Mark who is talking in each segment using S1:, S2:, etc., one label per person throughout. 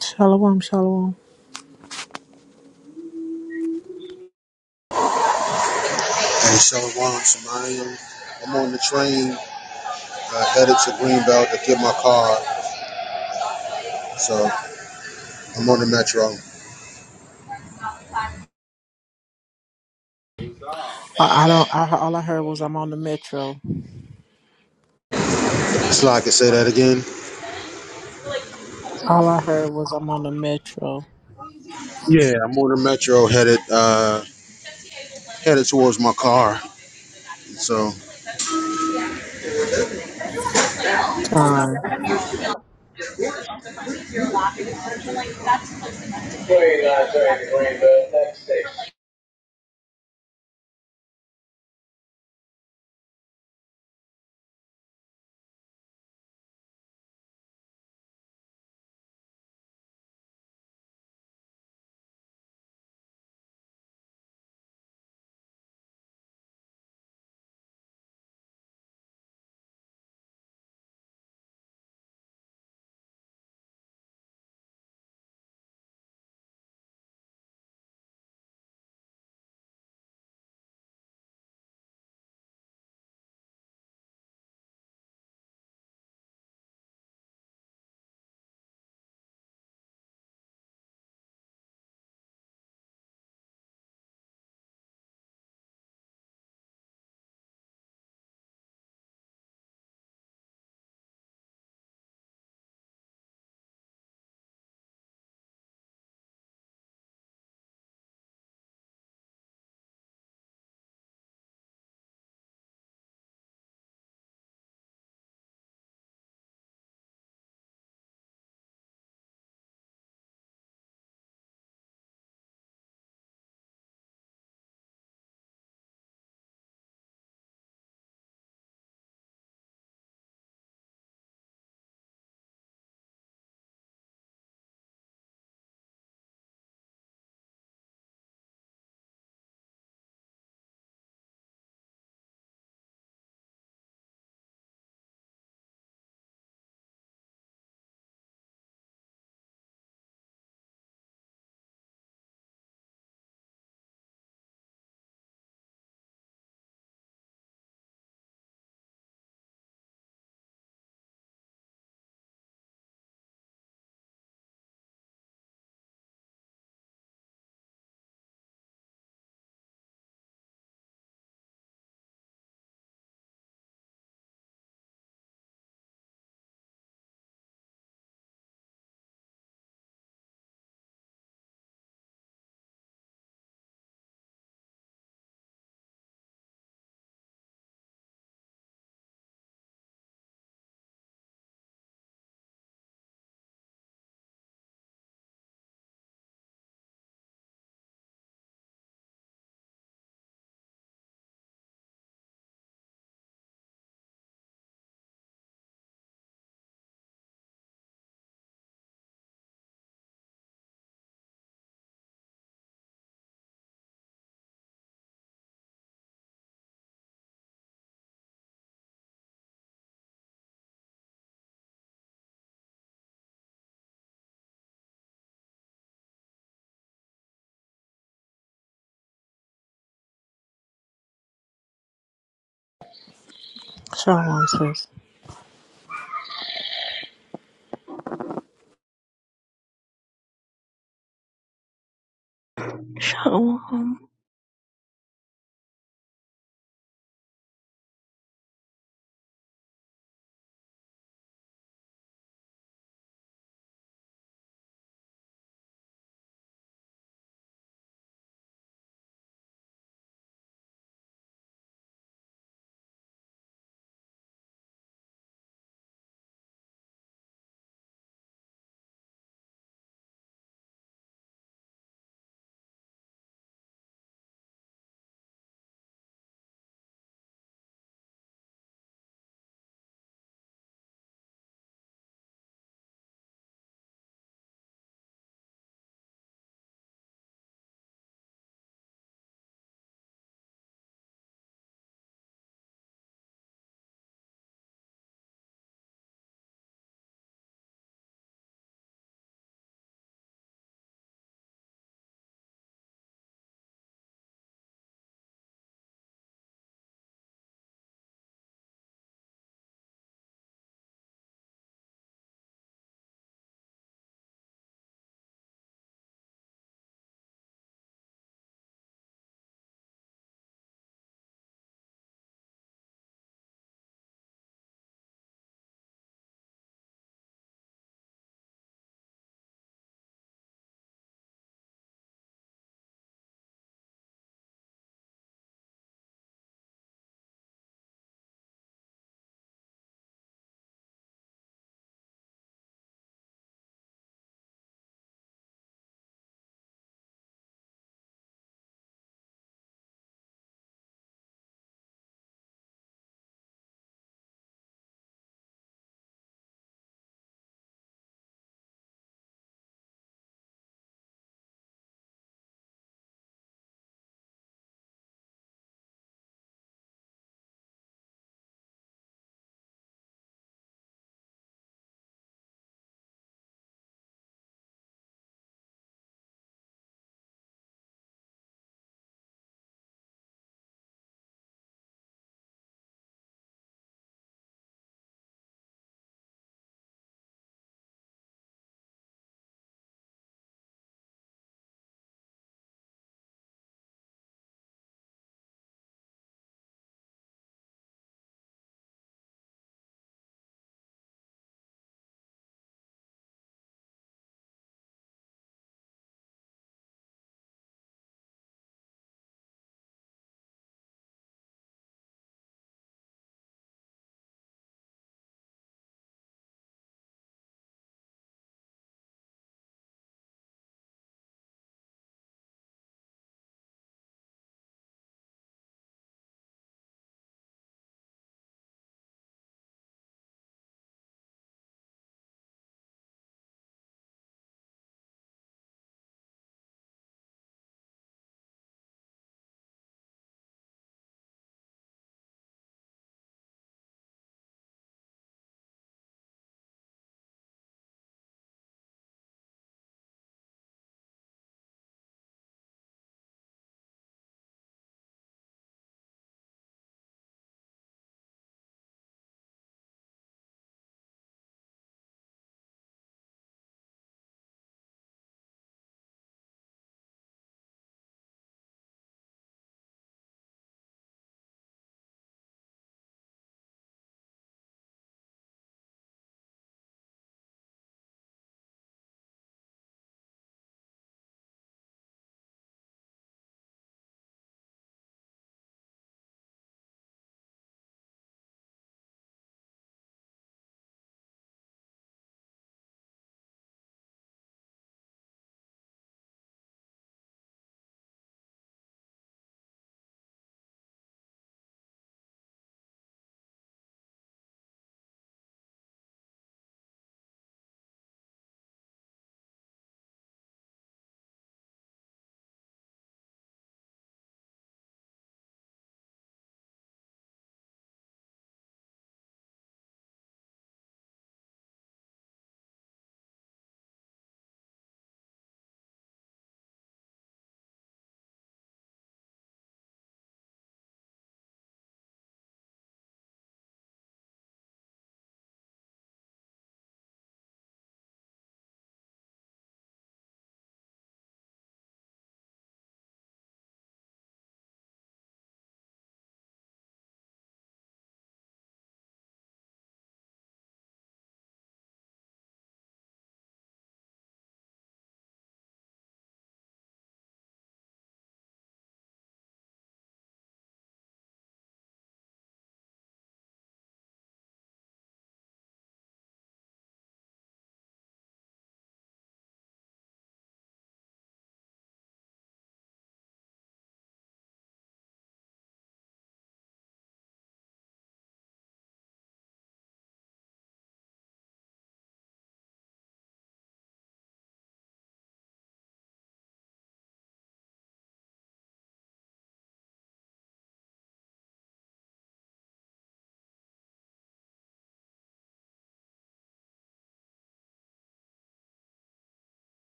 S1: Shalom, shalom.
S2: and Shalom Shemayim. I'm on the train uh, headed to Greenbelt to get my car. So I'm on the metro.
S1: I, I don't. I, all I heard was I'm on the metro.
S2: So I can say that again.
S1: All I heard was I'm on the metro.
S2: Yeah, I'm on the metro headed uh, headed towards my car. So
S1: Time. Shalom, sis.
S3: shalom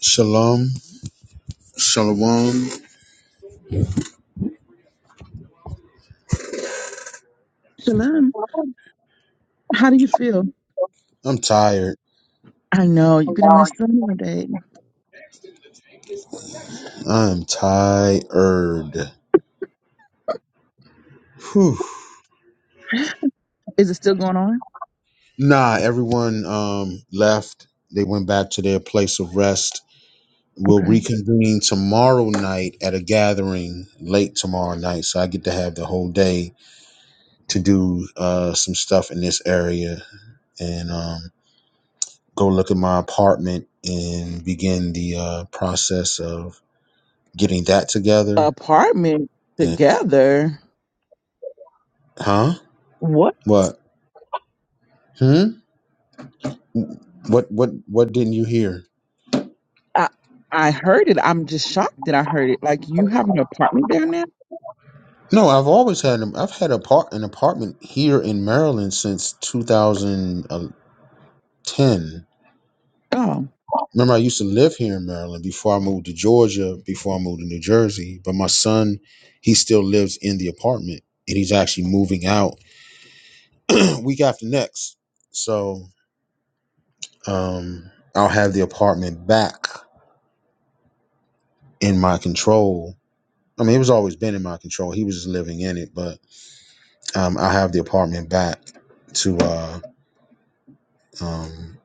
S2: Shalom, Shalom.
S4: Shalom, how do you feel?
S2: I'm tired.
S4: I know you're gonna miss summer, babe.
S2: I'm tired. Whew.
S4: Is it still going on?
S2: Nah, everyone um, left. They went back to their place of rest. We'll
S4: Okay.
S2: reconvene tomorrow night at a gathering late tomorrow night. So I get to have the whole day to do uh, some stuff in this area and um, go look at my apartment and begin the uh, process of getting that together.
S4: Apartment
S2: And
S4: together.
S2: huh?
S4: What?
S2: What? Hmm? What? What? What didn't you hear?
S4: I I heard it. I'm just shocked that I heard it. Like you have an apartment there now?
S2: No, I've always had an- I've had a part an apartment here in Maryland since 2010.
S4: Oh,
S2: Remember, I used to live here in Maryland before I moved to Georgia, before I moved to New Jersey. But my son, he still lives in the apartment and he's actually moving out week after next. So um, I'll have the apartment back in my control. I mean, it was always been in my control. He was just living in it, but um, I'll have the apartment back to uh, um,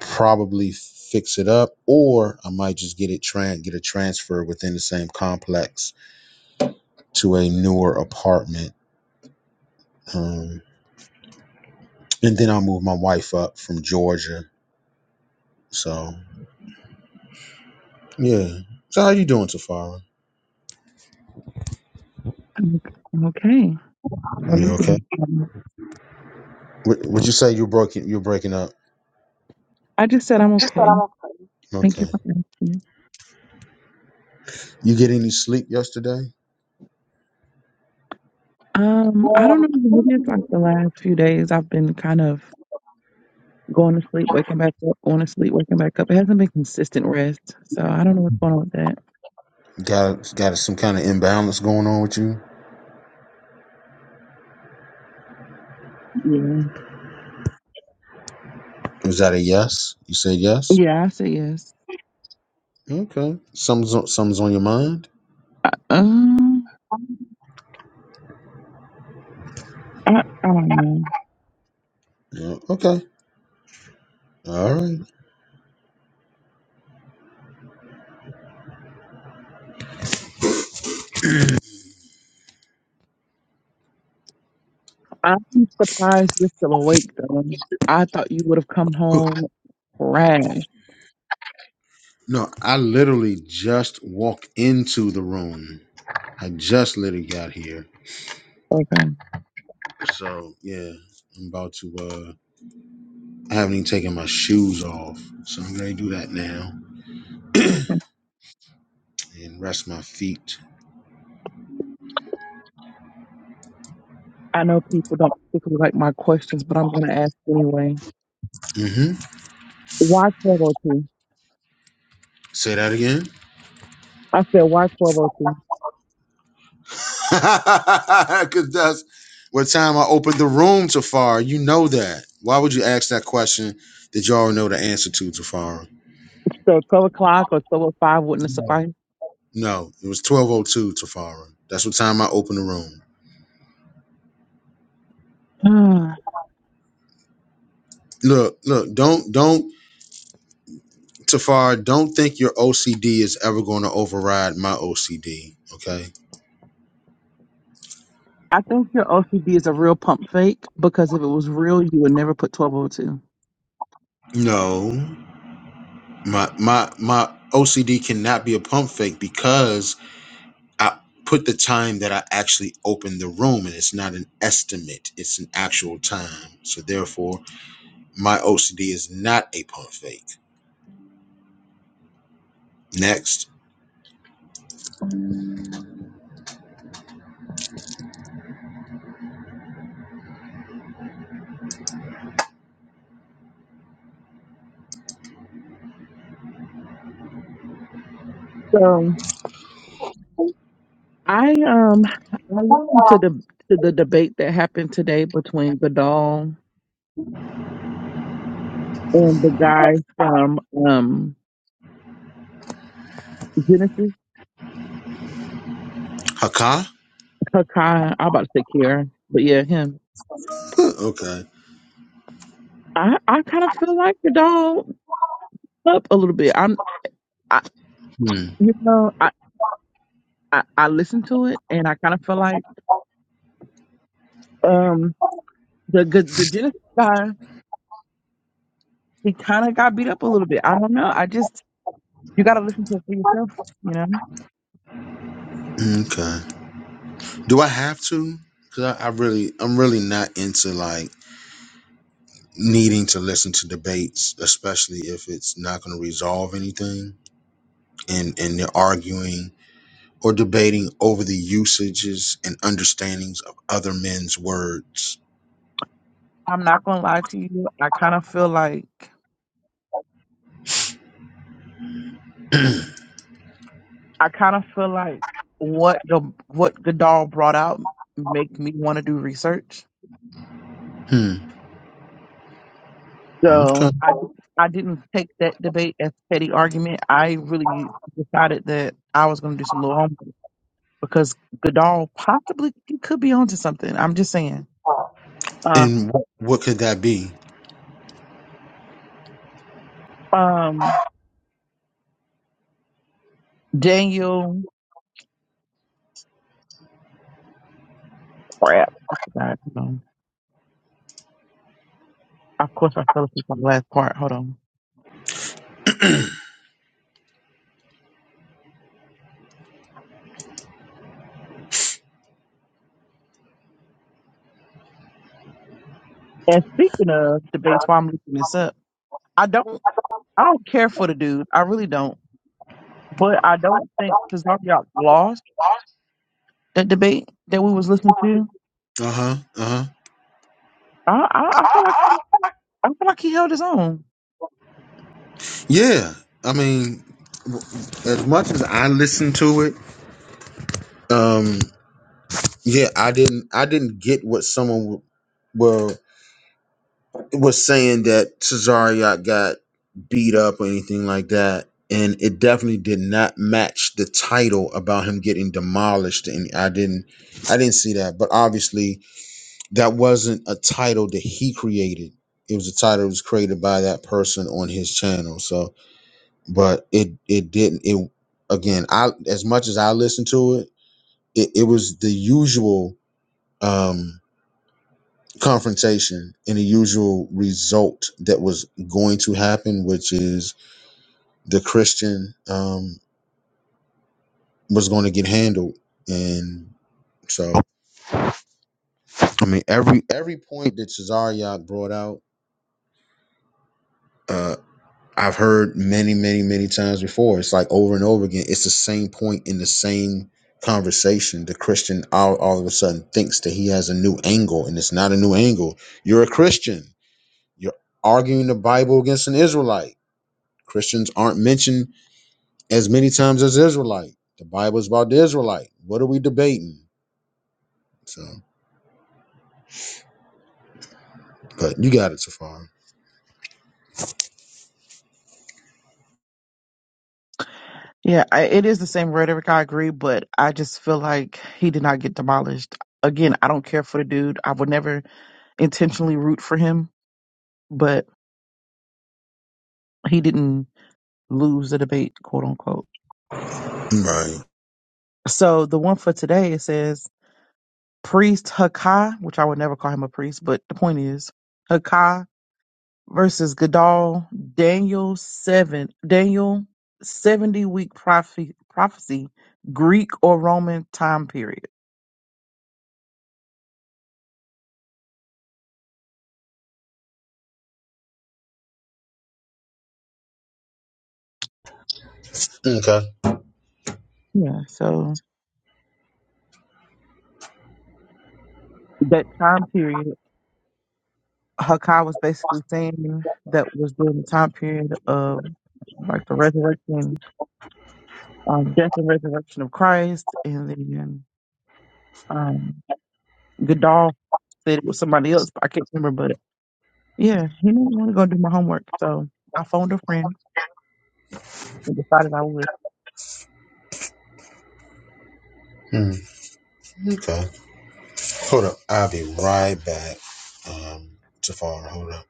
S2: probably fix it up, or I might just get it tran get a transfer within the same complex to a newer apartment Um, and then I moved my wife up from Georgia. So yeah. So how you doing, Tafara?
S4: I'm I'm okay. How are
S2: You
S4: you
S2: okay?
S4: doing, Shalom?
S2: Would would you say you're broken? You're breaking up.
S4: I just said I'm
S2: Just that
S4: okay.
S2: I'm
S4: Thank you
S2: Okay.
S4: for asking.
S2: You get any sleep yesterday?
S4: Um, I don't
S2: Well,
S4: know. Maybe it's like the last few days I've been kind of going to sleep, waking back up, going to sleep, waking back up. It hasn't been consistent rest, so I don't know what's going on with that.
S2: Got got some kind of imbalance going on with you?
S4: Yeah.
S2: Was that a yes? You said yes.
S4: Yeah, I say yes.
S2: Okay. Something's on, something's on your mind.
S4: I, um, I, I don't know.
S2: Yeah. Okay. All right.
S4: I'm surprised you're still awake, though. I thought you would have come
S2: Whew.
S4: home crashed.
S2: No, I literally just walked into the room. I just literally got here.
S4: Okay.
S2: So yeah, I'm about to. uh I haven't even taken my shoes off, so I'm gonna do that now and rest my feet.
S4: I know people don't particularly like my questions, but I'm going to ask anyway.
S2: hmm
S4: Why 1202?
S2: Say that again.
S4: I said, why 1202?
S2: Cause that's what time I opened the room, Tafara. You know that. Why would you ask that question? Did y'all know the answer to Tafara?
S4: So 12 o'clock or 1205 wouldn't have
S2: No.
S4: sufficed?
S2: No, it was 12:02, Tafara. That's what time I opened the room. Look, look, don't, don't, Tafara, don't think your OCD is ever going to override my OCD. Okay
S4: I think your OCD is a real pump fake because if it was real, you would never put 1202.
S2: No, my my my OCD cannot be a pump fake because I put the time that I actually opened the room, and it's not an estimate; it's an actual time. So therefore, my OCD is not a pump fake. Next,
S4: I um I listened to the to the debate that happened today between Godal and the guy from um Genesis,
S2: Haka.
S4: Hakai. I'm about to say Kieran, but yeah, him.
S2: okay.
S4: I I kind of feel like Godal up a little bit. I'm I
S2: Hmm.
S4: you know I I, I listened to it and I kind of feel like um the the, the Genesis guy he kind of got beat up a little bit. I don't know. I just you got to listen to it for yourself. You know,
S2: Okay. Do I have to? Because I, I really, I'm really not into like needing to listen to debates, especially if it's not going to resolve anything. and and they're arguing or debating over the usages and understandings of other men's words.
S4: I'm not gonna lie to you. I kind of feel like. I kind of feel like what the what Godal brought out make me want to do research.
S2: hmm.
S4: So
S2: Okay.
S4: I di- I didn't take that debate as petty argument. I really decided that I was going to do some little homework because Godal possibly could be onto something. I'm just saying. Uh,
S2: And what, what could that be?
S4: um, Daniel, crap, I forgot. Hold on. Of course, I fell asleep on the last part. Hold on. And speaking of debates, while I'm looking this up, I don't I don't care for the dude. I really don't. But I don't think Cesario lost that debate that we was listening to.
S2: Uh huh. Uh
S4: I, I, I feel like
S2: huh.
S4: I feel like he held his own.
S2: Yeah. I mean, w- as much as I listened to it, um, yeah, I didn't. I didn't get what someone w- were. was saying that Cesario got beat up or anything like that. And it definitely did not match the title about him getting demolished. And I didn't I didn't see that. But obviously that wasn't a title that he created. It was a title that was created by that person on his channel. So but it it didn't it again, I as much as I listened to it, it, it was the usual Um, confrontation and the usual result that was going to happen, which is the Christian um, was going to get handled. And so, I mean, every every point that Cesariak brought out, uh, I've heard many, many, many times before. It's like over and over again. It's the same point in the same conversation. The Christian all, all of a sudden thinks that he has a new angle, and it's not a new angle. You're a Christian. You're arguing the Bible against an Israelite. Christians aren't mentioned as many times as Israelite. The Bible is about the Israelite. What are we debating? So, but you got it, Safar.
S4: Yeah, I, it is the same rhetoric. I agree, but I just feel like he did not get demolished. Again, I don't care for the dude. I would never intentionally root for him, but he didn't lose the debate, quote unquote.
S2: Right.
S4: So the one for today it says priest Hakai, which I would never call him a priest, but the point is Hakai versus Gadol, Daniel 7, Daniel 70 week prophecy, prophecy, Greek or Roman time period.
S2: Okay.
S4: Yeah, so that time period, Hakai was basically saying that was during the time period of like the resurrection, um, death and resurrection of Christ, and then um, Gadol said it was somebody else, but I can't remember. But yeah, he didn't want to go do my homework, so I phoned a friend and decided I would.
S2: Hmm. Okay. Hold up. I'll be right back. Um, Tafar, hold up.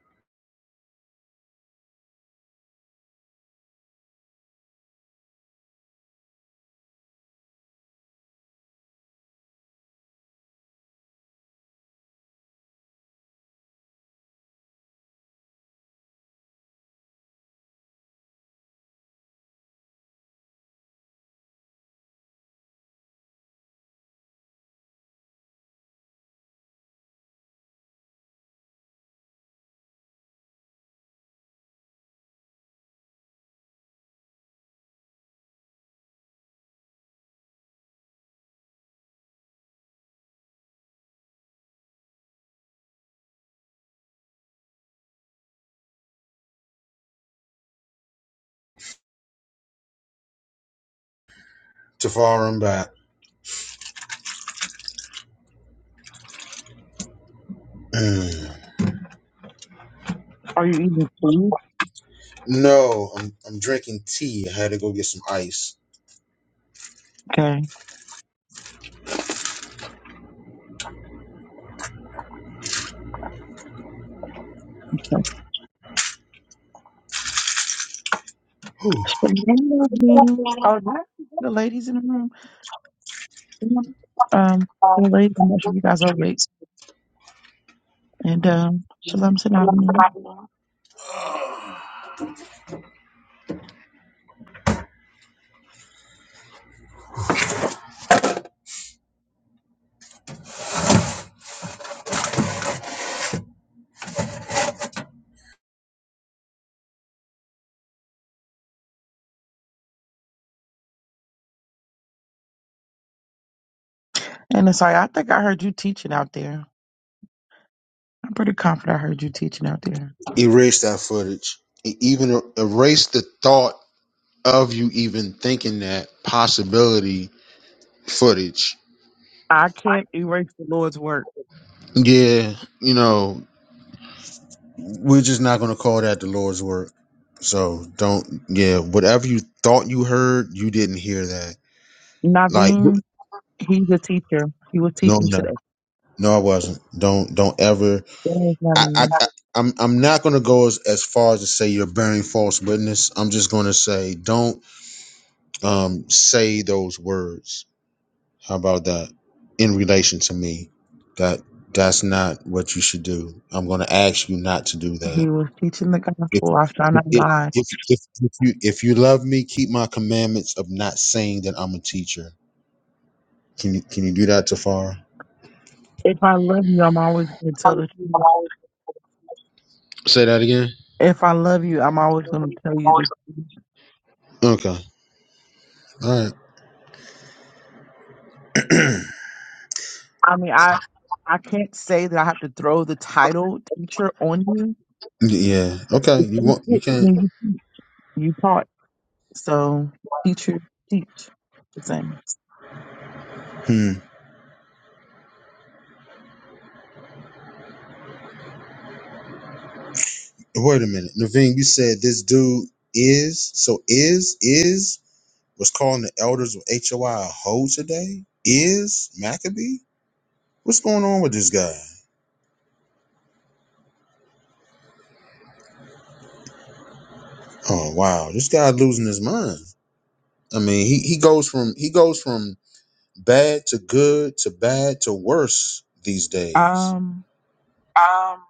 S2: Tafar, I'm back. Hmm.
S4: Are you eating food?
S2: No, I'm, I'm drinking tea. I had to go get some ice.
S4: Okay. So,
S2: Whew.
S4: Shalanda being- Oh, the ladies in the room. you know, Um, the ladies, I'm not sure you guys are awake. And um, Shalom Sanavini. And uh, sorry, I think I heard you teaching out there. I'm pretty confident I heard you teaching out there.
S2: Erase that footage. E- Even er- erase the thought of you even thinking that possibility footage.
S4: I can't erase the Lord's work.
S2: Yeah, you know, we're just not going to call that the Lord's work. So don't, yeah, whatever you thought you heard, you didn't hear that. Like,
S4: Naveen, he's a teacher. He was
S2: no,
S4: teaching
S2: no,
S4: today.
S2: no, I wasn't. Don't, don't ever.
S4: Yes,
S2: I, I,
S4: Naveen.
S2: I I'm, I'm not going to go as, as far as to say you're bearing false witness. I'm just going to say don't um, say those words How about that? In relation to me, that that's not what you should do. I'm going to ask you not to do
S4: He
S2: that.
S4: was teaching the
S2: If
S4: gospel. I shall
S2: if,
S4: not
S2: if,
S4: lie.
S2: if, if you if you love me, keep my commandments of not saying that I'm a teacher. Can you can you do that, Tafar?
S4: If I love you, I'm always going to tell the truth.
S2: Say that again.
S4: If I love you, I'm always going to tell you the
S2: Okay. All right.
S4: I mean, I I can't say that I have to throw the title teacher on you.
S2: Yeah. Okay.
S4: if
S2: You
S4: You
S2: want
S4: teach,
S2: you
S4: it,
S2: can't.
S4: then you teach. You taught, so teacher teach. The same.
S2: Hmm. Wait a minute, Naveen. You said this dude is so is is. was calling the elders of HOI a hoe today? Is Maccabee? What's going on with this guy? Oh wow, this guy losing his mind. I mean, he, he goes from he goes from bad to good to bad to worse these days.
S4: Um.
S2: Um,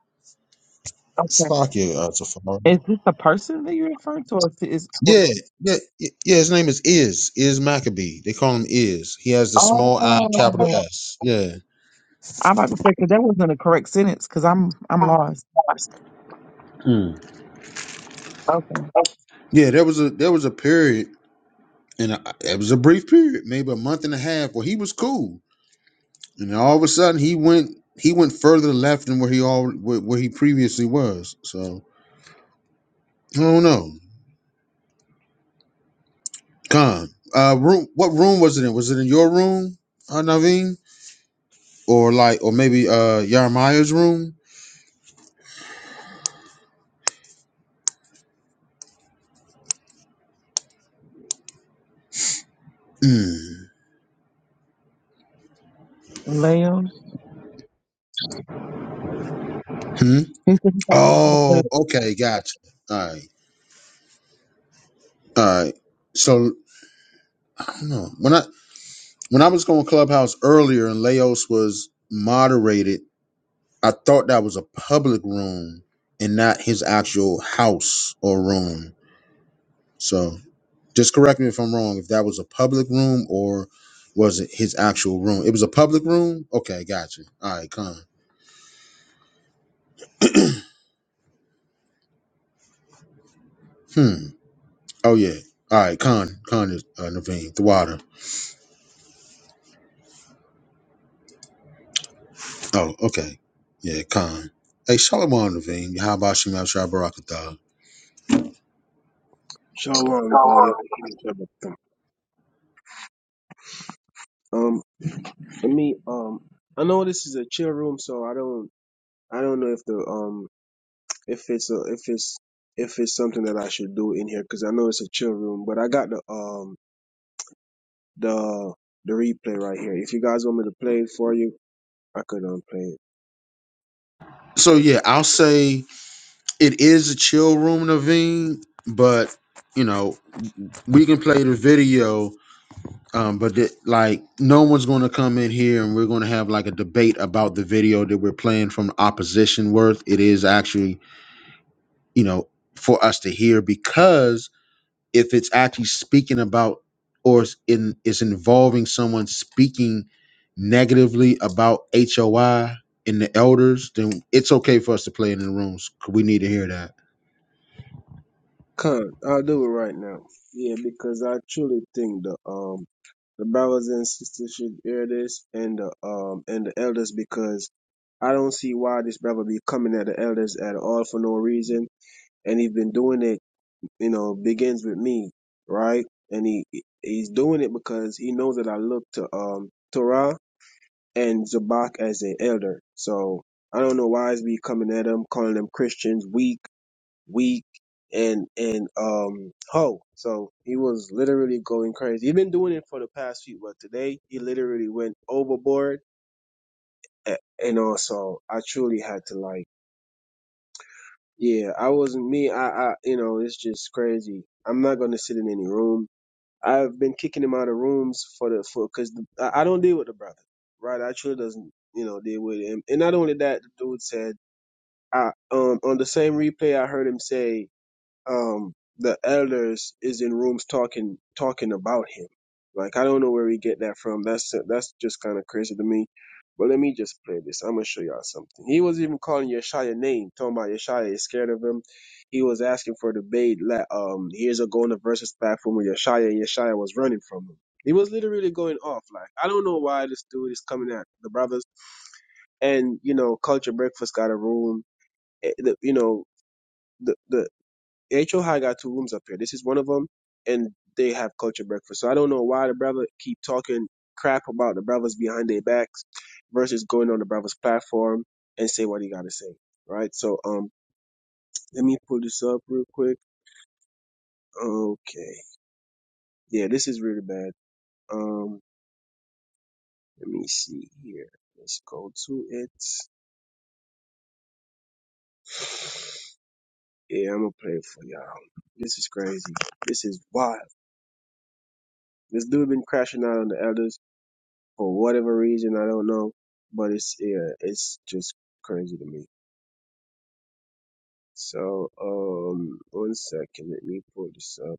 S4: Okay.
S2: Slovakia, uh, Tafari.
S4: Is this the person that you're referring to, or is is- or-
S2: Yeah, yeah, yeah. yeah, His name is Is Is Maccabee. They call him Is. He has the small I, capital
S4: oh?
S2: S. Yeah.
S4: I'm about to say because that wasn't a correct sentence because I'm I'm lost.
S2: hmm, Mm.
S4: Okay.
S2: Yeah, there was a there was a period and I, it was a brief period, maybe a month and a half, where he was cool, and then all of a sudden he went he went further left than where he all where, where he previously was. So I don't know. Con, uh, room. What room was it in? Was it in your room, uh, Naveen, or like, or maybe uh Yarmaya's room? Hmm.
S4: Leo.
S2: Hmm?
S4: He said
S2: Oh, okay, gotcha. All right, all right. So I don't know when I when I was going clubhouse earlier, and Laos was moderated I thought that was a public room and not his actual house or room. So just correct me if I'm wrong. If that was a public room or was it his actual room? It was a public room. Okay, gotcha. All right, Khan. Hmm. Oh yeah. All right, Khan. Khan is uh, Naveen the water. Oh, okay. Yeah, Khan. Hey, Shalom Naveen. How about Shemal Shabarakatha?
S5: Shalom, y'all. Y'all Um, for me, um, I know this is a chill room, so I don't, I don't know if the, um, if it's a, if it's, if it's something that I should do in here, cause I know it's a chill room. But I got the, um, the, the replay right here. If you guys want me to play it for you, I could um play it.
S2: So yeah, I'll say it is a chill room, Naveen, but you know, we can play the video um but the, like no one's going to come in here and we're going to have like a debate about the video that we're playing from the opposition worth it is actually you know for us to hear because if it's actually speaking about or is in is involving someone speaking negatively about HOI and the elders then it's okay for us to play it in the rooms 'cause we need to hear that
S5: Come, I'll do it right now. Yeah, because I truly think the, um, the brothers and sisters should hear this, and the, um, and the elders, because I don't see why this brother be coming at the elders at all for no reason. And he's been doing it, you know, begins with me, right? And he he's doing it because he knows that I look to um Torah and Zabak as an elder. So I don't know why he's be coming at them, calling them Christians weak, weak, and and um ho. So he was literally going crazy. He's been doing it for the past few, but today he literally went overboard. A- And also, I truly had to like. Yeah, I wasn't me. I, I, you know, it's just crazy. I'm not gonna sit in any room. I've been kicking him out of rooms for the for because I, I don't deal with the brother, right? I truly doesn't, you know, deal with him. And not only that, the dude said, I um on the same replay I heard him say um the elders is in rooms talking talking about him. Like I don't know where we get that from. That's that's just kind of crazy to me. But let me just play this. I'm gonna show y'all something. He was even calling Yeshaya name, talking about Yeshaya is scared of him. He was asking for a debate la- um years ago on the versus platform with Yeshaya and Yeshaya was running from him. He was literally going off. Like I don't know why this dude is coming at the brothers. And you know, Culture Breakfast got a room. eh, the- You know, the the HOI got two rooms up here. This is one of them, and they have culture breakfast. So I don't know why the brother keep talking crap about the brothers behind their backs versus going on the brother's platform and say what he got to say, right? So um, let me pull this up real quick. Okay, yeah, this is really bad. Um, let me see here. Let's go to it. Yeah, I'm gonna play it for y'all. This is crazy. This is wild. This dude been crashing out on the elders for whatever reason I don't know, but it's yeah, it's just crazy to me. So um, one second, let me pull this up.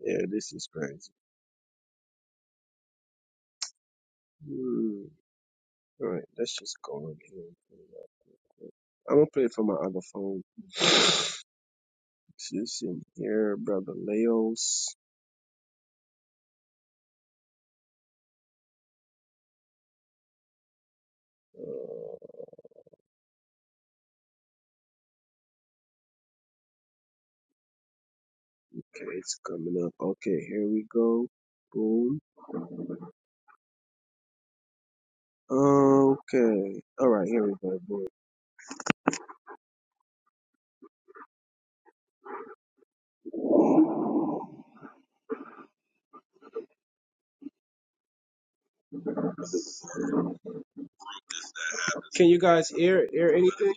S5: Yeah, this is crazy. Hmm. All right, let's just go on here. I'm gonna play it from my other phone. So this in here, brother Leos. Uh, okay, it's coming up. Okay, here we go. Boom. Okay. All right, here we go. Boom. Can you guys hear hear anything?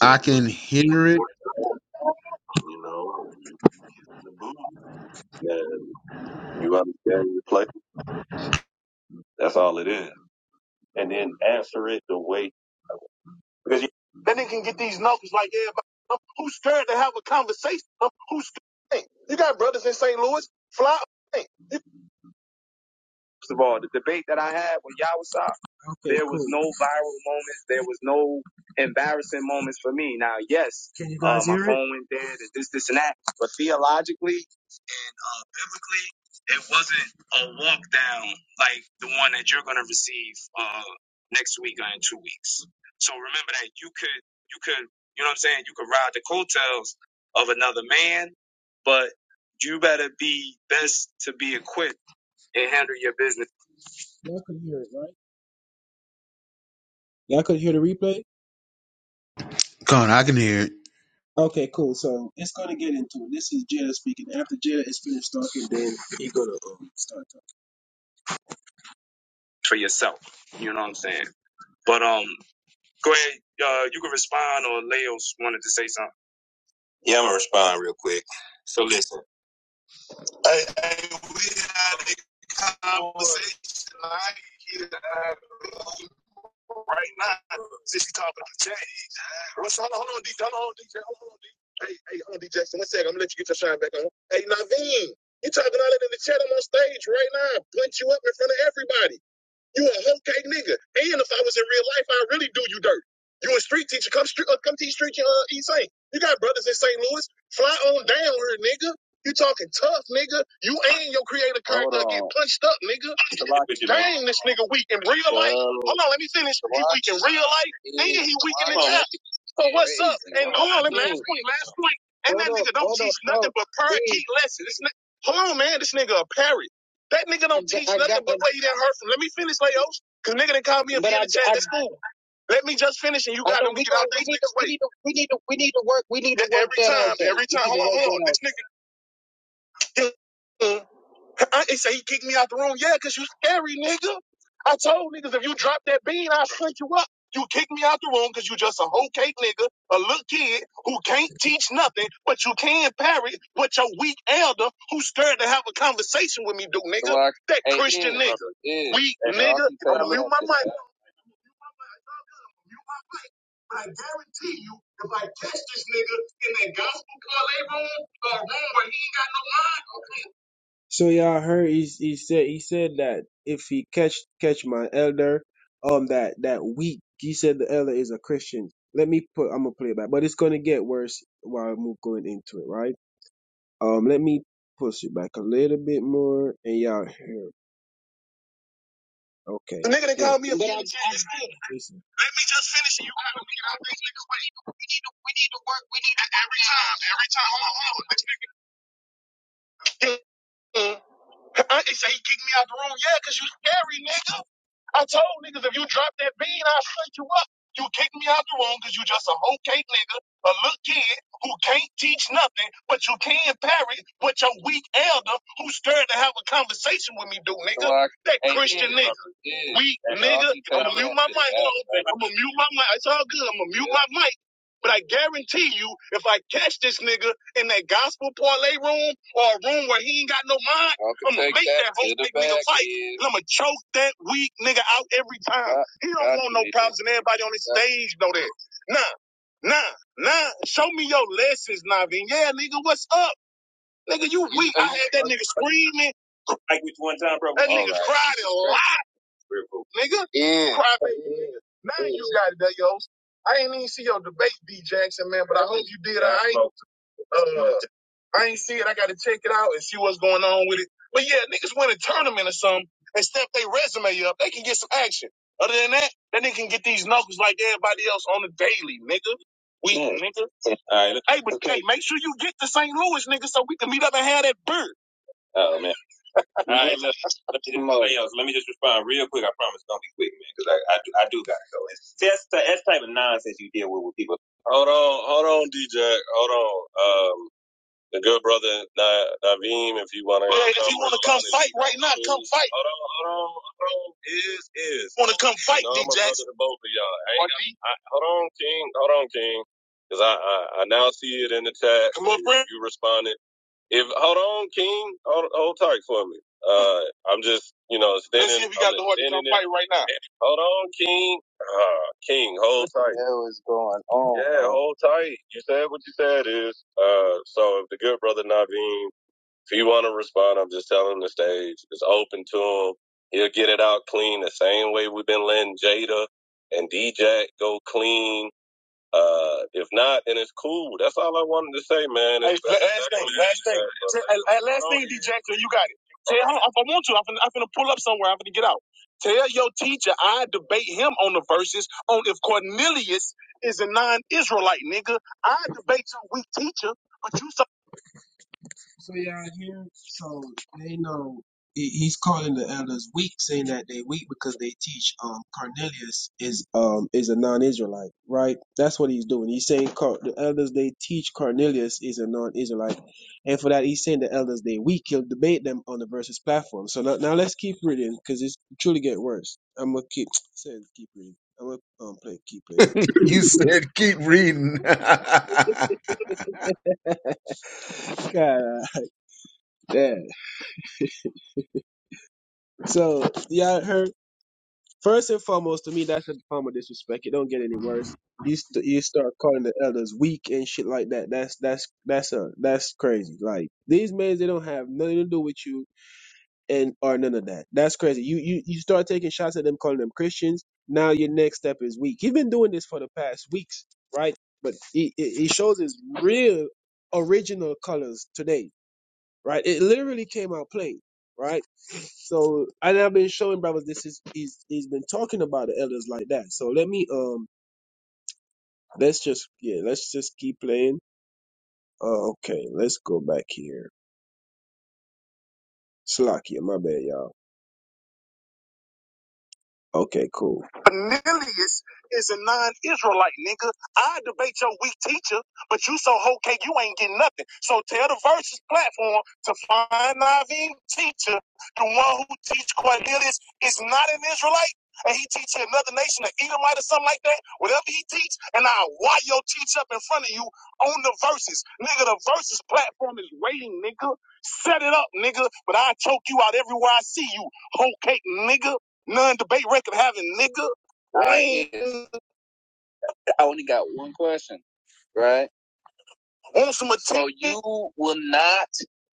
S2: I can hear it
S5: or you know, kissing the booty. And you understand your play? That's all it is. And then answer it the way because you then they can get these numbers like everybody. um, Who's scared to have a conversation? Um, Who's scared? You got brothers in St. Louis, fly. hey, you- Well, the debate that I had with Yawasop, Okay, there was cool. no viral moments. There was no embarrassing moments for me. Can you Uh, guys um, my hear it? phone went to But theologically, technically it wasn't a walk down like the one that you're going to receive uh, next week or in two weeks. So remember that you could you could you know hotels of another man, but you better be best to be equipped and handle your business. Y'all could hear it, right? Y'all could hear the replay?
S2: God I can hear it
S5: Okay, cool. So it's gonna get into it. This is Jada speaking. After Jada is finished talking, then he gonna um, start talking. for yourself. You know what I'm saying? But um, Go ahead. Uh, you can respond, or Leo's wanted to say something. Yeah, I'm going So we had a conversation like here right now. Since you talking about Jay, What's- hold on, hold on, DJ, hold on, DJ, hold on, DJ. Hey, hey, hold on, DJ. One second, I'm gonna let you get your shine back on. Hey, Naveen, you talking all that in the chat? I'm on stage right now. Punch you up in front of everybody. You a hoe cake nigga. And if I was in real life, I'd really do you dirty. You a street teacher. Come, street, uh, come teach street uh, East St. You got brothers in St. Louis. Fly on down here, nigga. You talking tough, nigga. You ain't your creative character get punched up, nigga. Dang, this nigga weak in real life. Uh, Hold on, let me finish. He weak in real life, and he weak in the chat. So what's up? And hold on, let me- last point, last point. And that nigga don't teach nothing but parakeet lessons. This ni- Hold on, man. This nigga a parrot. That nigga don't teach I nothing but the- where he did from. Let me finish, Layos. Cause nigga didn't call me a bitch at the school. Let me just finish and you got him. We, get out we need to we need to we need to we need to work we need to work every time every time. Hold on, hold on. This nigga I, they say he kicked me out the room. Yeah, 'cause you scary, nigga. I told niggas if you drop that bean, I'll shrink you up. You kicked me out the room 'cause you just a whole cake nigga, a little kid who can't teach nothing, but you can parrot what your weak elder who's scared to have a conversation with me do, nigga. Glock. That Hey, Christian nigga. Iz. Weak Hey, nigga. i am gonna mute my mic. Mute my but I guarantee you, if I catch this nigga in that gospel parlay room, or a room where he ain't got no mind, okay, so y'all heard he, he said he said that if he catch catch my elder, um that that week he said the elder is a Christian. Let me put I'm gonna play it back, but it's gonna get worse while I'm going into it, right? Um, let me push it back a little bit more, and y'all hear. Okay. The nigga that called me a But I- bitch at Listen. Let me just finish it. You gotta get out these niggas' way. We need to we need to work. We need to every time every time. Hold on, hold on. I, they say he kicked me out the room. Yeah, because you scary, nigga. I told niggas if you drop that bean, I'll shut you up. You kicked me out the room because you just a some cake, nigga, a little kid who can't teach nothing, but you can parry what your weak elder who scared to have a conversation with me do, nigga. Glock That Christian in nigga. this. Weak And all nigga. keep I'm gonna me mute my sitting mic. out, Hold on. I'm gonna mute my mic. It's all good. I'm gonna mute man. my mic. But I guarantee you, if I catch this nigga, in that gospel parlay room or a room where he ain't got no mind, I'm gonna make that that whole big nigga fight. And I'm gonna choke that weak nigga out every time. Got, He don't want no problems, and everybody on the Got stage know that. Nah, nah, nah. Show me your lessons, Navin. Yeah, nigga, what's up? Nigga, you weak. I had that nigga screaming. Like with one time, bro. That nigga right. cried a lot, nigga. Yeah. Cry baby, nigga. Now yeah. you got it, yo. I ain't even see your debate, D Jackson, man, but I hope you did. I ain't. Uh, I ain't see it. I got to check it out and see what's going on with it. But yeah, niggas win a tournament or something and step their resume up. They can get some action. Other than that, then they can get these knuckles like everybody else on the daily, nigga. We, Mm. nigga. Hey, but okay. hey, make sure you get to St. Louis, nigga, so we can meet up and have that bird. Oh man! All right, look, man, that's the that's type of nonsense you deal with with people. Yeah, if you want to come fight right now, come fight. Want to come fight No, D Jackson? to both of y'all. I ain't got, D, I, hold on, King. Hold on, King. Because I, I, I now see it in the chat. come on, You, friend. you responded. If Hold on, King. Hold, hold tight for me. Uh, I'm just, you know, standing. Let's see if you got the heart to come fight right now. Hold on, King. Uh, King, hold tight. yeah, hold tight. You said what you said is uh. So if the good brother Naveen if he want to respond, I'm just telling him the stage is open to him. He'll get it out clean the same way we've been letting Jada and DJ go clean. Uh, if not, then it's cool. That's all I wanted to say, man. Hey, last thing, last thing, uh, uh, last thing, D. J, you got it. Tell him if I want to, I'm finna, pull up somewhere. I'm finna get out. Tell your teacher I debate him on the verses on if Cornelius is a non-Israelite nigga. I debate your weak teacher, but you so so y'all hear? So they know he- he's calling the elders weak, saying that they weak because they teach um Cornelius is um is a non-Israelite, right? That's what he's doing. He's saying Cor- the elders they teach Cornelius is a non-Israelite, and for that he's saying the elders they weak. He'll debate them on the verses platform. So now, now let's keep reading because it's truly get worse. I'm gonna keep saying keep reading. I'm gonna um, play keep playing
S2: you said keep reading. no,
S5: it. God damn. So y'all heard. First and foremost, to me, that's a form of disrespect. It don't get any worse. You st- you start calling the elders weak and shit like that. That's that's that's a that's crazy. Like these men, they don't have nothing to do with you and or none of that. That's crazy. You you you start taking shots at them, calling them Christians. Now your next step is weak. He's been doing this for the past weeks, right? But he he he shows his real original colors today right? It literally came out plain, right? So, and I've been showing brothers this is he's he's been talking about the elders like that. So let me um let's just yeah let's just keep playing. Uh, okay, let's go back here. Slack here, my bad, y'all. Okay, cool. Cornelius is a non-Israelite, nigga. I debate your weak teacher, but you so whole cake, you ain't getting nothing. So tell the Versus platform to find Naveen teacher, the one who teach Cornelius is not an Israelite, and he teach another nation, an Edomite or something like that, whatever he teach, and I'll wire your teach up in front of you on the Versus. Nigga, the Versus platform is waiting, nigga. Set it up, nigga, but I choke you out everywhere I see you, whole cake, nigga non-debate record having nigga. Right. I only got one question, right? Want some attention? So you will not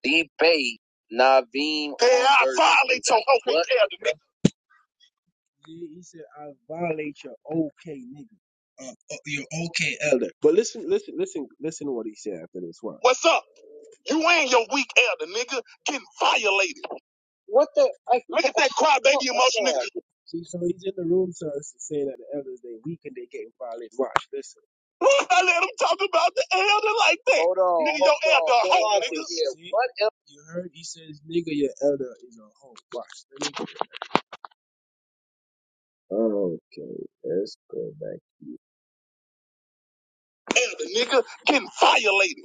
S5: debate Naveem. Yeah, hey, I violate your okay elder. He he said, "I violate your okay, nigga, uh, uh, your okay elder." But listen, listen, listen, listen to what he said after this. What? What's up? You and your weak elder, nigga, getting violated. What the? Like, Look at that crowd, baby oh the emotional. See, so he's in the room, so it's saying that the elders they weak and they getting violated. Watch, listen. I let him talk about the elder like that. Hold on, Nigga, hold your on. elder a What hoe, nigga. See, What else? you heard? He says, "Nigga, your elder is a hoe." Watch. Let Okay, let's go back. Elder, nigga, getting violated.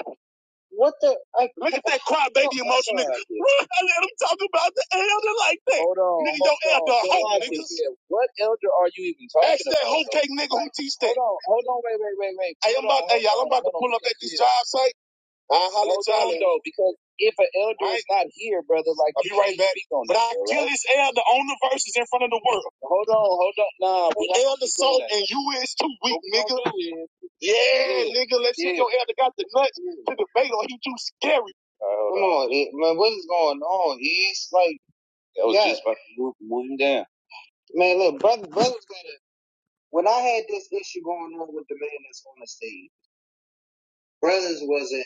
S5: What the? I, Look at that crybaby I emotion, nigga. got I let him talk about the elder like that. Hold on, Nigga, your hold elder on. a hoe, watch niggas. Yeah. What elder are you even talking? about? Ask that about, hoe cake nigga who Like, teach that. hold on, hold on, wait, wait, wait, wait. Hey, I'm about, hey, y'all, I'm about to pull up at this yeah. job site. Uh, holla Hold at you on though, because if an elder All is right, not here, brother, like I'll be right back. on But I kill right? this elder on the verses in front of the world. Hold on, hold on. Nah, we Elder salt and you is too weak, nigga. Yeah, yeah, nigga, let's see yeah, your elder got the nuts yeah. to debate or he too scary. All right, Come on. on, it, man. What is going on? It's like, yeah, just man, look, brother, brothers gotta. When I had this issue going on with the man that's on the stage, brothers wasn't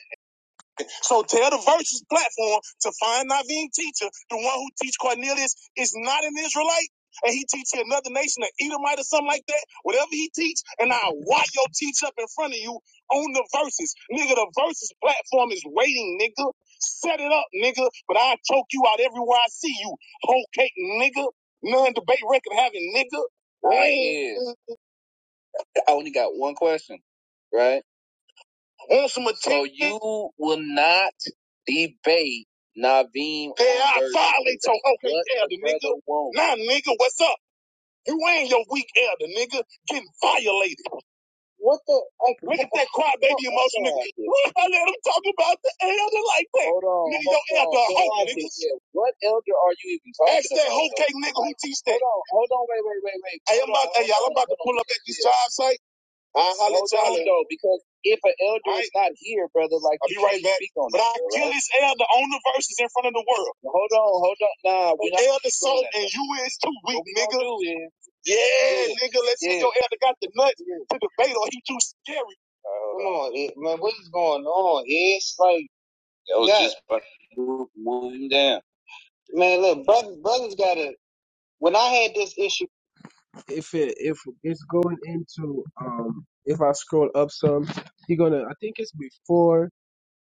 S5: So tell the Versus platform to find Naveen teacher, the one who teach Cornelius is not an Israelite, and he teach another nation, an Edomite or something like that. Whatever he teach, and I'll watch your teach up in front of you on the verses, Nigga, the verses platform is waiting, nigga. Set it up, nigga, but I choke you out everywhere I see you. Whole cake, nigga. None debate record having, nigga. Right. I only got one question, right? Want some attention? So you will not debate Naveem. Yeah, I versus violate your okay elder, the brother nigga. Won't. Nah, nigga, what's up? You ain't your weak elder, nigga. Getting violated. What the? uncle- Look at that crybaby emotion, nigga. What I let him talk about the elder like that? Hold on. Nigga, your hold elder on, a hoe, hold on, nigga. yeah, What elder are you even talking Ask about? Ask that hoe cake nigga who teach that. Hold on, hold on, wait, wait, wait, wait. Hey, I'm about, hey, y'all, I'm about to pull up at this job site. I'll holler at y'all though, because if an elder All is right, not here, brother, like I'll be right back. But that, I bro, kill right? this elder on the verses in front of the world. Well, Hold on, hold on. Nah, we The we're elder speaking soft and you is too weak, we nigga. is, Yeah, yeah, nigga, let's see yeah, see your elder got the nuts yeah. to debate or he too scary. Come on. man. What is going on? It's like, That was just about one down. man, look, brothers, brothers gotta. When I had this issue if it if it's going into um if I scroll up some, you're gonna I think it's before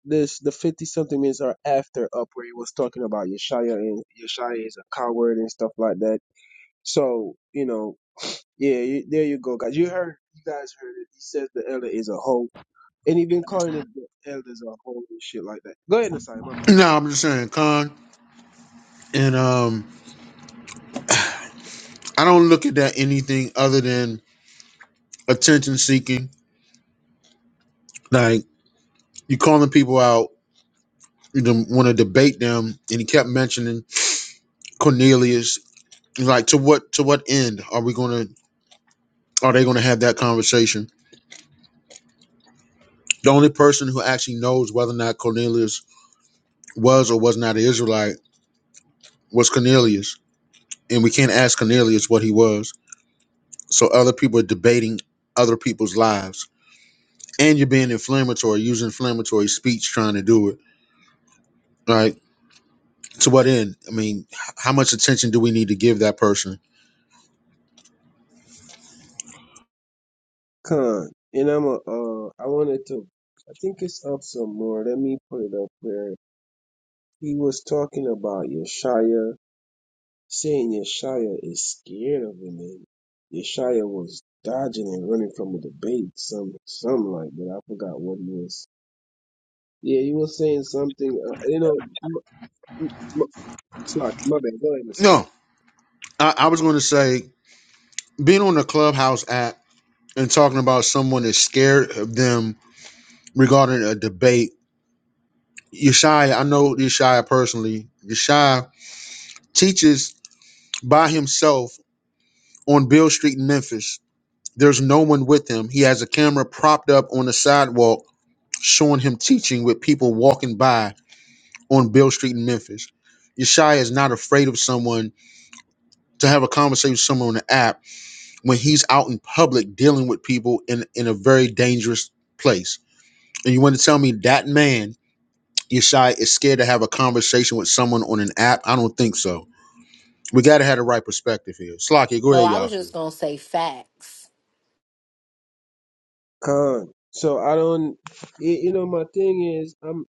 S5: this the fifty something minutes are after up where he was talking about Yeshaya and Yeshaya is a coward and stuff like that. So you know, yeah, you, there you go, guys. You heard, you guys heard it. He says the elder is a hoe, and he been calling it the elders a hoe and shit like that. Go ahead, Nasai. My bad. I'm sorry.
S2: I'm just saying, con. And um, I don't look at that anything other than attention seeking. Like you calling people out, you want to debate them, and he kept mentioning Cornelius. Like to what to what end are we going to are they going to have that conversation? The only person who actually knows whether or not Cornelius was or was not an Israelite was Cornelius, and we can't ask Cornelius what he was. So other people are debating other people's lives. And you're being inflammatory, using inflammatory speech trying to do it. Right? To what end? I mean, h- how much attention do we need to give that person?
S5: Con, and I'm a, uh, I wanted to. I think it's up some more. Let me put it up there. He was talking about Yeshaya, saying Yeshaya is scared of him, and Yeshaya was dodging and running from a debate, some some like that. I forgot what he was. Yeah, he was saying something. Uh, you know, m- m- sorry, my bad. Go ahead, Messiah.
S2: No, I, I was going to say being on the Clubhouse app and talking about someone is scared of them regarding a debate. Yeshaya, I know Yeshaya personally. Yeshaya teaches by himself on Bill Street in Memphis There's no one with him. He has a camera propped up on the sidewalk showing him teaching with people walking by on Bill Street in Memphis. Yeshaya is not afraid of someone to have a conversation with someone on the app when he's out in public dealing with people in, in a very dangerous place. And you want to tell me that man, Yeshaya, is scared to have a conversation with someone on an app? I don't think so. We got to have the right perspective here. Slocky, go
S6: No,
S2: ahead,
S6: I was
S2: Yafu.
S6: just gonna say facts.
S5: Con. So I don't. y- You know, my thing is, I'm.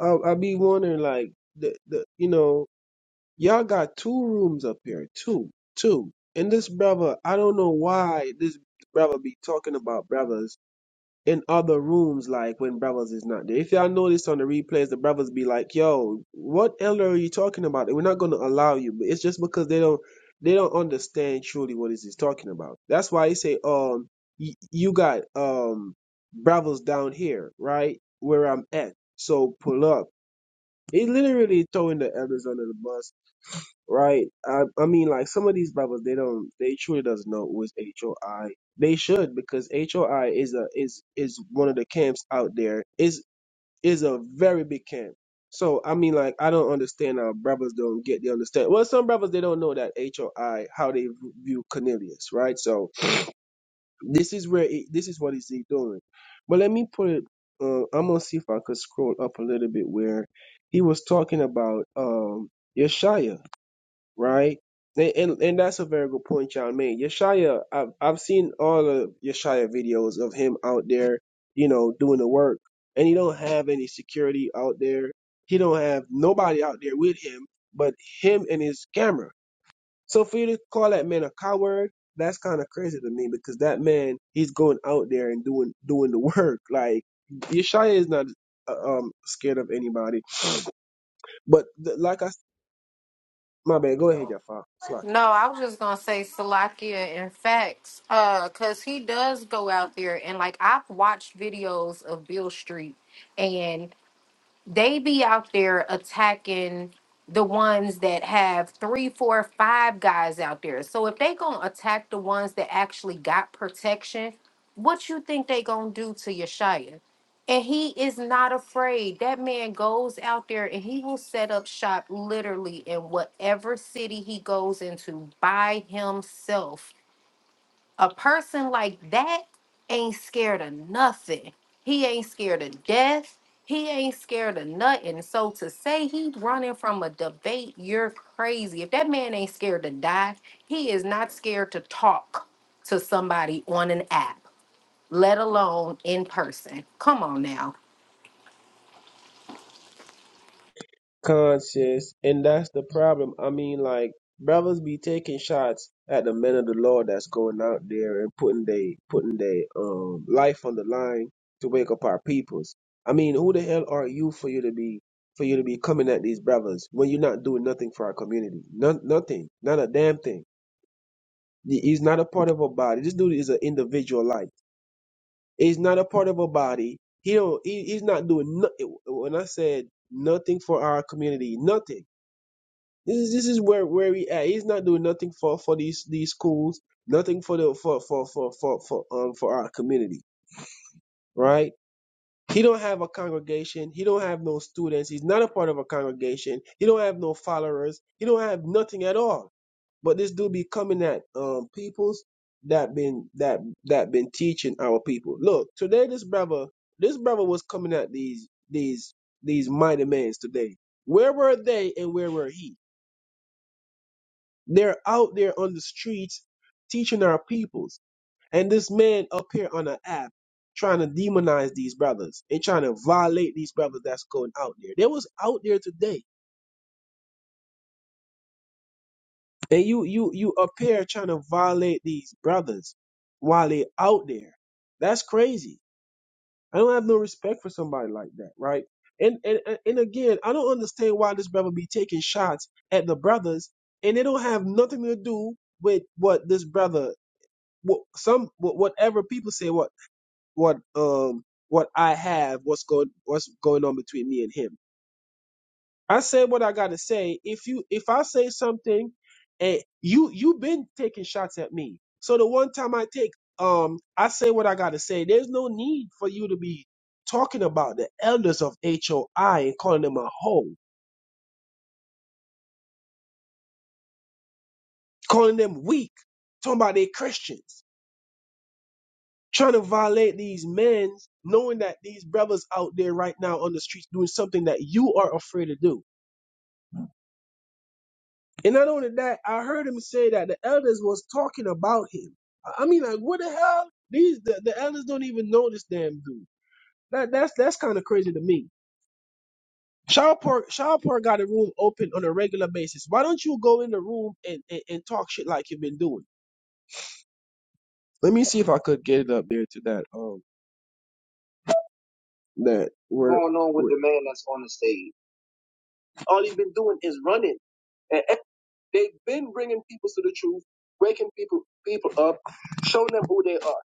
S5: I'll, I'll be wondering, like the the you know Y'all got two rooms up here, two, two. And this brother, I don't know why this brother be talking about brothers in other rooms, like when brothers is not there. If y'all notice on the replays, the brothers be like, "Yo, what elder are you talking about? We're not gonna allow you." But it's just because they don't, they don't understand truly what is he's talking about. That's why he say, "Um, y- you got um brothers down here, right where I'm at. So pull up." He literally throwing the elders under the bus right? I, I mean, like some of these brothers, they don't, they truly doesn't know what's HOI. They should because HOI is a is is one of the camps out there. is is a very big camp. So I mean, like I don't understand how brothers don't get the understand. Well, some brothers they don't know that HOI how they view Cornelius, right? So this is where it, this is what he's doing. But let me put it. Uh, I'm gonna see if I could scroll up a little bit where he was talking about um Yeshaya right? And, and and that's a very good point y'all made. Yeshaya, I've I've seen all of Yeshaya videos of him out there, you know, doing the work, and he don't have any security out there. He don't have nobody out there with him but him and his camera. So for you to call that man a coward, that's kind of crazy to me because that man he's going out there and doing doing the work. Like Yeshaya is not uh, um scared of anybody, but th- like I s- my bad, go ahead, Jafar.
S6: No, I was just gonna say Salakia and facts. Uh, cause he does go out there and like I've watched videos of Bill Street, and they be out there attacking the ones that have three, four, five guys out there. So if they gonna attack the ones that actually got protection, what you think they gonna do to Yeshaya? And he is not afraid. That man goes out there and he will set up shop literally in whatever city he goes into by himself. A person like that ain't scared of nothing. He ain't scared of death. He ain't scared of nothing. So to say he running from a debate, you're crazy. If that man ain't scared to die, he is not scared to talk to somebody on an app, let alone in person. Come on now.
S5: conscious, and that's the problem. I mean, like brothers be taking shots at the men of the Lord that's going out there and putting they putting their um life on the line to wake up our peoples. I mean, who the hell are you for you to be for you to be coming at these brothers when you're not doing nothing for our community? None, nothing, not a damn thing. He- He's not a part of a body. This dude is an individual life. He's not a part of a body. He don't. He, he's not doing nothing. When I said nothing for our community, nothing. This is this is where where he at. He's not doing nothing for for these these schools, nothing for the for for for for for um for our community, right? He don't have a congregation. He don't have no students. He's not a part of a congregation. He don't have no followers. He don't have nothing at all. But this dude be coming at um peoples that been that that been teaching our people. Look, today this brother this brother was coming at these these these mighty men today. Where were they and where were he? They're out there on the streets teaching our peoples. And this man up here on the app trying to demonize these brothers and trying to violate these brothers that's going out there. They was out there today. And you you you up here trying to violate these brothers while they out there. That's crazy. I don't have no respect for somebody like that, right? And and and and again, I don't understand why this brother be taking shots at the brothers and they don't have nothing to do with what this brother wh- some wh- whatever people say what what um what I have what's going what's going on between me and him. I say what I gotta say. If you if I say something and you you have been taking shots at me. So the one time I take um I say what I gotta say. There's no need for you to be talking about the elders of HOI and calling them a hoe, calling them weak, talking about they Christians. trying to violate these men, knowing that these brothers out there right now on the streets doing something that you are afraid to do. And not only that, I heard him say that the elders was talking about him. I I mean, like, what the hell? These the, the elders don't even know this damn dude. That that's that's kind of crazy to me. Shaw Park, Shaw Park got a room open on a regular basis. Why don't you go in the room and, and, and talk shit like you've been doing? Let me see if I could get it up there to that um that where going on with where the man that's on the stage? All he's been doing is running. And e- they've been bringing people to the truth, waking people people up, showing them who they are.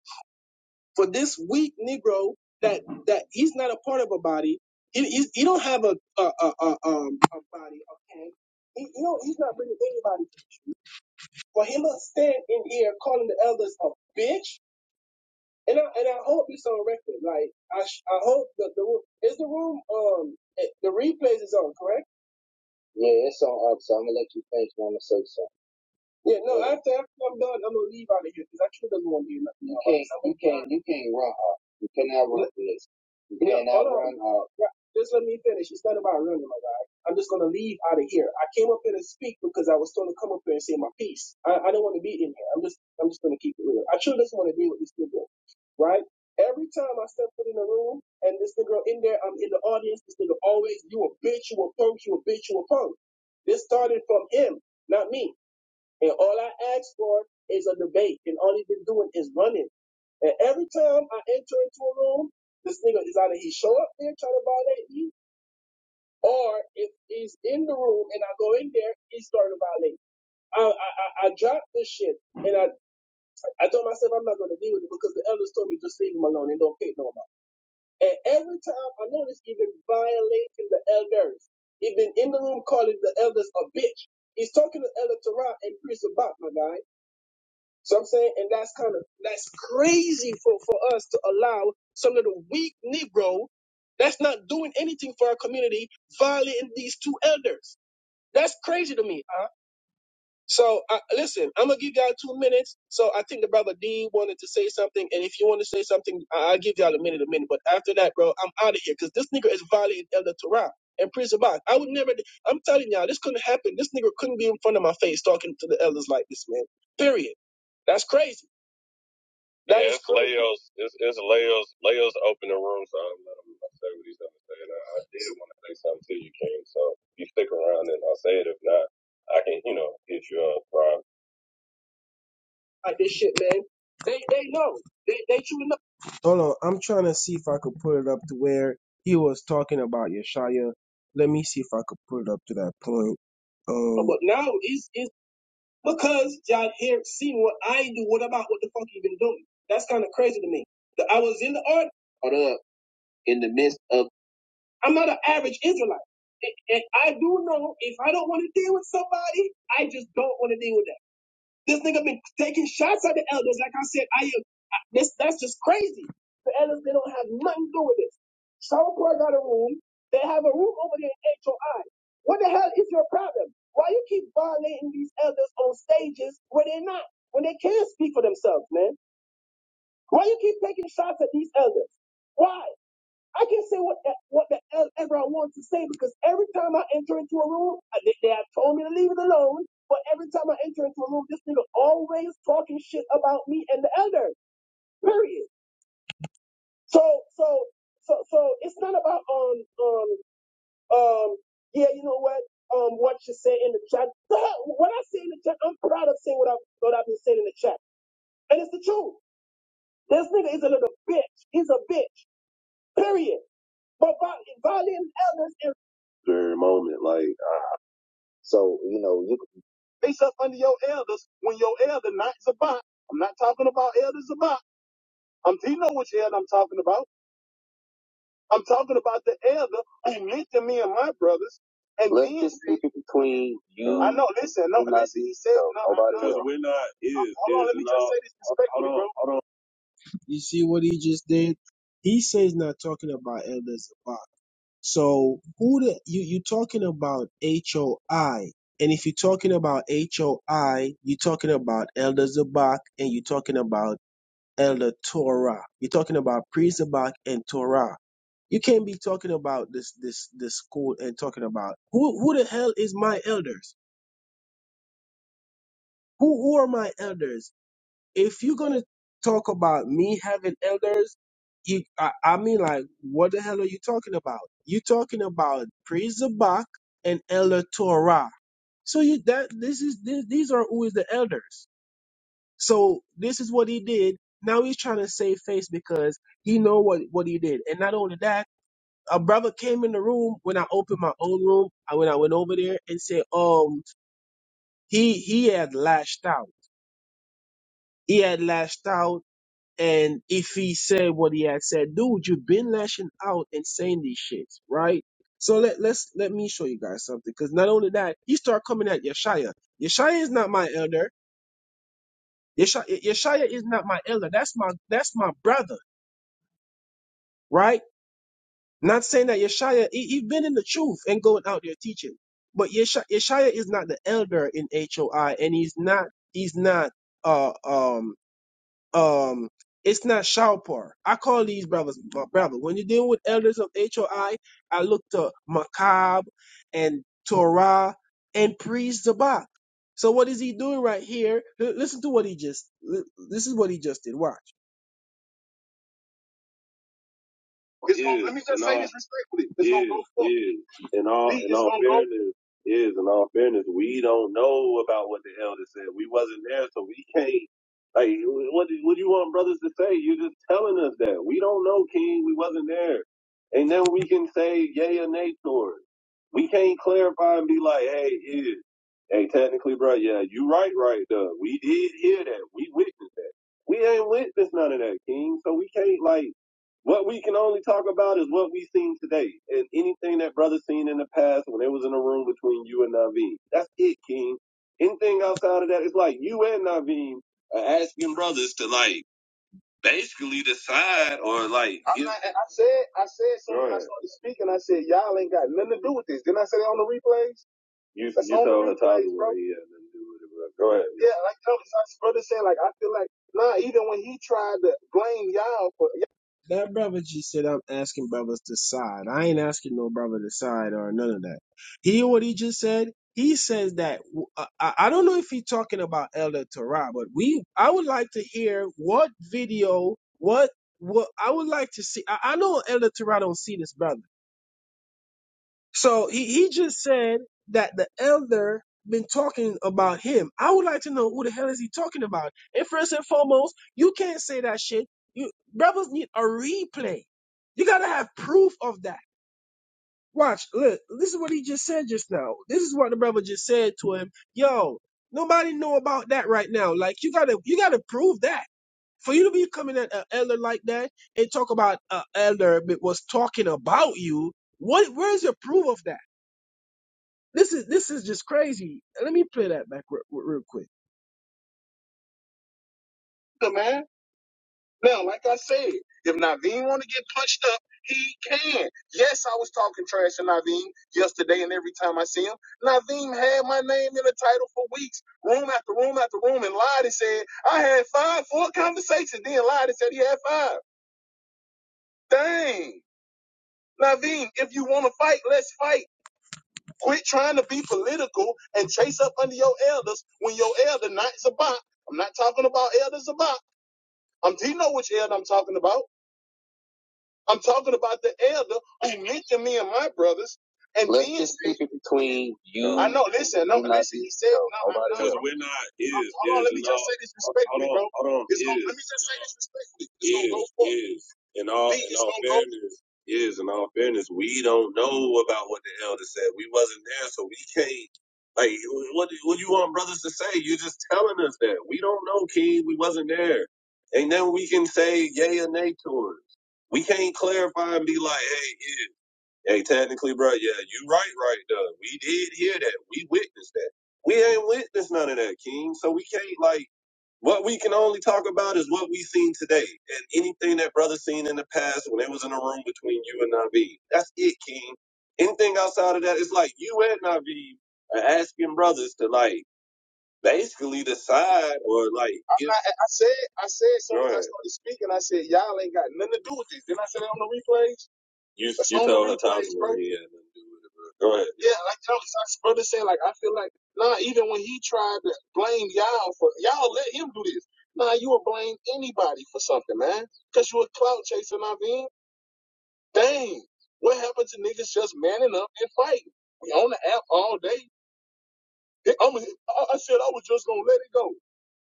S5: For this weak Negro that that he's not a part of a body, he, he, he don't have a a, a, a, um, a body. Okay, he, he do he's not bringing anybody. For him to stand in here calling the elders a bitch, and I and I hope it's on record. Like I I hope that the room is the room um eh, the replays is on, correct? Yeah, it's on up, so I'm gonna let you finish one or so Yeah, no, after, after I'm done, I'm gonna leave out of here because I sure doesn't want to hear nothing You else. can't, So you can't, you can't run off. You cannot run let, this. You yeah, cannot hold on. run off. Yeah, Just let me finish. It's not about running. Like I'm just gonna leave out of here. I came up here to speak because I was told to come up here and say my piece. I, I don't want to be in here. I'm just I'm just gonna keep it real. I sure doesn't want to deal with this nigga, right? Every time I step foot in the room and this nigga in there, I'm in the audience. This nigga always, you a bitch, you a punk, you a bitch, you a punk. This started from him, not me. And all I ask for is a debate. And all he's been doing is running. And every time I enter into a room, this nigga is either he show up there trying to violate me, or if he's in the room and I go in there, he's starting to violate. I, I, I I dropped this shit and I, I told myself I'm not going to deal with it because the elders told me just leave him alone and don't pay no more. And every time I notice he's been violating the elders, he's been in the room calling the elders a bitch. He's talking to Elder Torah and Priest about, my guy. So I'm saying, and that's kind of that's crazy for for us to allow some little weak Negro that's not doing anything for our community violating these two elders. That's crazy to me. Huh? So I, listen, I'm gonna give y'all two minutes. So I think the brother D wanted to say something, and if you want to say something, I- I'll give y'all a minute, a minute. But after that, bro, I'm out of here because this nigga is violating Elder Torah and Prince Abad. I would never. I'm telling y'all, this couldn't happen. This nigga couldn't be in front of my face talking to the elders like this, man. Period. That's crazy. That Yeah, is it's crazy. Leo's. It's, it's Leo's. Leo's open the room, so I'm let him say what he's gonna say. And I, I did want to say something to you, King. So if you stick around, and I'll say it. If not, I can, you know, hit you up. Rob. Like this shit, man. They they know. They they truly know. Hold on, I'm trying to see if I could put it up to where he was talking about Yeshaya. Let me see if I could put it up to that point. Um, but now it's it's because y'all here seeing what I do, what about what the fuck you been doing? That's kind of crazy to me. That I was in the art, caught up in the midst of. I'm not an average Israelite, and I do know if I don't want to deal with somebody, I just don't want to deal with them. This nigga been taking shots at the elders. Like I said, I am. I- This that's just crazy. The elders they don't have nothing to do with this. Sourport got a room. They have a room over there in HOI. What the hell is your problem? Why you keep violating these elders on stages where they're not, when they can't speak for themselves, man? Why you keep taking shots at these elders? Why? I can say what the- what the hell ever I want to say because every time I enter into a room, I- they, they have told me to leave it alone. But every time I enter into a room, this nigga always talking shit about me and the elder. Period. So so so so it's not about um um um yeah you know what um what you say in the chat. The hell, what I say in the chat, I'm proud of saying what I've what I've been saying in the chat, and it's the truth. This nigga is a little bitch. He's a bitch. Period. But by They up under your elders when your elder not Zabot. I'm not talking about elder Zabot. I'm he know which elder I'm talking about. I'm talking about the elder who mentored me and my brothers and Let's then just said, keep I know, listen, no, listen, he said no, nobody no, because no. we're not is, hold hold on, is let me just law. say this Hold respectfully, on. bro. You see what he just did? He says not talking about elders. So who the you you talking about HOI? And if you're talking about HOI, you're talking about Elder Zabak and you're talking about Elder Torah. You're talking about Priest Zabak and Torah. You can't be talking about this this this school and talking about who who the hell is my elders? Who who are my elders? if you're gonna talk about me having elders, you, I, I mean, like, what the hell are you talking about? You're talking about priest Zabak and elder Torah. So you that this is this, these are who is the elders. So this is what he did. Now he's trying to save face because he know what what he did. And not only that, a brother came in the room when I opened my own room. I When I went over there and said, um, he he had lashed out. He had lashed out And if he said what he had said, dude, you've been lashing out and saying these shits, right? So let let's let me show you guys something. Because not only that, he start coming at Yeshaya. Yeshaya is not my elder. Yeshaya, Yeshaya is not my elder. That's my that's my brother, right? Not saying that Yeshaya he, he been in the truth and going out there teaching. But Yeshaya, Yeshaya is not the elder in HOI, and he's not he's not uh um Um, it's not Shalpar. I call these brothers my brother. When you're dealing with elders of HOI, I I look to Makab and Torah and Priest Zabak. So what is he doing right here? L- Listen to what he just. l- This is what he just did. Watch. It's yeah, gonna, let me just say all this respectfully. It's yeah, gonna go forward. is in all in all fairness is in all fairness we don't know about what the elder said. We wasn't there, so we can't. Like, what do, what do you want brothers to say? You're just telling us that we don't know, King. We wasn't there, and then we can say yay or nay to it. We can't clarify and be like, hey, is hey, technically, bro, yeah, you right, right, though. We did hear that. We witnessed that. We ain't witnessed none of that, King. So we can't like. What we can only talk about is what we seen today, and anything that brother seen in the past when it was in a room between you and Naveen. That's it, King. Anything outside of that, it's like you and Naveen are asking brothers to like basically decide or like. I'm Give... not. I said something. Go I ahead. said y'all ain't got nothing to do with this. Didn't I say replays? You That's you on told her replays, Hatazaway bro. he had nothing to do with it. but Go ahead. Yeah, That brother just said I'm asking brothers to side. I ain't asking no brother to side or none of that. Hear what he just said. He says that uh, I, I don't know if he's talking about Elder Torah, but we I would like to hear what video what what I would like to see. I, I know Elder Torah don't see this brother. So he, he just said that the elder been talking about him. I would like to know who the hell is he talking about. And first and foremost, you can't say that shit. You brothers need a replay. You gotta have proof of that. Watch, look, this is what he just said just now. This is what the brother just said to him. Yo, nobody know about that right now. Like you gotta you gotta prove that. For you to be coming at an elder like that and talk about an elder that was talking about you, what where's your proof of that? This is this is just crazy. Let me play that back re- re- real quick. The man. Now, like I said, if Naveen want to get punched up, he can. Yes, I was talking trash to Naveen yesterday, and every time I see him, Naveen had my name in the title for weeks, room after room after room, and lied and said I had five, four conversations, then lied and said he had five. Dang, Naveen, if you want to fight, let's fight. Quit trying to be political and chase up under your elders when your elder not Zabak. I'm not talking about elder Zabak. I'm do you know which elder I'm talking about? I'm talking about the elder who mentioned me and my brothers and then I know. Listen, no, listen. He said, so. no, I know. we're not, it Hold hold on. Let me just say this respectfully, bro. hold on. It's gonna. Let me just say this respectfully. It's gonna go is, forward. is. In all, in all fairness, is, in all fairness, we don't know about what the elder said. We wasn't there, so we can't. Like, what, what do you want brothers to say? You're just telling us that. We don't know, King. We wasn't there. And then we can say yay or nay to it. We can't clarify and be like, hey, is. Hey, technically, bro, yeah, you right, right, though. We did hear that. We witnessed that. We ain't witnessed none of that, King. So we can't like what we can only talk about is what we seen today and anything that brother seen in the past when it was in a room between you and Naveed. That's it, King. Anything outside of that, it's like you and Naveed are asking brothers to like basically decide or like I'm give not saying man, that's You That's you the told her Thomas where bro. he had nothing to do with it, bro. Go ahead. Yeah, like Thomas, I brother said, like I feel like nah. Even when he tried to blame y'all for y'all let him do this. Nah, you would blame anybody for something, man. Cause you a clout chaser, I mean. Dang, what happened to niggas just manning up and fighting? We on the app all day. They- I'm, I said I was just gonna let it go.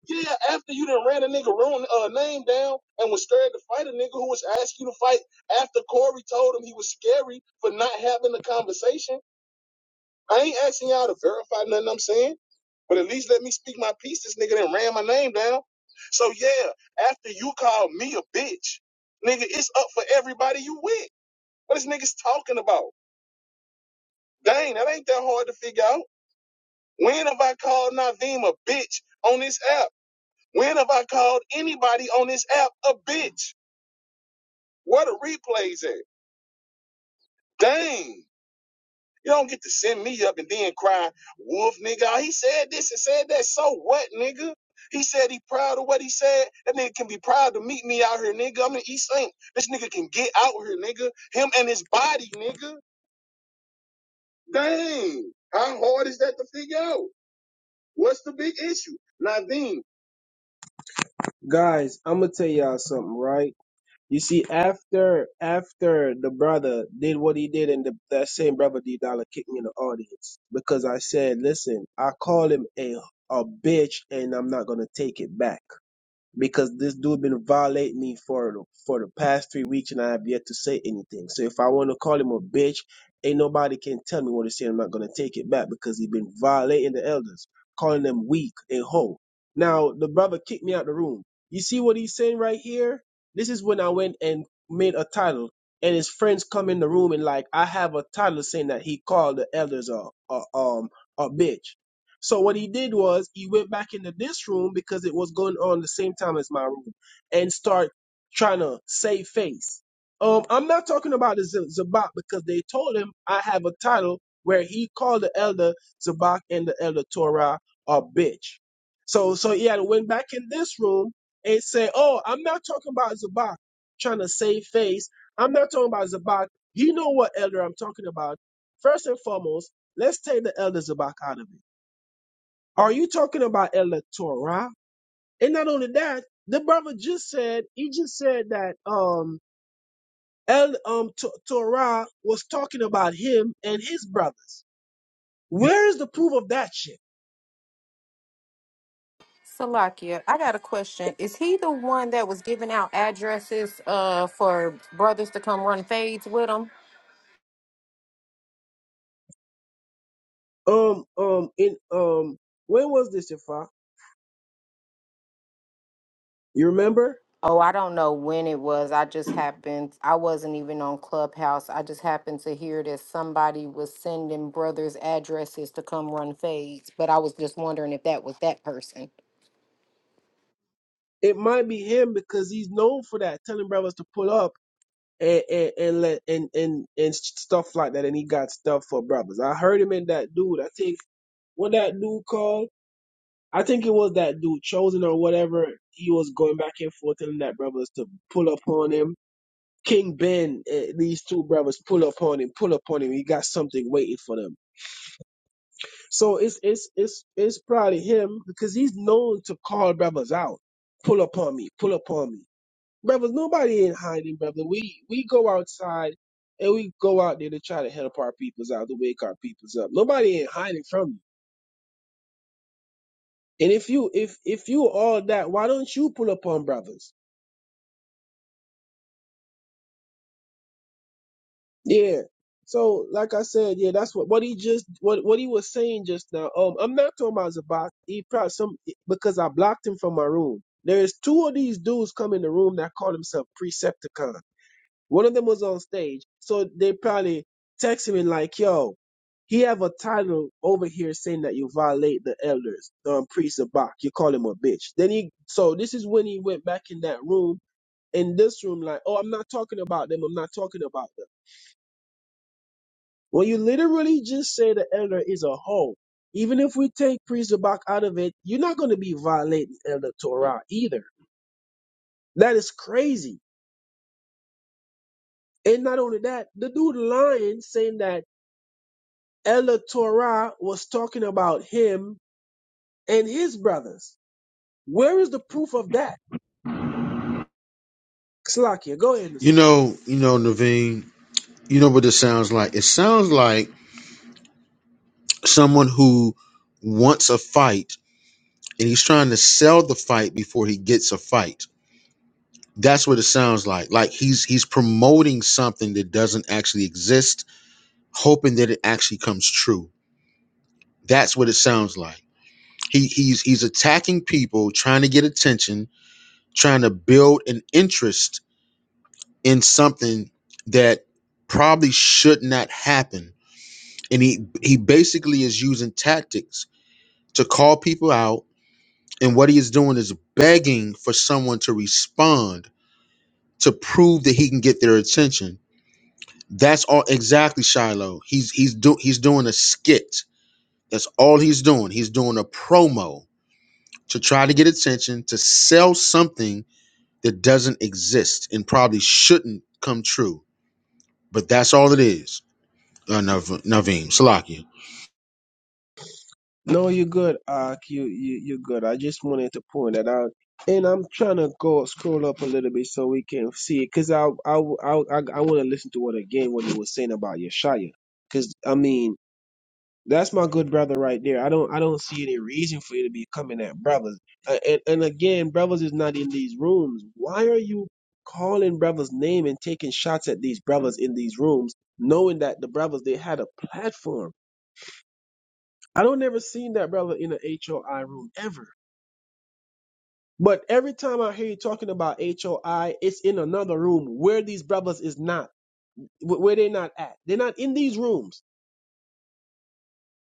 S5: Yeah, after you done ran a nigga wrong uh, name down and was scared to fight a nigga who was asking you to fight after Corey told him he was scary for not having the conversation. I ain't asking y'all to verify nothing I'm saying, but at least let me speak my piece. This nigga done ran my name down. So yeah, after you called me a bitch, nigga, it's up for everybody you with. What is niggas talking about? Dang, that ain't that hard to figure out. When have I called Naveem a bitch on this app? When have I called anybody on this app a bitch? Where the replays at? Dang. You don't get to send me up and then cry, wolf nigga. Oh, He said this and said that. So what, nigga? He said he proud of what he said. That nigga can be proud to meet me out here, nigga. I'm in East Saint. This nigga can get out here, nigga. Him and his body, nigga. Dang. How hard is that to figure out? What's the big issue? Nadine. Guys, I'm gonna tell y'all something, right? You see, after after the brother did what he did, and the, that same brother D Dollar kicked me in the audience because I said, "Listen, I call him a a bitch, and I'm not gonna take it back." because this dude been violating me for the, for the past three weeks, and I have yet to say anything. So if I want to call him a bitch, ain't nobody can tell me what to say. I'm not gonna take it back because he been violating the elders, calling them weak and hoe. Now the brother kicked me out the room. You see what he's saying right here? This is when I went and made a title, and his friends come in the room and like I have a title saying that he called the elders a, a um a bitch. So what he did was he went back into this room because it was going on the same time as my room and start trying to save face. Um, I'm not talking about the Z- Zabak because they told him I have a title where he called the elder Zabak and the elder Torah a bitch. So so he had went back in this room and said, Oh, I'm not talking about Zabak trying to save face. I'm not talking about Zabak. You know what elder I'm talking about. First and foremost, let's take the elder Zabak out of it are you talking about electora? And not only that, the brother just said he just said that um El um to- Torah was talking about him and his brothers. Where is the proof of that shit?
S6: Salakia, I got a question. Is he the one that was giving out addresses uh for brothers to come run fades with him?
S5: Um um in um when was this, Ifa? You remember?
S6: Oh, I don't know when it was. I just happened, I wasn't even on Clubhouse. I just happened to hear that somebody was sending brothers addresses to come run fades, but I was just wondering if that was that person.
S5: It might be him because he's known for that, telling brothers to pull up and and and let and and and stuff like that, and he got stuff for brothers. I heard him in that dude. I think what that dude called. I think it was that dude chosen or whatever. He was going back and forth telling that brothers to pull up on him. King Ben, eh, these two brothers pull up on him, pull up on him. He got something waiting for them. So it's it's it's it's probably him because he's known to call brothers out. Pull up on me, pull up on me, brothers. Nobody ain't hiding, brother. We we go outside and we go out there to try to help our peoples out, to wake our peoples up. Nobody ain't hiding from you. And if you if if you all that, why don't you pull up on brothers? Yeah. So, like I said, yeah, that's what what he just what what he was saying just now. Um, I'm not talking about Zabak. He probably some because I blocked him from my room. There's two of these dudes come in the room that call themselves Precepticon. One of them was on stage, so they probably text him and like, "Yo, he have a title over here saying that you violate the elders, um, priest Zabak. You call him a bitch." Then he, so this is when he went back in that room in this room, like, "Oh, I'm not talking about them. I'm not talking about." them. Well, you literally just say the elder is a whole. Even if we take priest Zabak out of it, you're not going to be violating elder Torah either. That is crazy. And not only that, the dude lying saying that elder Torah was talking about him and his brothers. Where is the proof of that? Slakia, go ahead,
S2: You
S5: Messiah.
S2: know, you know, Naveen, you know what this sounds like? It sounds like someone who wants a fight and he's trying to sell the fight before he gets a fight. That's what it sounds like. Like he's he's promoting something that doesn't actually exist, hoping that it actually comes true. That's what it sounds like. He he's he's attacking people, trying to get attention, trying to build an interest in something that probably should not happen. And he he basically is using tactics to call people out And what he is doing is begging for someone to respond to prove that he can get their attention. That's all exactly Shiloh. He's he's do, he's doing a skit. That's all he's doing. He's doing a promo to try to get attention to sell something that doesn't exist and probably shouldn't come true. But that's all it is. Uh, Nav- Naveem Salakia.
S5: No, you're good, Ark. You, you, you're good. I just wanted to point that out. And I'm trying to go scroll up a little bit so we can see it, cause I, I, I, I want to listen to what again what you were saying about Yeshaya, cause I mean that's my good brother right there. I don't, I don't see any reason for you to be coming at brothers. Uh, and and again, brothers is not in these rooms. Why are you calling brothers' name and taking shots at these brothers in these rooms, knowing that the brothers they had a platform? I don't never seen that brother in a HOI room ever. But every time I hear you talking about HOI, it's in another room where these brothers is not, wh- where they're not at. They're not in these rooms.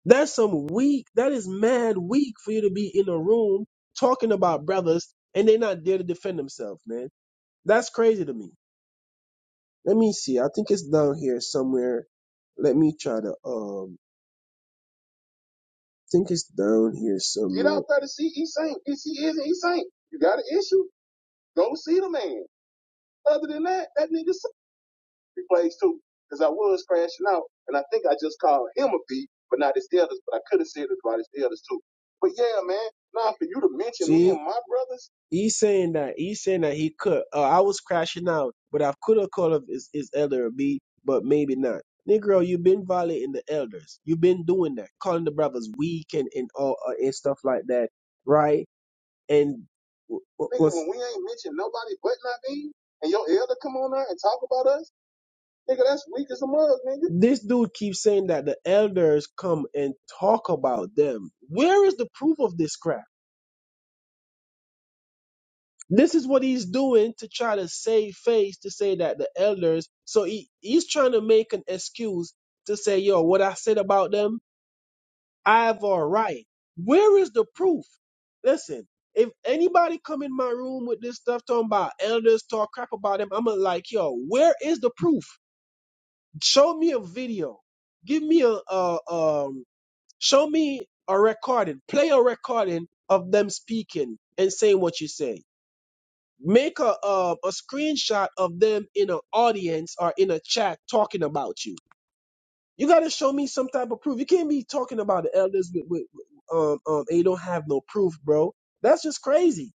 S5: That's some weak. That is mad weak for you to be in a room talking about brothers and they're not there to defend themselves, man. That's crazy to me. Let me see. I think it's down here somewhere. Let me try to um. think it's down here Get somewhere. out there to see E Saint. If he isn't E Saint, you got an issue, go see the man. Other than that, that nigga suck plays too. Cause I was crashing out, and I think I just called him a B, but not his others. But I could have said it about his others too. But yeah, man, nah, for you to mention See, me and my brothers, he's saying that he's saying that he could. Uh, I was crashing out, but I could have called him his, his elder or B, but maybe not. Negro, you've been violating the elders. You've been doing that, calling the brothers weak and and all uh, and stuff like that, right? And w- w- Nigga, was when we ain't mentioned nobody but Naveen, and your elder come on there and talk about us, nigga, that's weak as a mug, nigga. this dude keeps saying that the elders come and talk about them. Where is the proof of this crap? This is what he's doing to try to save face to say that the elders. So he, he's trying to make an excuse to say, yo, what I said about them Ivor Wright. Where is the proof? Listen, if anybody come in my room with this stuff talking about elders talk crap about them, I'm like, yo, where is the proof? Show me a video. Give me a uh, um. Show me a recording. Play a recording of them speaking and saying what you say. Make a uh, a screenshot of them in an audience or in a chat talking about you you got to show me some type of proof. You can't be talking about the elders with, with with, um um and you don't have no proof, bro. That's just crazy.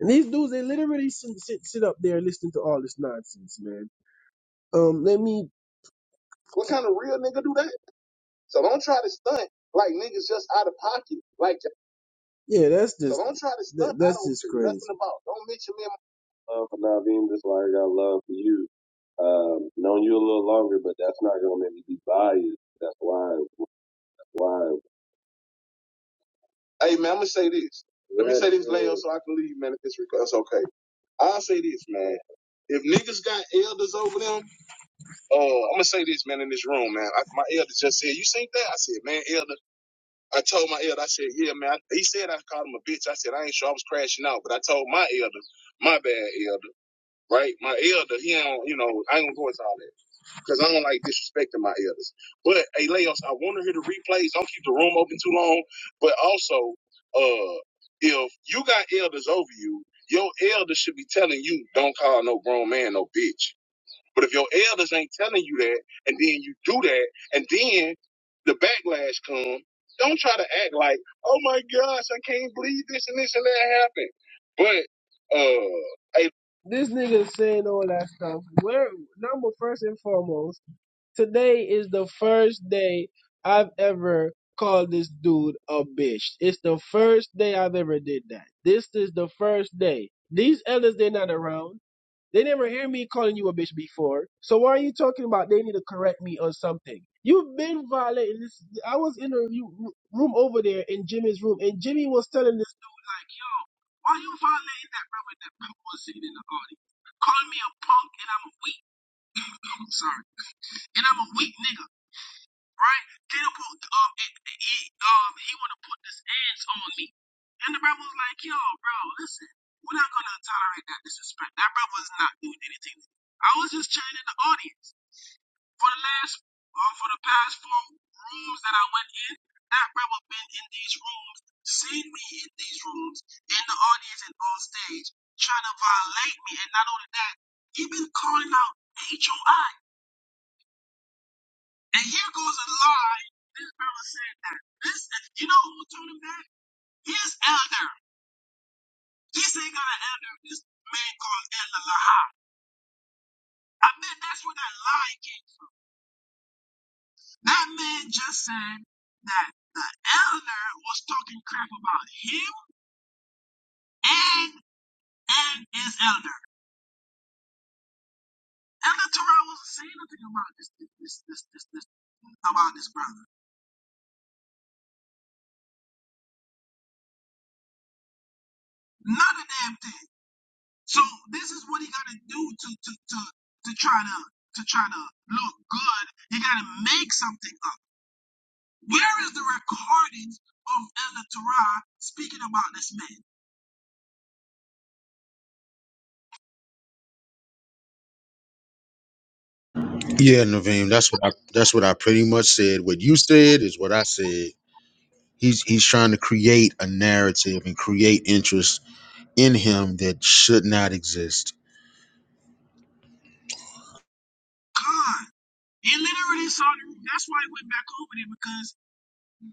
S5: And these dudes, they literally sit, sit, sit up there listening to all this nonsense, man. Um, let me. What kind of real nigga do that? So don't try to stunt like niggas just out of pocket. Like Yeah, that's So just So don't try to that, stunt. I that's I don't just crazy. nothing about. Don't mention me. In my- love for Naveem, that's why I got love for you. Um, known you a little longer, but that's not gonna make me be biased. That's why. Why? Hey man, I'm gonna say this. Let me Yes, say this, Leo, so I can leave, man. If it's, rec- it's okay, I'll say this, man. If niggas got elders over them, uh, I'm gonna say this, man, in this room, man. I, my elder just said, "You seen that?" I said, "Man, elder." I told my elder, I said, "Yeah, man." I, he said I called him a bitch. I said I ain't sure I was crashing out, but I told my elder, my bad, elder, right? My elder, he don't, you know, I ain't gonna go into all that because I don't like disrespecting my elders. But hey, Leos, I want to hear the replays. Don't keep the room open too long. But also, uh, if you got elders over you, your elders should be telling you, don't call no grown man no bitch. But if your elders ain't telling you that, and then you do that, and then the backlash come, don't try to act like, oh my gosh, I can't believe this and this and that happened. But uh, hey, This nigga saying all that stuff. Where number first and foremost. Today is the first day I've ever called this dude a bitch. It's the first day I've ever did that. This is the first day. These elders, they're not around. They never hear me calling you a bitch before. So why are you talking about they need to correct me on something? You've been violating this. I was in a ru- room over there in Jimmy's room, and Jimmy was telling this dude, like, yo, why you violating that brother that punk was sitting in the audience? Calling me a punk and I'm a weak. I'm sorry. And I'm a weak nigga right? Peter put um it, it- he um he wanna put this edge on me. And the brother was like, yo, bro, listen, we're not not a damn thing. So this is what he gotta do to to to to try to to try to look good. He gotta make something up. Where is the recordings of Elder Torah speaking about this man?
S2: Yeah, Naveem. That's what I, that's what I pretty much said. What you said is what I said. He's he's trying to create a narrative and create interest in him that should not exist.
S5: God. He literally saw the That's why he went back over there because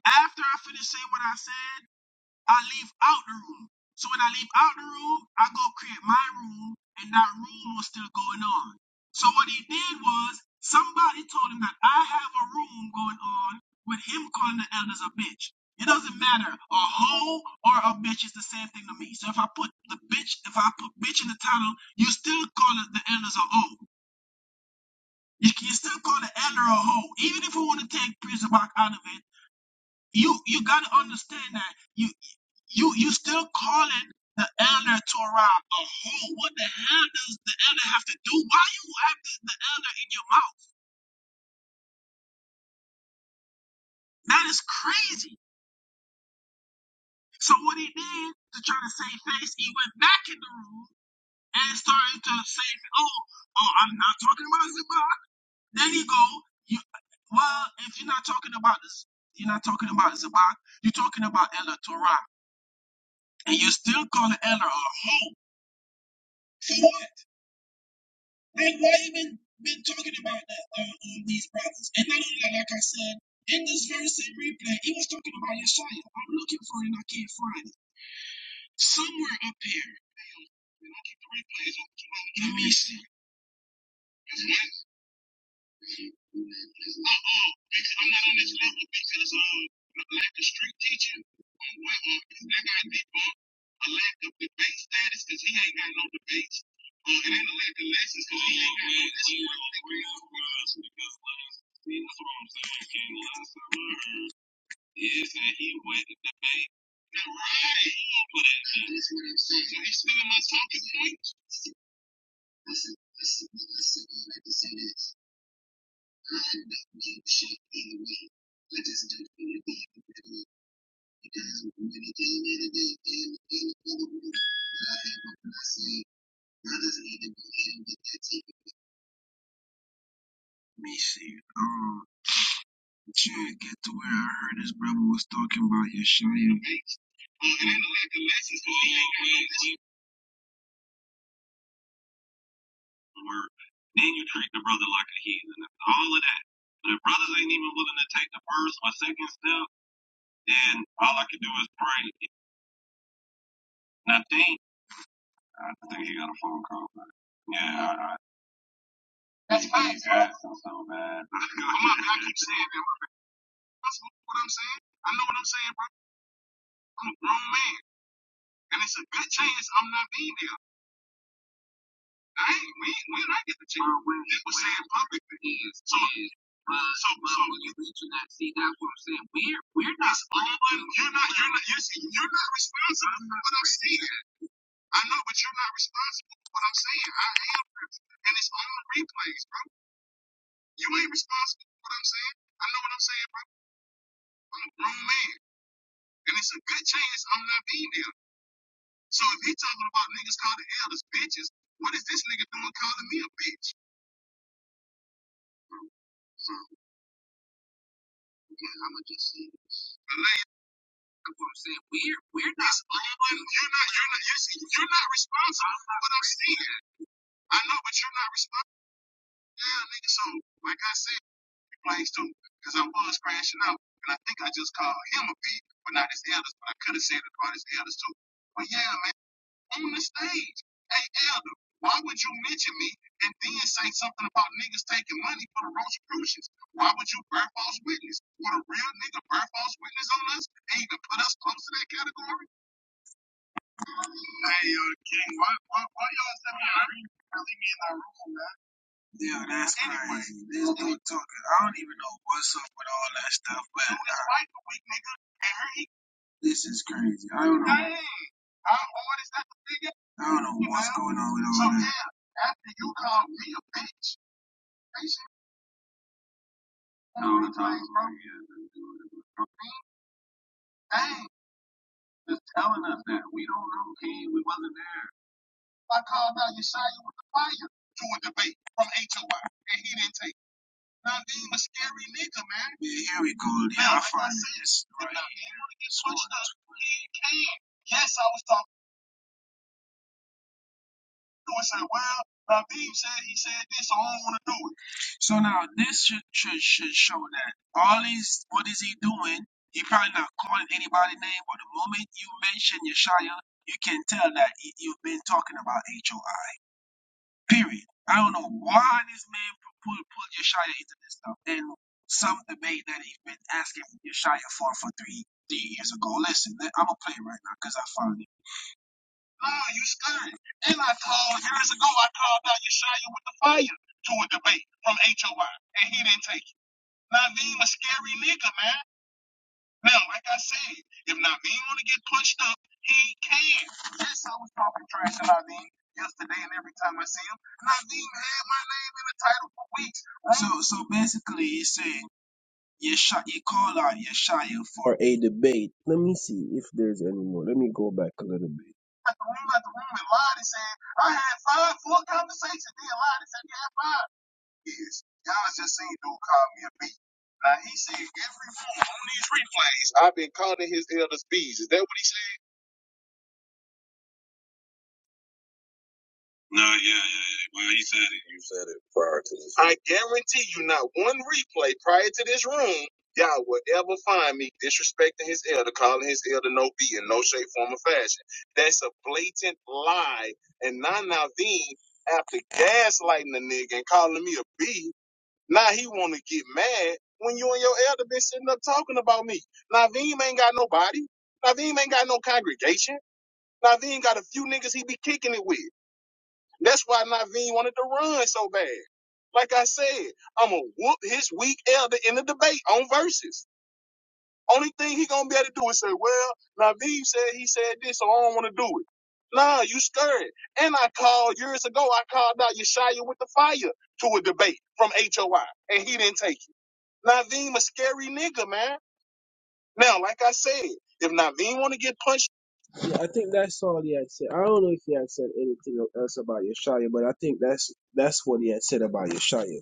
S5: after I finished saying what I said. I leave out the room. So when I leave out the room, I go create my room, and that room was still going on. So what he did was somebody told him that I have a room going on with him calling the elders a bitch. It doesn't matter. A hoe or a bitch is the same thing to me. So if I put the bitch, if I put bitch in the title, you still call it the elders a hoe. You, you still call the elder a hoe. Even if we want to take prison back out of it, you you gotta understand that. you. You you still calling the elder Torah a whole. What the hell does the elder have to do? Why you have the, the elder in your mouth? That is crazy. So what he did to try to save face, he went back in the room and started to say, "Oh, oh, I'm not talking about Zabak." Then he go, "You well, if you're not talking about this, you're not talking about Zabak. You're talking about Ella Torah, and you still calling elder Like why even been talking about that uh, um, these brothers? And not only that, like I said, in this verse in replay, he was talking about Yeshaya. I'm looking for it and I can't find it. Somewhere up in here, and all of that. But if brothers ain't even willing to take the first or second step, then all I can do is pray. And I think, I think he got a phone call. But yeah, I, I That's fine. Yeah, so bad. Come on, I keep saying that. That's what I'm saying. I know what I'm saying, bro. I'm a grown man. And it's a good chance I'm not being there. could have said it probably the others too. But yeah, man, on the stage, hey Elder, why would you mention me and then say something about niggas taking money for the Rosicrucians? Why would you bear false witness? Would a real nigga bear false witness on us and even put us close to that category? Hey, uh, King, why, why, why y'all send me out? Leave me in that room, man. Yeah, that's Anyway, crazy. This dude talking. I don't even know what's up with all that stuff, but Dude, nah, like this is crazy. I don't know. Dang, how hard I don't know what's going on with all that. All the time. Dang, just telling us that. We don't know, King. We wasn't there. I called out Yeshaya with the fire to a debate from H O I, and he didn't take it. Now, being a scary nigga, man. Yeah, here we go. Yeah, I find this. Right. Switched up. Yes, I was talking. do it. Say, well, Naveem said he said this, so I don't want to do it. So now this should, should should show that all these what is he doing? He probably not calling anybody name, but the moment you mention Yeshaya, you can tell that y- you've been talking about HOI. Period. I don't know why this man pu- pulled pulled Yeshaya into this stuff. And some debate that he's been asking Yeshaya for for three three years ago. Listen, I'm gonna play it right now because I found it. Nah, you scared. Then I called years ago. I called out Yeshaya with the fire to a debate from HOI, and he didn't take it. Naveem a scary nigga. Now, like I said, if Naveem want to get punched up, he can. That's how we talking trash to Naveem. So, so basically, he said. Yeshaya, you call out Yeshaya for a debate. Let me see if there's any more. Let me go back a little bit. No, yeah, yeah, yeah. Well, you said it. You said it prior to this. I guarantee you, not one replay prior to this room, y'all will ever find me disrespecting his elder, calling his elder no B in no shape, form, or fashion. That's a blatant lie. And Nana Naveen, after gaslighting the nigga and calling me a B, now he want to get mad when you and your elder been sitting up talking about me. Naveen ain't got nobody. Naveen ain't got no congregation. Naveen got a few niggas he be kicking it with. That's why Naveen wanted to run so bad. Like I said, I'm gonna whoop his weak elder in the debate on verses. Only thing he gonna be able to do is say, "Well, Naveen said he said this, so I don't want to do it." Nah, you scared. And I called years ago. I called out Yeshaya with the fire to a debate from HOI, and he didn't take it. Naveen a scary nigga, man. Now, like I said, if Naveen want to get punched. Yeah, I think that's all he had said. I don't know if he had said anything else about Yeshaya, but I think that's that's what he had said about Yeshaya.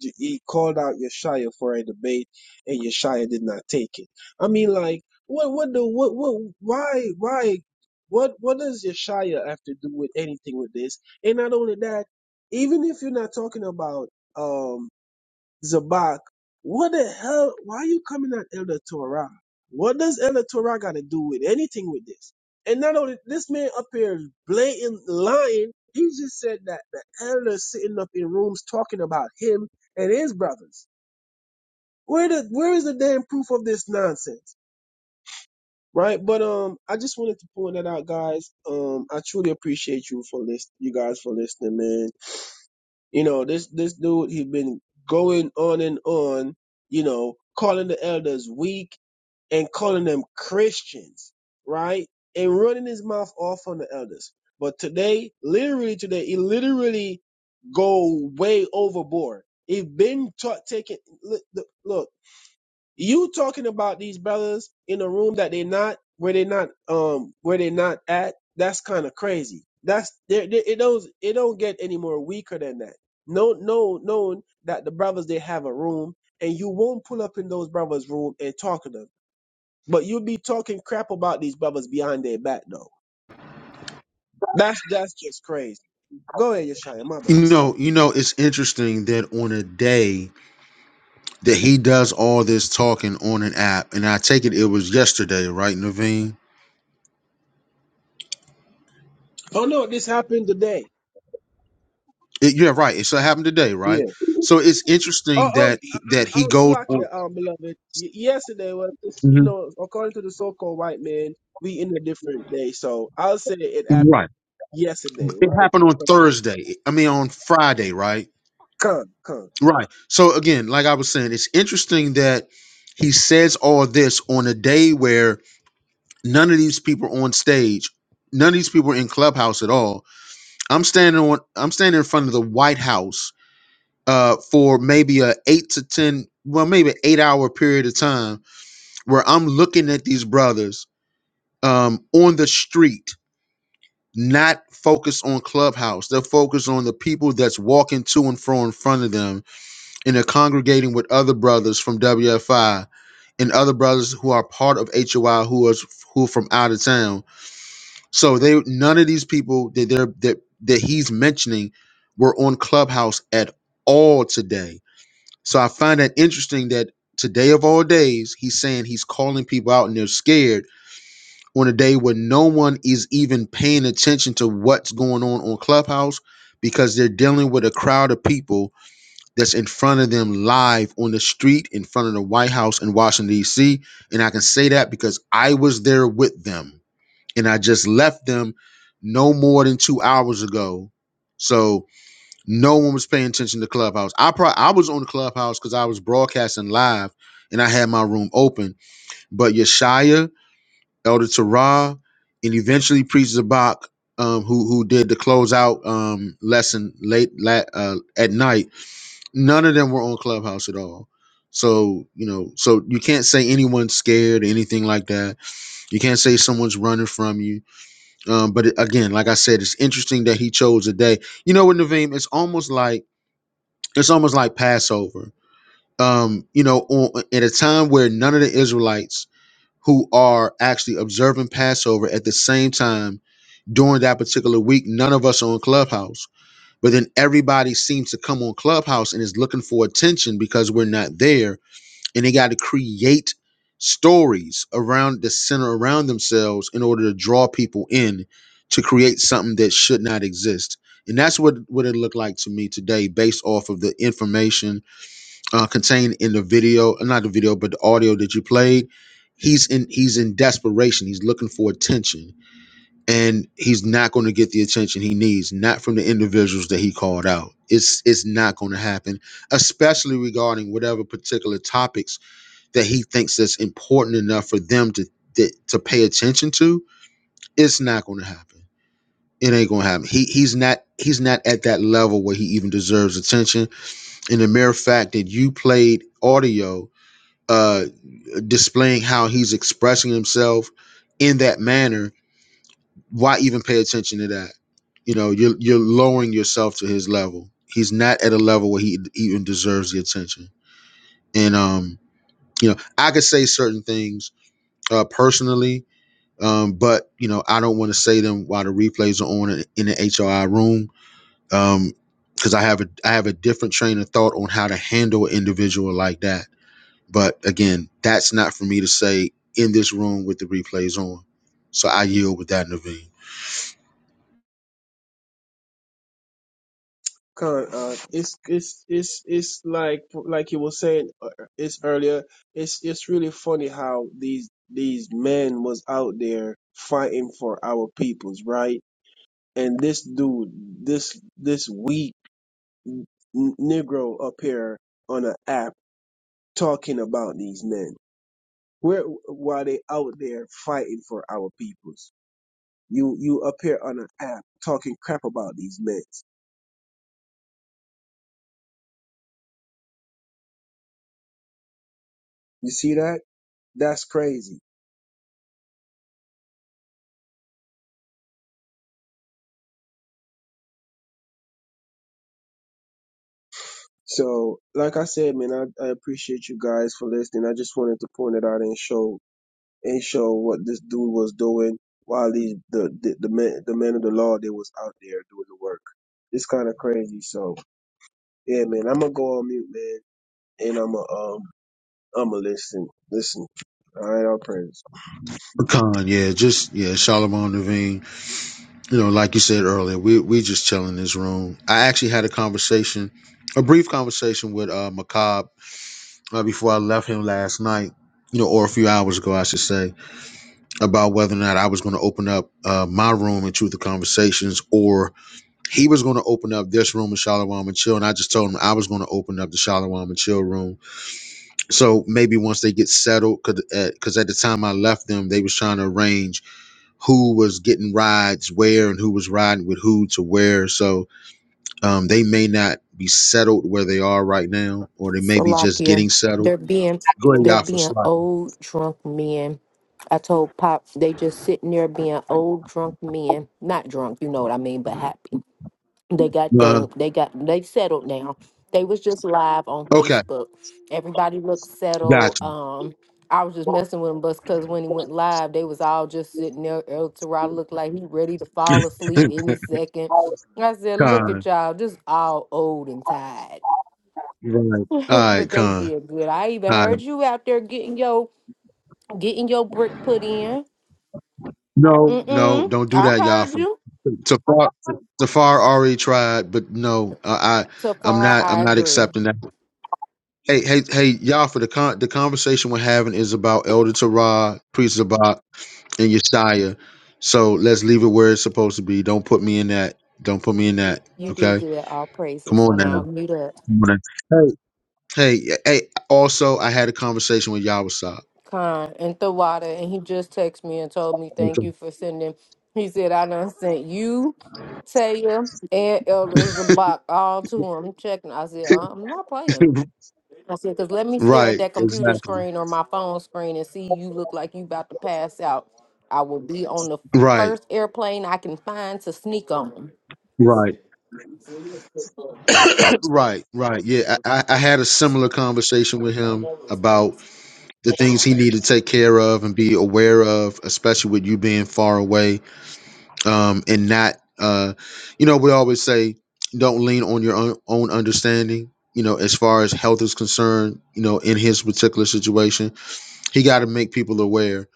S5: He called out Yeshaya for a debate, and Yeshaya did not take it. I mean, like, what, what the, what, what, why, why, what, what does Yeshaya have to do with anything with this? And not only that, even if you're not talking about, um. Zabak, what the hell? Why are you coming at Elder Torah? What does Elder Torah got to do with anything with this? And not only this man up here is blatant lying, he just said that the elder sitting up in rooms talking about him and his brothers. Where the where is the damn proof of this nonsense? Right? But um I just wanted to point that out, guys. Um I truly appreciate you for list you guys for listening, man. You know, this this dude he been going on and on, you know, calling the elders weak and calling them Christians, right? And running his mouth off on the elders. But today, literally today, he literally go way overboard. He been ta- taking look, look. You talking about these brothers in a room that they not where they not um where they not at? That's kind of crazy. That's there. there- It don't it don't get any more weaker than that. No, no, knowing that the brothers they have a room and you won't pull up in those brothers' room and talk to them, but you'll be talking crap about these brothers behind their back though. That's that's just crazy. Go ahead, Yeshaya, my bad.
S2: You
S5: Slap.
S2: know, you know, it's interesting that on a day that he does all this talking on an app, and I take it it was yesterday, right, Naveen?
S5: Oh no, this happened today.
S2: It, yeah, right. It so happened today, right? So it's
S5: Oh,
S2: interesting
S5: oh,
S2: that he, that
S5: I, I-
S2: he
S5: I'm
S2: goes.
S5: slack here, um, beloved. Y- yesterday was, this, you know, according to the so-called white man, we in a different day. So I'll say it happened yesterday,
S2: It
S5: right?
S2: happened on
S5: But
S2: Thursday. I mean, on Friday, right?
S5: con, con,
S2: Right. So again, like I was saying, it's interesting that he says all this on a day where none of these people are on stage none of these people are in clubhouse at all i'm standing on i'm standing in front of the white house uh for maybe a eight to ten well maybe eight hour period of time where i'm looking at these brothers um on the street not focused on clubhouse they're focused on the people that's walking to and fro in front of them and they're congregating with other brothers from wfi and other brothers who are part of hoi who is who are from out of town So they none of these people that they're that that he's mentioning were on Clubhouse at all today. So I find that interesting that today of all days, he's saying he's calling people out and they're scared on a day when no one is even paying attention to what's going on on Clubhouse because they're dealing with a crowd of people that's in front of them live on the street in front of the White House in Washington D.C. And I can say that because I was there with them and I just left them no more than two hours ago. So no one was paying attention to Clubhouse. I pro- I was on Clubhouse because I was broadcasting live and I had my room open. But Yeshaya, Elder Terah, and eventually Priest Zabak, um, who who did the closeout um, lesson late la- uh, at night, none of them were on Clubhouse at all. So you know, so you can't say anyone's scared or anything like that. You can't say someone's running from you um, but it- again, like I said, it's interesting that he chose a day. You know what, Naveem? It's almost like it's almost like Passover. Um, you know, on, at a time where none of the Israelites who are actually observing Passover at the same time during that particular week, none of us are on Clubhouse. But then everybody seems to come on Clubhouse and is looking for attention because we're not there and they got to create stories around the center around themselves in order to draw people in to create something that should not exist and that's what what it looked like to me today based off of the information uh, contained in the video uh, not the video but the audio that you played he's in he's in desperation he's looking for attention and he's not going to get the attention he needs not from the individuals that he called out it's it's not going to happen especially regarding whatever particular topics that he thinks that's important enough for them to that, to pay attention to, it's not going to happen. It ain't going to happen. He he's not he's not at that level where he even deserves attention. And the mere fact that you played audio uh displaying how he's expressing himself in that manner, why even pay attention to that? You know, you're you're lowering yourself to his level. He's not at a level where he even deserves the attention. And um, you know, I could say certain things uh personally Um, but you know, I don't want to say them while the replays are on in the HRI room. Um, because um, I have a I have a different train of thought on how to handle an individual like that. But again, that's not for me to say in this room with the replays on. So I yield with that, Naveen.
S5: con. Uh, it's, it's, it's, it's like, like you were saying, uh, it's earlier. It's, it's really funny how these, these men was out there fighting for our peoples, right? And this dude, this, this weak n- Negro up here on an app talking about these men? Where why they out there fighting for our peoples? You you up here on an app talking crap about these men. You see that? That's crazy. So, like I said, man, I, I appreciate you guys for listening. I just wanted to point it out and show and show what this dude was doing while these the the, the men the men of the law they was out there doing the work. It's kind of crazy. So, yeah, man, I'm gonna go on mute, man, and I'm gonna um I'ma listen. Listen. All right, all praise.
S2: Pecan, yeah, just yeah, Charlemagne Naveen. You know, like you said earlier, we we just chilling in this room. I actually had a conversation, a brief conversation with uh Macabre uh, before I left him last night. You know, or a few hours ago, I should say about whether or not I was going to open up uh, my room in Truth of Conversations or he was going to open up this room in Shalom and Chill. And I just told him I was going to open up the Shalom and Chill room. So maybe once they get settled, because at the time I left them, they was trying to arrange who was getting rides where and who was riding with who to where. So um, they may not be settled where they are right now, or they may be just
S6: Salakia.
S2: getting settled.
S6: They're being
S2: Go ahead,
S6: they're
S2: y'all, for
S6: being
S2: slacking.
S6: old drunk men. I told Pop they just sitting there being old drunk men. Not drunk, you know what I mean, but happy. They got they
S2: Uh,
S6: they got they settled now. They was just live on
S2: okay,
S6: Facebook. Everybody looked settled.
S2: gotcha.
S6: Um, I was just messing with him, but because when he went live, they was all just sitting there. El Torado looked like he ready to fall asleep any second. I said, "Look at
S2: Con.
S6: y'all, just all old and tired."
S2: Right. All right,
S6: but they
S2: Con.
S6: did good. I even
S2: All
S6: heard
S2: right.
S6: you out there getting your getting your brick put in.
S2: No,
S6: Mm
S2: no,
S6: mm.
S2: don't do
S6: I
S2: that, y'all.
S6: heard
S2: For-
S6: you.
S2: Tafar, Tafar already tried, but no, I, I, I'm
S6: Tafara,
S2: not,
S6: I
S2: I'm not
S6: agree.
S2: accepting that. Hey, hey, hey, y'all. For the con, the conversation we're having is about Elder Terah, Priest Zabak, and Yeshaya. So let's leave it where it's supposed to be. Don't put me in that. Don't put me in that.
S6: You did
S2: Okay.
S6: good. All
S2: Come
S6: praises.
S2: on now.
S6: Now mute up.
S2: Come on now. Hey, hey, hey. Also, I had a conversation with Yahweh.
S6: Khan and Tawada, and he just texted me and told me thank
S2: Okay.
S6: you for sending. He said I done sent you, Taya, and Elder Zabak all to him. Checking. I said "Uh, I'm not playing. I said because let me stare at
S2: Right.
S6: that
S2: It's,
S6: computer screen or my phone screen and see you look like you about to pass out. I will be on the
S2: right.
S6: first airplane I can find to sneak on.
S2: Right, right, right. Yeah, I, I I had a similar conversation with him about the things he needed to take care of and be aware of, especially with you being far away um, and not, uh, you know, we always say don't lean on your own, own understanding. You know, as far as health is concerned, you know, in his particular situation, he got to make people aware.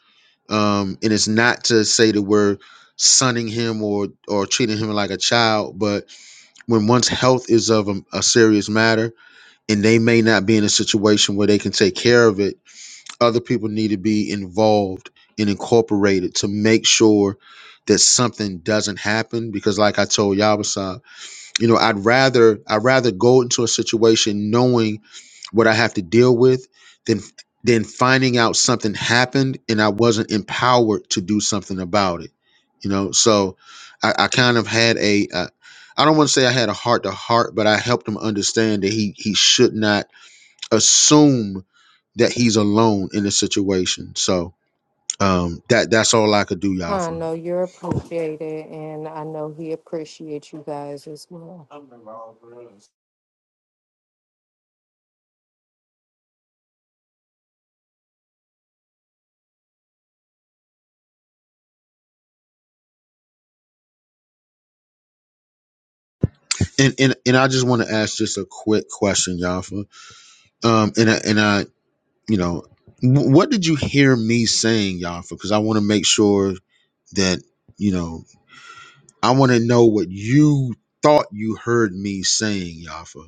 S2: Um, and it's not to say that we're sunning him or or treating him like a child, but when one's health is of a, a serious matter and they may not be in a situation where they can take care of it. Other people need to be involved and incorporated to make sure that something doesn't happen. Because, like I told Yabasab, you know, I'd rather I'd rather go into a situation knowing what I have to deal with than than finding out something happened and I wasn't empowered to do something about it. You know, so I, I kind of had a. a I don't want to say I had a heart to heart, but I helped him understand that he he should not assume that he's alone in this situation. So um, that that's all I could do,
S6: I
S2: Yafa.
S6: know you're appreciated, and I know he appreciates you guys as well.
S2: And and and I just want to ask just a quick question, Yafa. Um, and I, and I, you know, wh- what did you hear me saying, Yafa? Because I want to make sure that you know, I want to know what you thought you heard me saying, Yafa.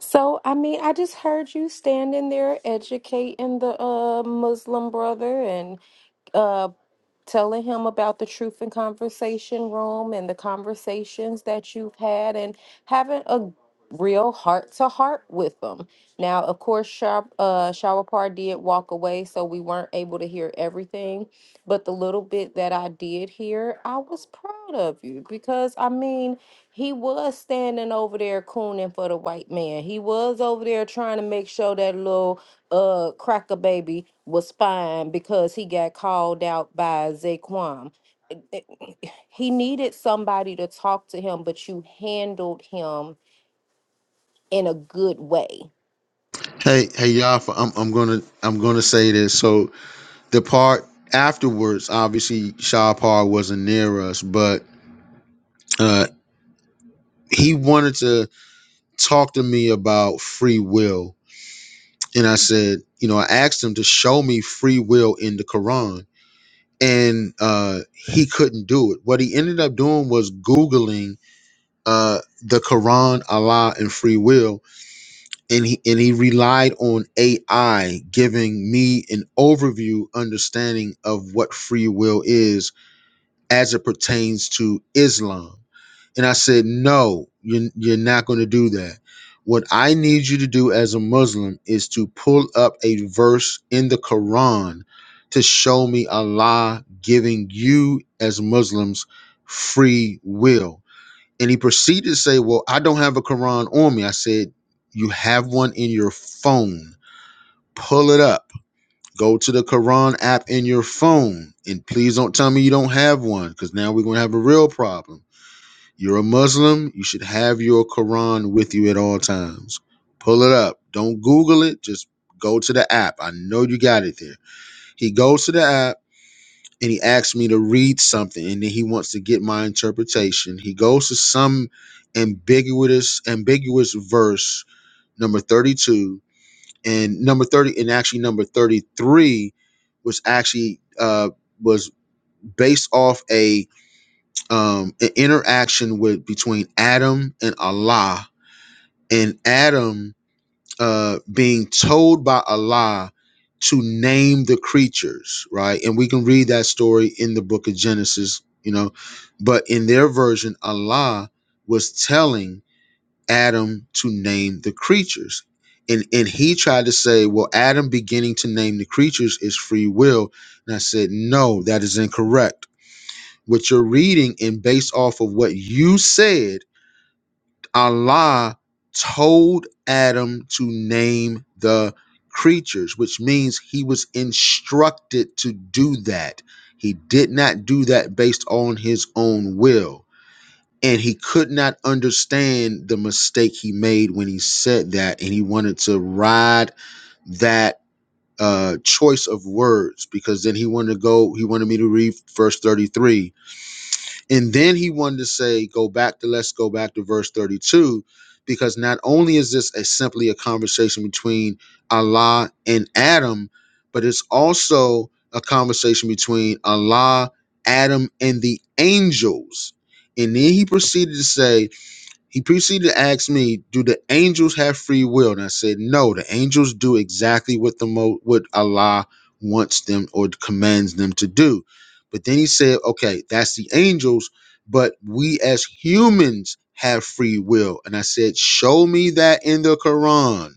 S6: So, I mean, I just heard you standing there educating the uh, Muslim brother and uh, telling him about the truth and conversation room and the conversations that you've had and having a real heart to heart with them. Now, of course, Shar uh, Shawapar did walk away, so we weren't able to hear everything. But the little bit that I did hear, I was proud of you because, I mean, he was standing over there cooning for the white man. He was over there trying to make sure that little uh, cracker baby was fine because he got called out by Zaquan. It- He needed somebody to talk to him, but you handled him in a good way
S2: Hey, hey, Yafa, I'm, I'm gonna I'm gonna say this. So the part afterwards, obviously Shahpar wasn't near us, but uh, he wanted to talk to me about free will, and I said, you know, I asked him to show me free will in the Quran, and uh, he couldn't do it. What he ended up doing was googling uh, the Quran, Allah, and free will, and he and he relied on AI giving me an overview understanding of what free will is as it pertains to Islam. And I said, no, you're, you're not going to do that. What I need you to do as a Muslim is to pull up a verse in the Quran to show me Allah giving you, as Muslims, free will. And he proceeded to say, Well, I don't have a Quran on me. I said, You have one in your phone. Pull it up Go to the Quran app in your phone, and please don't tell me you don't have one, because now we're gonna have a real problem. You're a Muslim. You should have your Quran with you at all times. Pull it up. Don't Google it. Just go to the app. I know you got it there. He goes to the app and he asks me to read something, and then he wants to get my interpretation. He goes to some ambiguous ambiguous verse number 32 and number 30 and actually number 33 was actually uh was based off a um an interaction with between adam and allah and adam uh being told by allah to name the creatures right and we can read that story in the book of genesis you know but in their version allah was telling Adam to name the creatures. And and he tried to say, well, Adam beginning to name the creatures is free will. And I said, no, that is incorrect. What you're reading and based off of what you said, Allah told Adam to name the creatures, which means he was instructed to do that. He did not do that based on his own will and he could not understand the mistake he made when he said that and he wanted to ride that uh choice of words because then he wanted to go he wanted me to read verse 33 and then he wanted to say go back to let's go back to verse 32 because not only is this a simply a conversation between Allah and Adam but it's also a conversation between Allah Adam and the angels and then he proceeded to say he proceeded to ask me, "Do the angels have free will?" And I said, "No, the angels do exactly what the mo- what Allah wants them or commands them to do." But then he said, "Okay, that's the angels, but we as humans have free will." And I said, "Show me that in the Quran."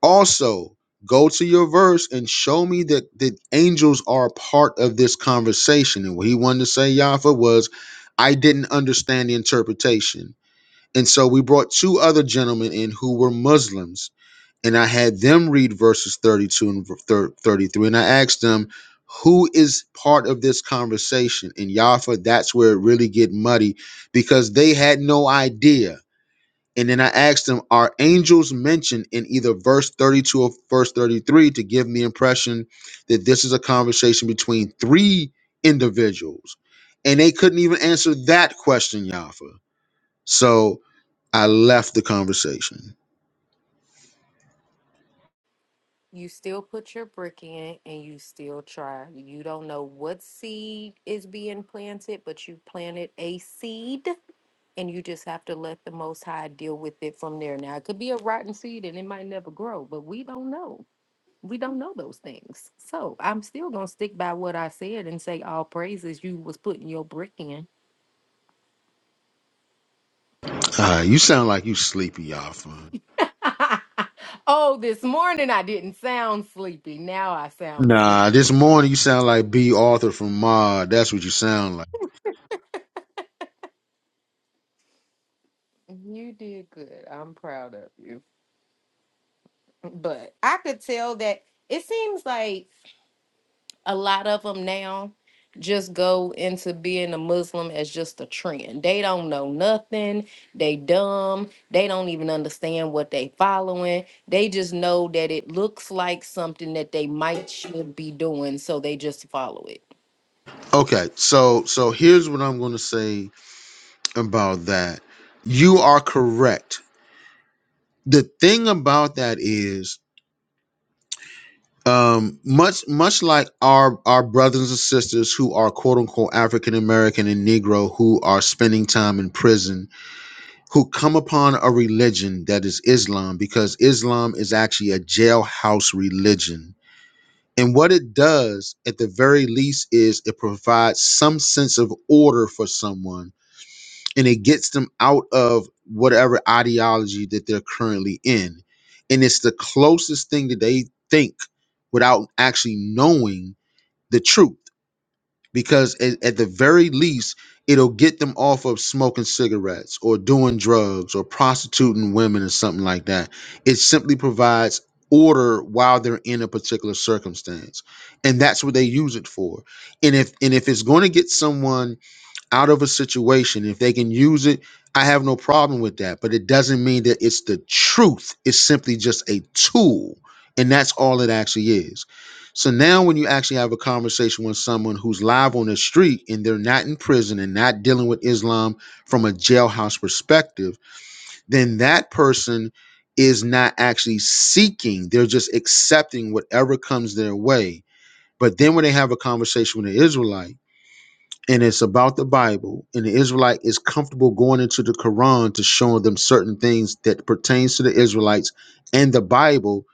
S2: Also, go to your verse and show me that the angels are a part of this conversation. And what he wanted to say, Yafa, was, "I didn't understand the interpretation." And so we brought two other gentlemen in who were Muslims and I had them read verses 32 and thir- 33. And I asked them, who is part of this conversation? And Yafa, that's where it really get muddy because they had no idea. And then I asked them, are angels mentioned in either verse 32 or verse 33 to give me the impression that this is a conversation between three individuals? And they couldn't even answer that question, Yafa. So I left the conversation.
S6: you still put your brick in and you still try. You don't know what seed is being planted, but you planted a seed and you just have to let the Most High deal with it from there. Now, it could be a rotten seed and it might never grow, but we don't know. We don't know those things. So I'm still going to stick by what I said and say all praises you was putting your brick in.
S2: Uh, you sound like you sleepy, you Alpha.
S6: oh, this morning I didn't sound sleepy. Now I sound
S2: Nah, this
S6: sleepy.
S2: morning you sound like B. Arthur from Mod. That's what you sound like.
S6: You did good. I'm proud of you. but I could tell that it seems like a lot of them now just go into being a Muslim as just a trend. They don't know nothing. They dumb. They don't even understand what they following. They just know that it looks like something that they might should be doing, so they just follow it.
S2: Okay, so so here's what I'm gonna say about that. You are correct. The thing about that is, um, much much like our our brothers and sisters who are quote unquote African American and Negro who are spending time in prison, who come upon a religion that is Islam, because Islam is actually a jailhouse religion. And what it does, at the very least, is it provides some sense of order for someone and it gets them out of whatever ideology that they're currently in. And it's the closest thing that they think without actually knowing the truth. Because at, at the very least, it'll get them off of smoking cigarettes or doing drugs or prostituting women or something like that. It simply provides order while they're in a particular circumstance. And that's what they use it for. And if and if it's going to get someone out of a situation. If they can use it, I have no problem with that. But it doesn't mean that it's the truth. It's simply just a tool. And that's all it actually is. So now, when you actually have a conversation with someone who's live on the street and they're not in prison and not dealing with Islam from a jailhouse perspective, then that person is not actually seeking, they're just accepting whatever comes their way. But then, when they have a conversation with an Israelite, and it's about the Bible, and the Israelite is comfortable going into the Quran to show them certain things that pertains to the Israelites and the Bible,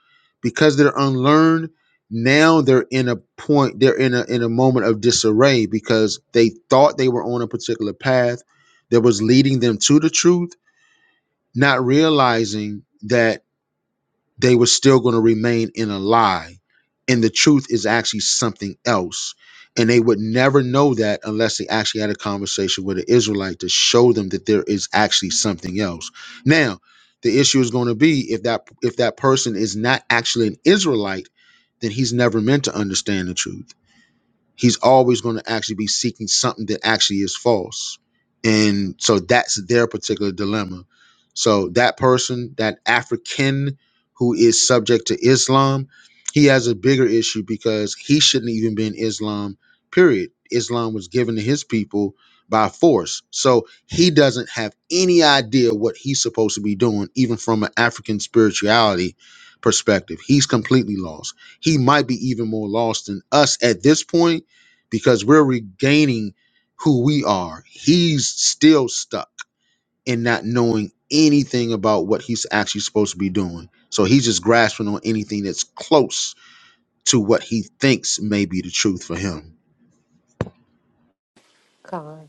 S2: because they're unlearned, now they're in a point, they're in a in a moment of disarray because they thought they were on a particular path that was leading them to the truth, not realizing that they were still going to remain in a lie. And the truth is actually something else. And they would never know that unless they actually had a conversation with an Israelite to show them that there is actually something else. Now, the issue is going to be if that if that person is not actually an Israelite, then he's never meant to understand the truth he's always going to actually be seeking something that actually is false. And so that's their particular dilemma. So that person, that African who is subject to Islam, he has a bigger issue because he shouldn't even be in Islam, period. Islam was given to his people by force. So he doesn't have any idea what he's supposed to be doing, even from an African spirituality perspective. He's completely lost. He might be even more lost than us at this point because we're regaining who we are. He's still stuck in not knowing anything about what he's actually supposed to be doing. So he's just grasping on anything that's close to what he thinks may be the truth for him.
S6: Con.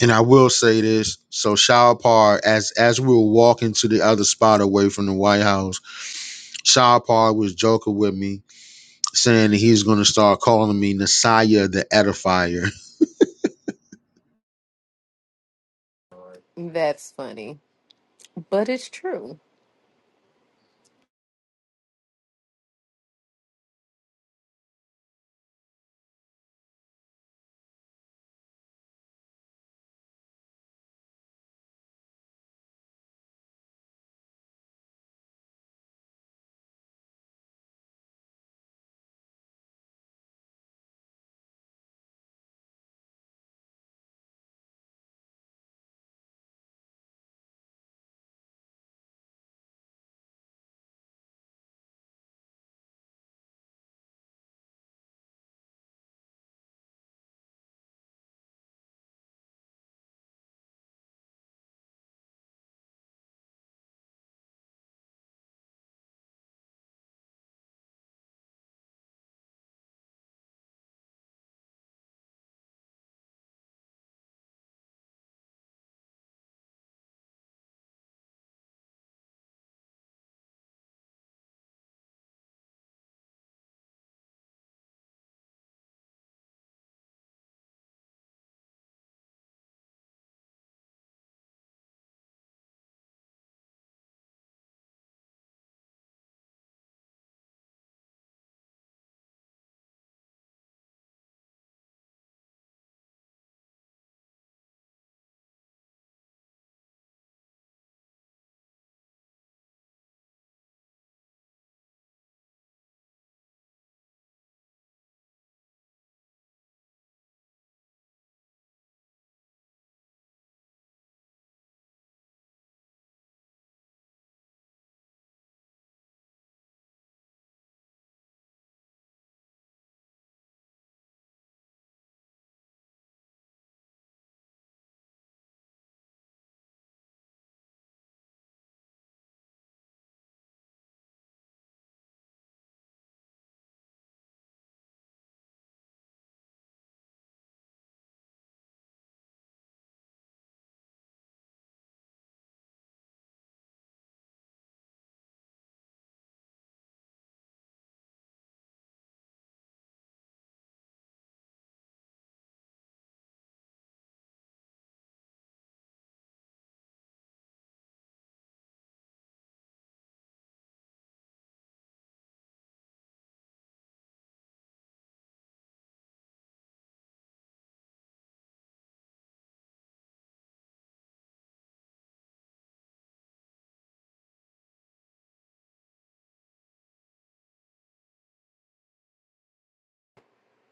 S2: And I will say this, so Shalpar, as as we were walking to the other spot away from the White House, Shalpar was joking with me, saying that he's gonna start calling me Nasiah the Edifier.
S6: That's funny, but it's true.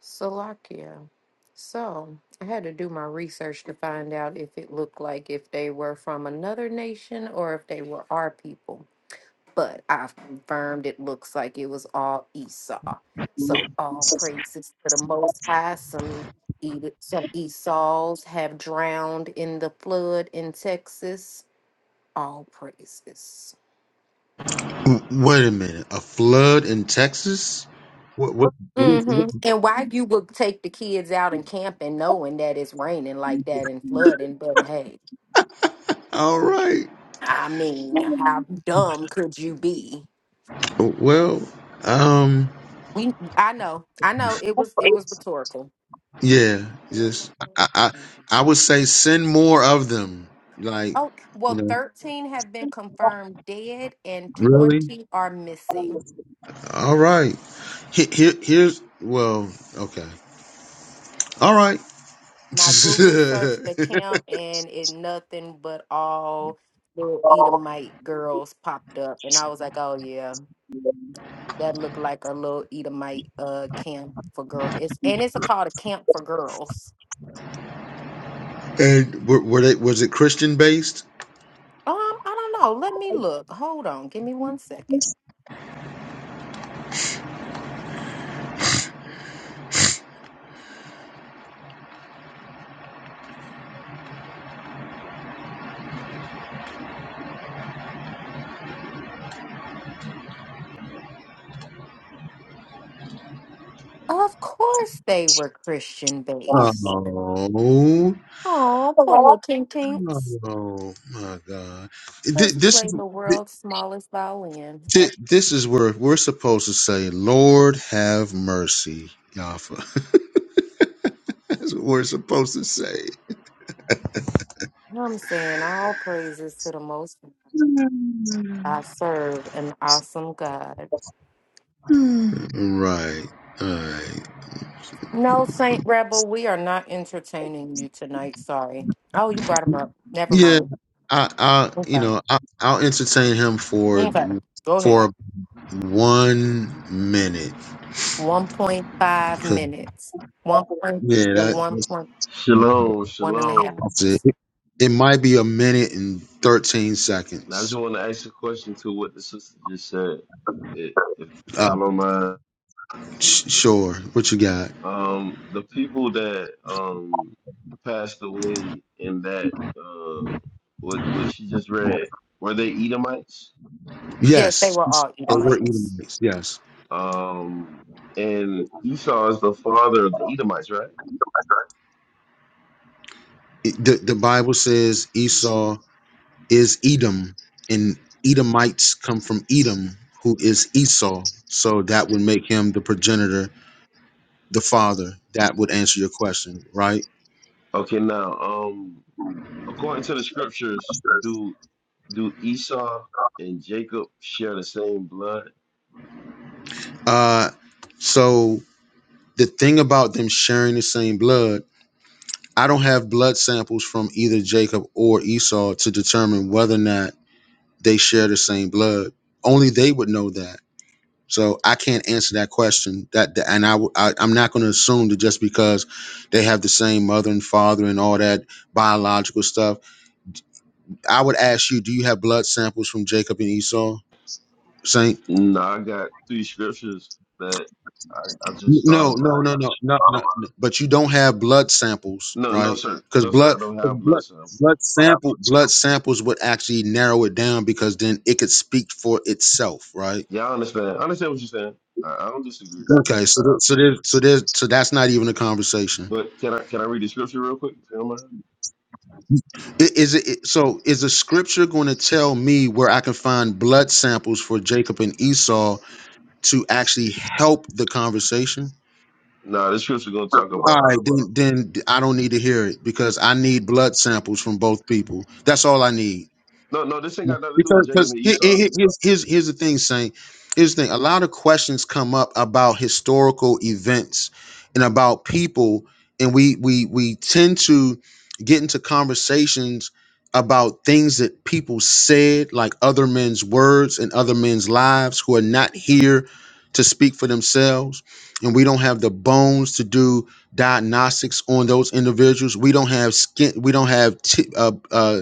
S6: Salakia. So I had to do my research to find out if it looked like if they were from another nation or if they were our people. But I've confirmed it looks like it was all Esau. So all praises to the Most High. Some E- some Esau's have drowned in the flood in Texas. All praises.
S2: W- Wait a minute. A flood in Texas? What, what?
S6: Mm-hmm. And why you would take the kids out and camping knowing that it's raining like that and flooding, but hey.
S2: All right.
S6: I mean, how dumb could you be?
S2: Well, um,
S6: We, I know, I know. It was, it was rhetorical.
S2: yeah, just I, I, I would say send more of them. Like,
S6: Oh
S2: you
S6: well,
S2: know,
S6: thirteen have been confirmed dead, and
S2: really?
S6: twenty are missing.
S2: All right. Here, here here's well, okay. All right.
S6: Now Google searched the camp, and it nothing but all little Edomite girls popped up, and I was like, oh yeah, that looked like a little Edomite uh camp for girl. It's and it's a called a camp for girls.
S2: and were, were they was it Christian based?
S6: Um, I don't know. Let me look. Hold on. Give me one second. Of course they were Christian based.
S2: Oh.
S6: Oh, poor little Tink Tinks.
S2: Oh my God! Th-
S6: Let's
S2: This
S6: play
S2: is
S6: the
S2: th-
S6: world's smallest violin.
S2: th- this is where we're supposed to say, "Lord, have mercy, Yafa." That's what we're supposed to say.
S6: I'm saying all praises to the most. High. I serve an awesome God.
S2: Right. Right?
S6: No, Saint Rebel, we are not entertaining you tonight. Sorry. Oh, you brought him up. Never
S2: Yeah.
S6: mind.
S2: I, I, you
S6: Okay.
S2: know, I, I'll entertain him for
S6: Okay. Go ahead.
S2: for one minute.
S6: 1.5
S2: 'Cause,
S6: minutes. 1. point-
S2: yeah,
S6: Yeah,
S2: that,
S6: 1.5.
S7: Shalom,
S6: one and a half
S7: shalom.
S2: that's it.
S6: miles.
S2: It might be a minute and thirteen
S7: Now, I just
S2: seconds.
S7: want to ask a question to what the sister just said, if, if, if
S2: Uh,
S7: y'all don't mind.
S2: Sh- Sure. What you got?
S7: Um, the people that um passed away in that uh what what she just read were they Edomites?
S6: Yes, they
S2: Yes.
S6: were all
S2: They were
S6: Edomites.
S2: Edomites. Yes.
S7: Um, and Esau is the father of the Edomites, right?
S2: It- The, the Bible says Esau is Edom, and Edomites come from Edom, who is Esau. So that would make him the progenitor, the father. That would answer your question, right?
S7: Okay, now um, according to the scriptures, do do Esau and Jacob share the same blood?
S2: Uh, so the thing about them sharing the same blood, I don't have blood samples from either Jacob or Esau to determine whether or not they share the same blood. Only they would know that So I can't answer that question. That that- and I, w- I am not going to assume that just because they have the same mother and father and all that biological stuff. I would ask you, do you have blood samples from Jacob and Esau, Saint?
S7: No, I got three scriptures that I, I just thought
S2: No,
S7: of.
S2: no,
S7: Uh,
S2: no, no, no, no. no. But you don't have blood samples,
S7: no, no,
S2: right?
S7: sir.
S2: Because
S7: No, sir.
S2: blood,
S7: I don't
S2: 'cause
S7: have blood
S2: blood,
S7: samples.
S2: blood sample, blood samples would actually narrow it down because then it could speak for itself, right?
S7: Yeah, I understand. I understand what you're saying. I, I don't disagree.
S2: Okay, so th- so there's so there's so that's not even a conversation.
S7: But can I can I read the scripture real quick? If you don't mind?
S2: I- Is it it- so? Is the scripture going to tell me where I can find blood samples for Jacob and Esau to actually help the conversation?
S7: Nah, this scripture going to talk
S2: All
S7: about.
S2: right, then, then I don't need to hear it because I need blood samples from both people. That's all I need.
S7: No, no, this ain't got nothing to do with
S2: Because
S7: Jacob
S2: because
S7: and
S2: he- he-
S7: Esau.
S2: he- here's, here's here's the thing, Saint. Here's the thing. A lot of questions come up about historical events and about people, and we we we tend to get into conversations about things that people said, like other men's words and other men's lives, who are not here to speak for themselves, and we don't have the bones to do diagnostics on those individuals. We don't have skin. We don't have t- uh, uh,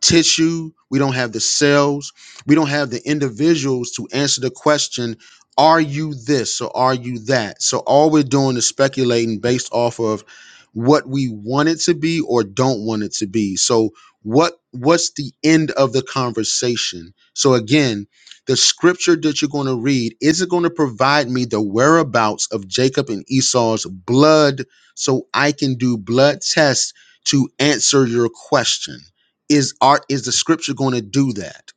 S2: tissue. We don't have the cells. We don't have the individuals to answer the question, are you this or are you that? So all we're doing is speculating based off of what we want it to be or don't want it to be. So what what's the end of the conversation? So again, the scripture that you're going to read is it going to provide me the whereabouts of Jacob and Esau's blood so I can do blood tests to answer your question is art is the scripture going to do that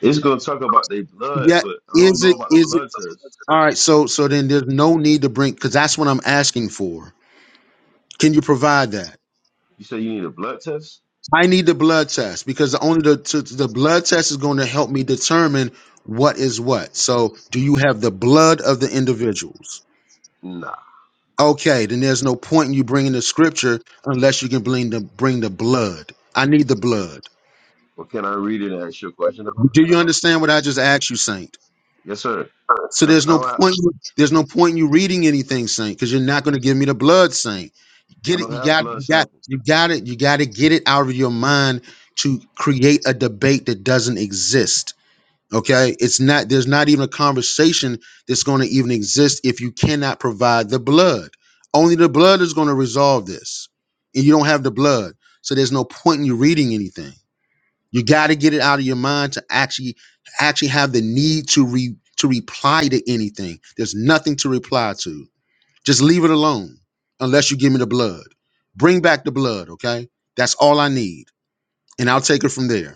S7: It's going to talk about their blood,
S2: yeah
S7: but I don't
S2: is
S7: know
S2: it
S7: about the
S2: is it
S7: blood test.
S2: all right so so then there's no need to bring because that's what i'm asking for can you provide that
S7: You say you need a blood test?
S2: i need the blood test because the only the, to, the blood test is going to help me determine what is what so do you have the blood of the individuals
S7: Nah.
S2: okay then there's no point in you bringing the scripture unless you can bring the bring the blood i need the blood
S7: Well, can I read it and ask you a question about it?
S2: do you understand what i just asked you saint
S7: Yes, sir.
S2: So
S7: I,
S2: there's
S7: I,
S2: no
S7: don't, have,
S2: point. There's no point in you reading anything, Saint, because you're not going to give me the blood, Saint.
S7: I
S2: Get it?
S7: don't
S2: You
S7: have
S2: got.
S7: blood
S2: You got.
S7: samples.
S2: You got it. You got to get it out of your mind to create a debate that doesn't exist. Okay, it's not. There's not even a conversation that's going to even exist if you cannot provide the blood. Only the blood is going to resolve this, and you don't have the blood, so there's no point in you reading anything. You got to get it out of your mind to actually actually have the need to re to reply to anything. There's nothing to reply to. Just leave it alone unless you give me the blood. Bring back the blood, okay? That's all I need. And I'll take it from there.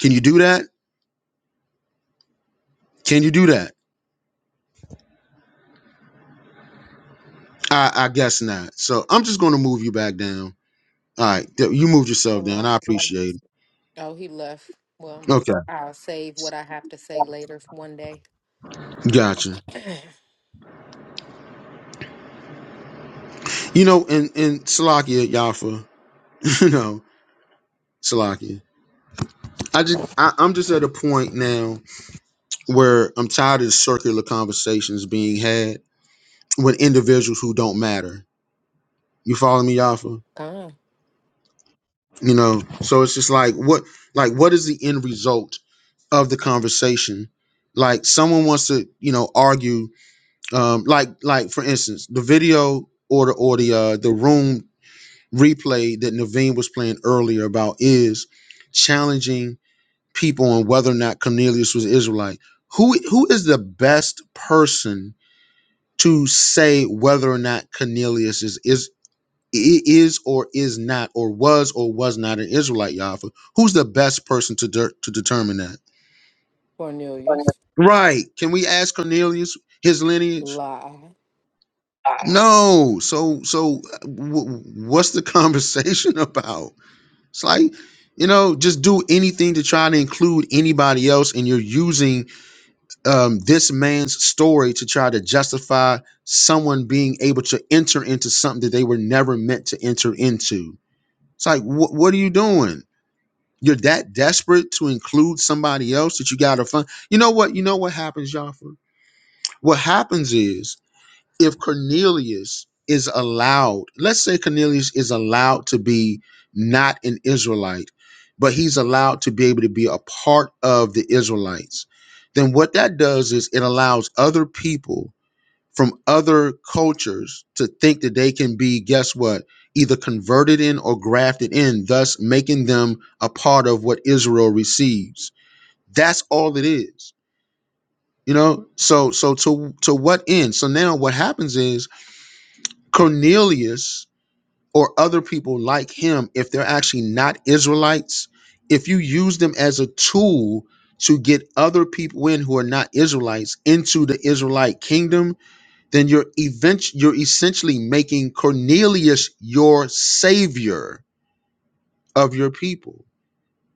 S2: Can you do that? Can you do that? I, I guess not. So I'm just gonna move you back down. All right, th- you moved yourself down. I
S6: Selected.
S2: appreciate it.
S6: Oh, he left. Well,
S2: Okay.
S6: I'll save what I have to say later for one day.
S2: Gotcha. You know, and and Salakia Yafa, you know, Salakia. I just I, I'm just at a point now where I'm tired of the circular conversations being had with individuals who don't matter. You follow me, Alpha?
S6: Gone.
S2: You know, so it's just like what like what is the end result of the conversation? Like someone wants to, you know, argue, um, like like for instance, the video or the or the uh, the room replay that Naveen was playing earlier about is challenging people on whether or not Cornelius was Israelite. Who who is the best person to say whether or not Cornelius is is is or is not or was or was not an Israelite Yafa? Who's the best person to de- to determine that?
S6: Cornelius.
S2: Right? Can we ask Cornelius his lineage?
S6: Lie.
S2: No. So so uh, w- what's the conversation about? It's like you know just do anything to try to include anybody else, and you're using um, this man's story to try to justify someone being able to enter into something that they were never meant to enter into. It's like, wh- what are you doing? You're that desperate to include somebody else that you got to fund. You know what? You know what happens, Jaffa? What happens is if Cornelius is allowed, let's say Cornelius is allowed to be not an Israelite, but he's allowed to be able to be a part of the Israelites, then what that does is it allows other people from other cultures to think that they can be, guess what, either converted in or grafted in, thus making them a part of what Israel receives. That's all it is. You know, so so to to what end? So now what happens is Cornelius or other people like him, if they're actually not Israelites, if you use them as a tool to get other people in who are not Israelites into the Israelite kingdom, then you're event- you're essentially making Cornelius your savior of your people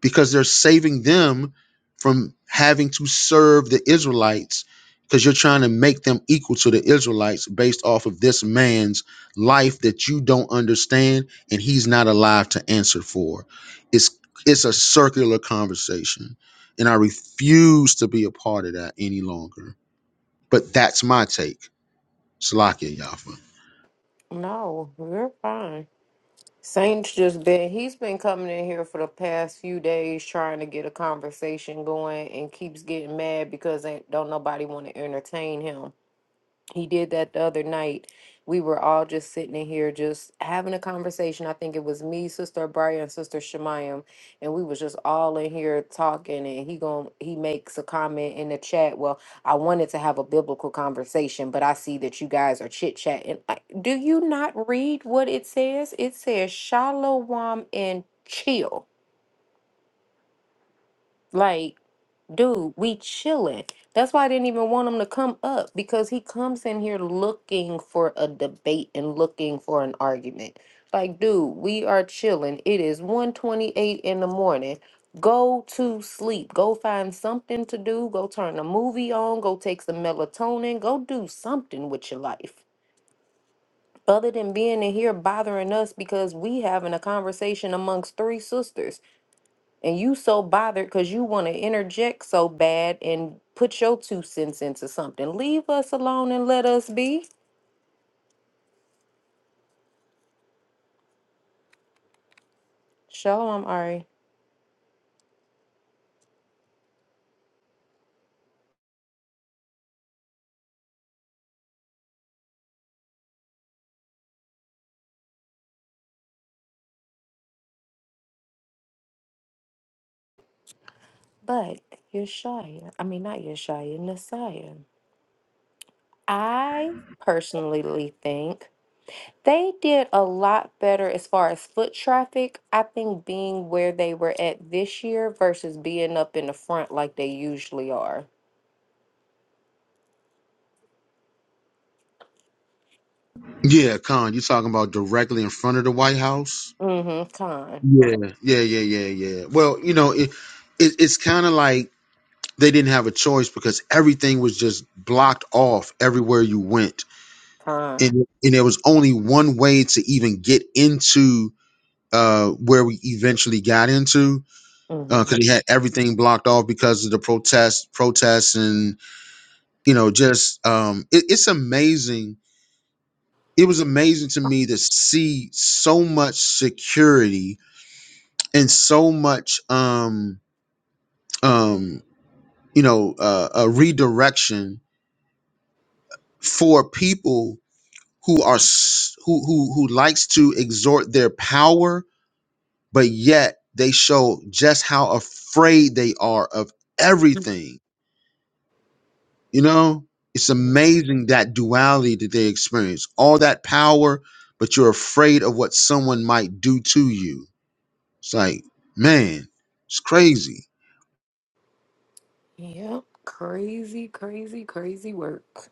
S2: because they're saving them from having to serve the Israelites because you're trying to make them equal to the Israelites based off of this man's life that you don't understand and he's not alive to answer for. It's it's a circular conversation and I refuse to be a part of that any longer. But that's my take. Salakia Yafa.
S6: No, we are fine. Saint's just been, he's been coming in here for the past few days trying to get a conversation going and keeps getting mad because ain't, don't nobody want to entertain him. He did that the other night. We were all just sitting in here, just having a conversation. I think it was me, Sister Abria, and Sister Shemayam, and we was just all in here talking. And he gon' he makes a comment in the chat. Well, I wanted to have a biblical conversation, but I see that you guys are chit chatting. Do you not read what it says? It says shalom and chill, like. Dude, we chilling. That's why I didn't even want him to come up because he comes in here looking for a debate and looking for an argument. Like, dude, we are chilling. It is one twenty-eight in the morning. Go to sleep. Go find something to do. Go turn a movie on. Go take some melatonin. Go do something with your life. Other than being in here bothering us because we having a conversation amongst three sisters and you so bothered because you want to interject so bad and put your two cents into something. Leave us alone and let us be. Shalom, Ari. But Yeshaya, I mean not Yeshaya, Messiah. I personally think they did a lot better as far as foot traffic. I think being where they were at this year versus being up in the front like they usually are.
S2: Yeah, Khan, you talking about directly in front of the White House?
S6: Mm-hmm. Con.
S2: Yeah, yeah, yeah, yeah, yeah. Well, you know, it, it it's kind of like they didn't have a choice because everything was just blocked off everywhere you went,
S6: Con.
S2: and and there was only one way to even get into uh where we eventually got into because
S6: Mm-hmm.
S2: they had everything blocked off because of the protests, protests, and you know, just um, it, it's amazing. It was amazing to me to see so much security and so much um um you know uh, a redirection for people who are s- who who who likes to exhort their power but yet they show just how afraid they are of everything you know it's amazing that duality that they experience all that power but you're afraid of what someone might do to you it's like man it's crazy
S6: Yep, crazy, crazy, crazy work.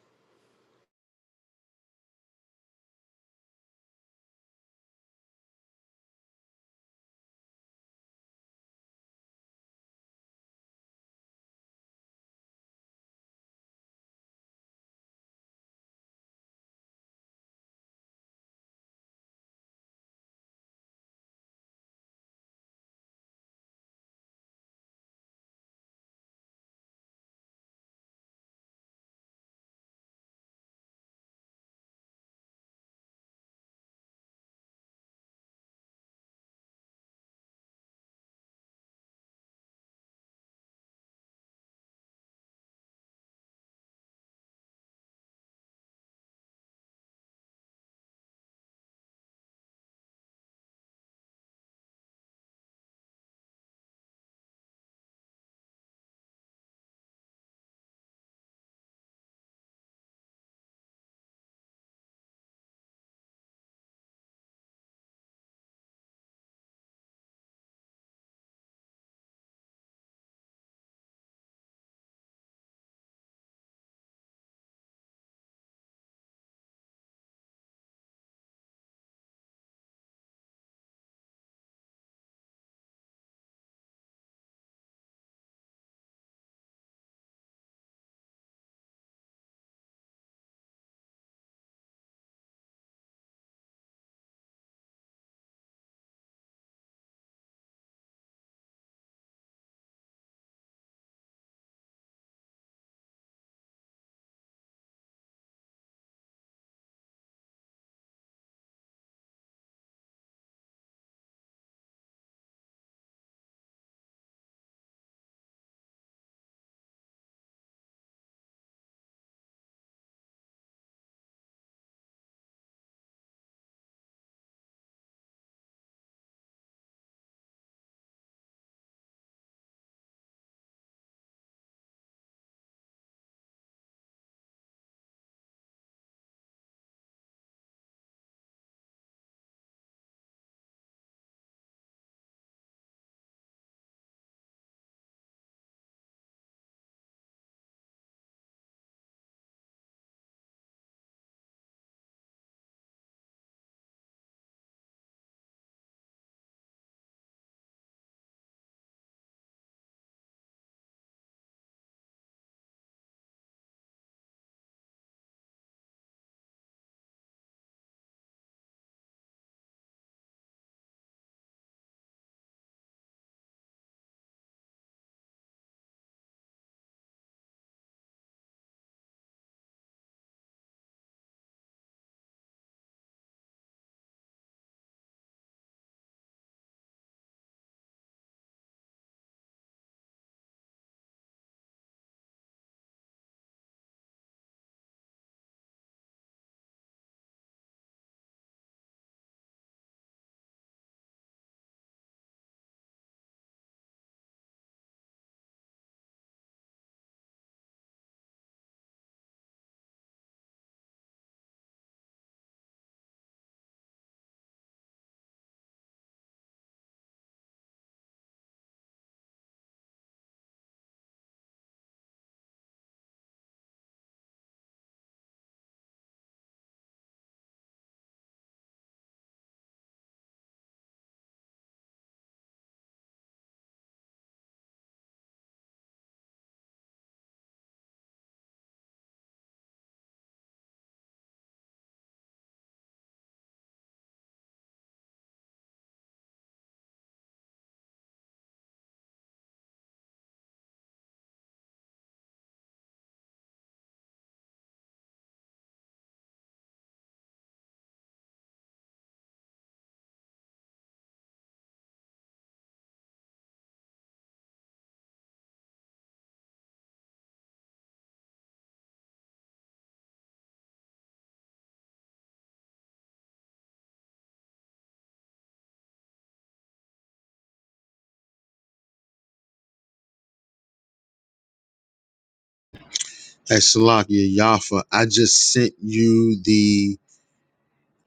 S2: hey salakia yafa i just sent you the.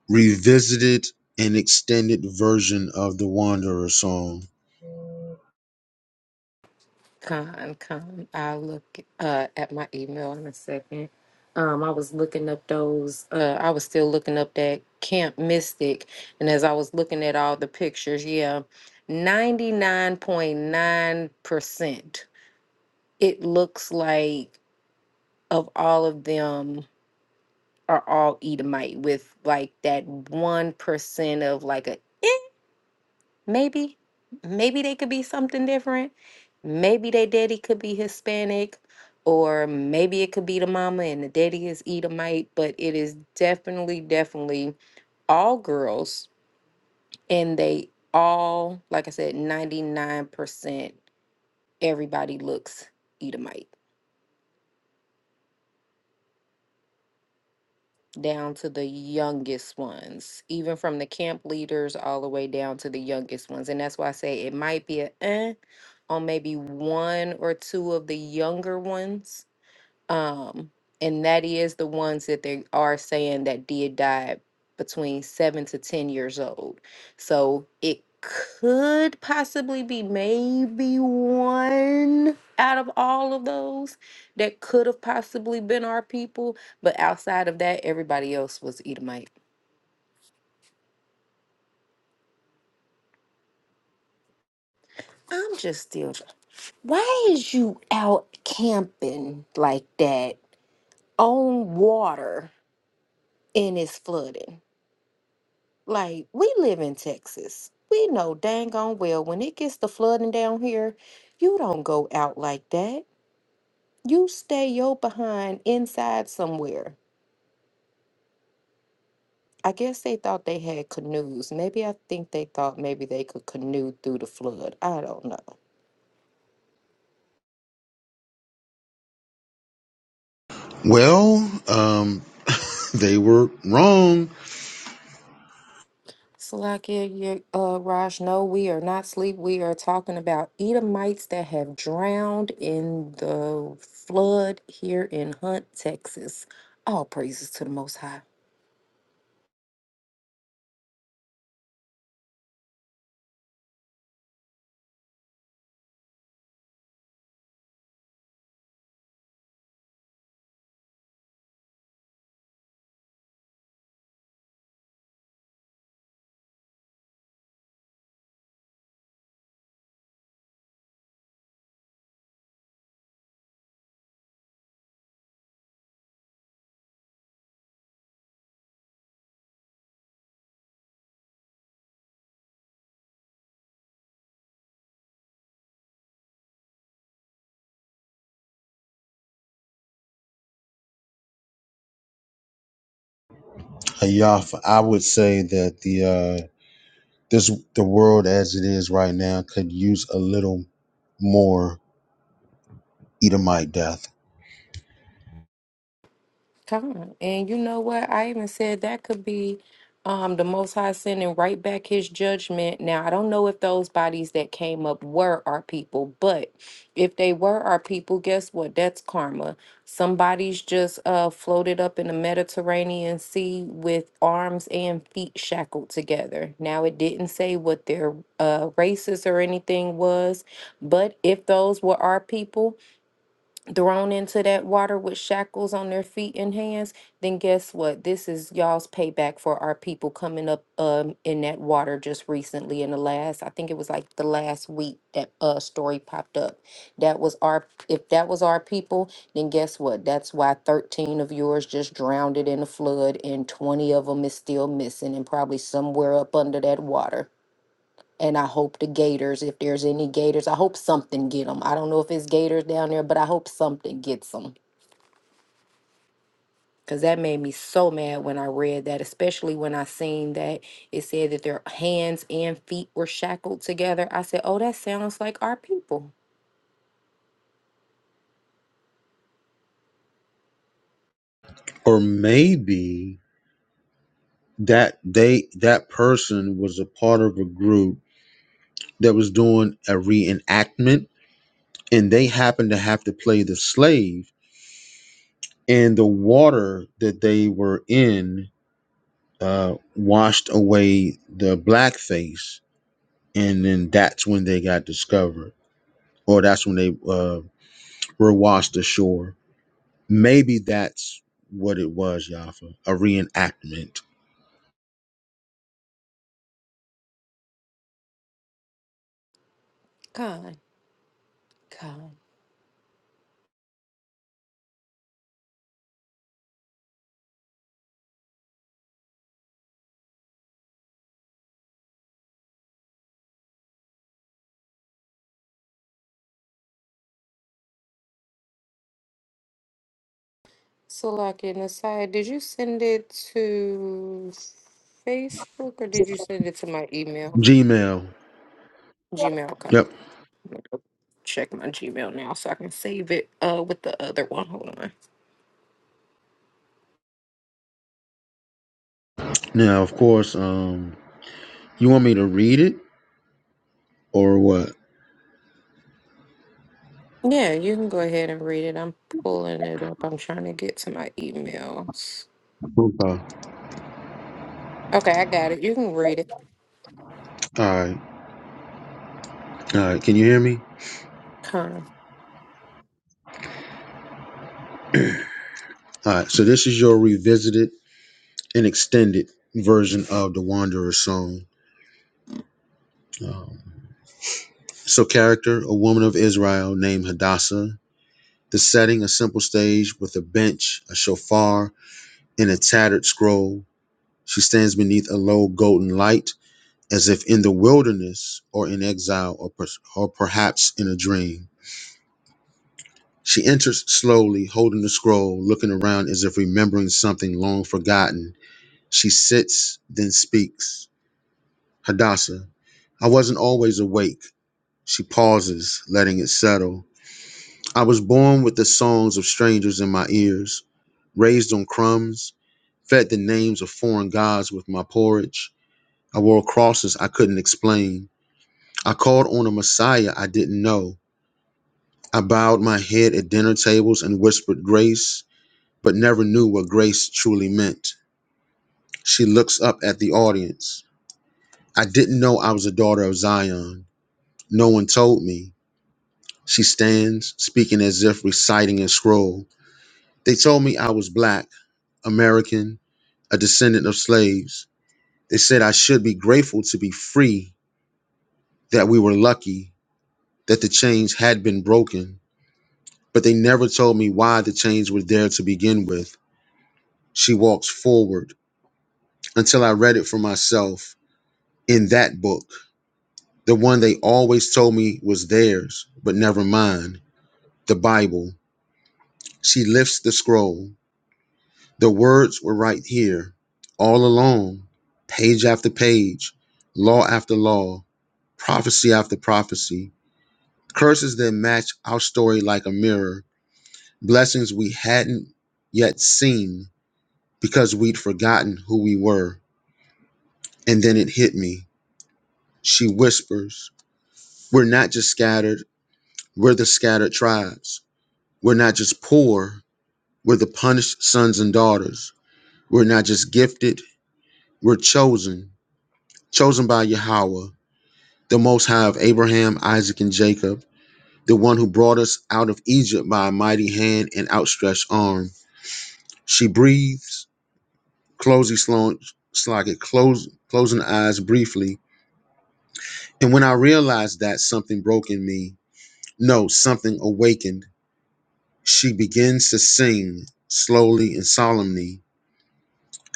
S2: revisited an extended version of the Wanderer song?
S6: Con, con. I'll look uh, at my email in a second. Um, I was looking up those. Uh, I was still looking up that Camp Mystic, and as I was looking at all the pictures, yeah, ninety nine point nine percent. It looks like of all of them are all Edomite, with like that one percent of like a Maybe, maybe they could be something different. Maybe their daddy could be Hispanic, or maybe it could be the mama and the daddy is Edomite, but it is definitely, definitely all girls, and they all, like I said, 99% everybody looks Edomite. down to the youngest ones, even from the camp leaders all the way down to the youngest ones. And that's why I say it might be a eh on maybe one or two of the younger ones um, and that is the ones that they are saying that did die between seven to 10 years old. So it could possibly be maybe one out of all of those that could have possibly been our people. But outside of that, everybody else was Edomite. I'm just still. tr- Why is you out camping like that on water and it's flooding? Like, we live in Texas. We know dang on well when it gets to flooding down here, you don't go out like that. You stay your behind inside somewhere. I guess they thought they had canoes. Maybe I think they thought maybe they could canoe through the flood. I don't know.
S2: Well, um, they were wrong.
S6: So like yeah, yeah, uh, Raj, no, we are not sleep. We are talking about Edomites that have drowned in the flood here in Hunt, Texas. All praises to the Most High.
S2: Ayaf, I would say that the uh, this the world as it is right now could use a little more Edomite death,
S6: Come. And you know what? I even said that could be um, the Most High sending right back his judgment. Now, I don't know if those bodies that came up were our people, but if they were our people, guess what? That's karma. Somebody's just uh, floated up in the Mediterranean Sea with arms and feet shackled together. Now, it didn't say what their uh, races or anything was, but if those were our people, thrown into that water with shackles on their feet and hands, then guess what? This is y'all's payback for our people coming up um in that water just recently in the last, I think it was like the last week that uh story popped up. That was our if that was our people, then guess what? That's why 13 of yours just drowned it in the flood and 20 of them is still missing and probably somewhere up under that water and I hope the Gators, if there's any Gators, I hope something get them. I don't know if it's Gators down there, but I hope something gets them. Cause that made me so mad when I read that, especially when I seen that it said that their hands and feet were shackled together. I said, "Oh, that sounds like our people."
S2: or maybe that they that person was a part of a group that was doing a reenactment, and they happened to have to play the slave and the water that they were in uh, washed away the blackface, and then that's when they got discovered, or that's when they uh, were washed ashore. Maybe that's what it was, Yafa, a reenactment.
S6: God, God. So, like an aside, did you send it to Facebook or did you send it to my email,
S2: Gmail.
S6: Gmail? Okay,
S2: Yep.
S6: check my Gmail now so I can save it uh with the other one. Hold on.
S2: Now, of course, um, you want me to read it or what?
S6: Yeah, you can go ahead and read it. I'm pulling it up. I'm trying to get to my emails.
S2: Okay. All
S6: Okay, I got it. You can read it.
S2: right. All right. Can you hear me?
S6: Calm,
S2: All right. So this is your revisited and extended version of the Wanderer's Song. Um, so, character a woman of Israel named Hadassah. The setting a simple stage with a bench, a shofar, and a tattered scroll. She stands beneath a low golden light as if in the wilderness or in exile or, per- or perhaps in a dream. She enters slowly, holding the scroll, looking around as if remembering something long forgotten. She sits, then speaks. Hadassah, I wasn't always awake. She pauses, letting it settle. I was born with the songs of strangers in my ears, raised on crumbs, fed the names of foreign gods with my porridge. I wore crosses I couldn't explain. I called on a Messiah I didn't know. I bowed my head at dinner tables and whispered grace, but never knew what grace truly meant. She looks up at the audience. I didn't know I was a daughter of Zion. No one told me. She stands, speaking as if reciting a scroll. They told me I was black, American, a descendant of slaves. They said I should be grateful to be free, that we were lucky, that the chains had been broken, but they never told me why the chains were there to begin with. She walks forward until I read it for myself in that book, the one they always told me was theirs, but never mine, the Bible. She lifts the scroll. The words were right here, all along, page after page, law after law, prophecy after prophecy. Curses that match our story like a mirror. Blessings we hadn't yet seen because we'd forgotten who we were. And then it hit me. She whispers, We're not just scattered, we're the scattered tribes. We're not just poor, we're the punished sons and daughters. We're not just gifted, we're chosen. Chosen by Yahweh, the Most High of Abraham, Isaac, and Jacob, the one who brought us out of Egypt by a mighty hand and outstretched arm. She breathes closing slow like it close closing eyes briefly and when i realized that something broke in me no something awakened she begins to sing slowly and solemnly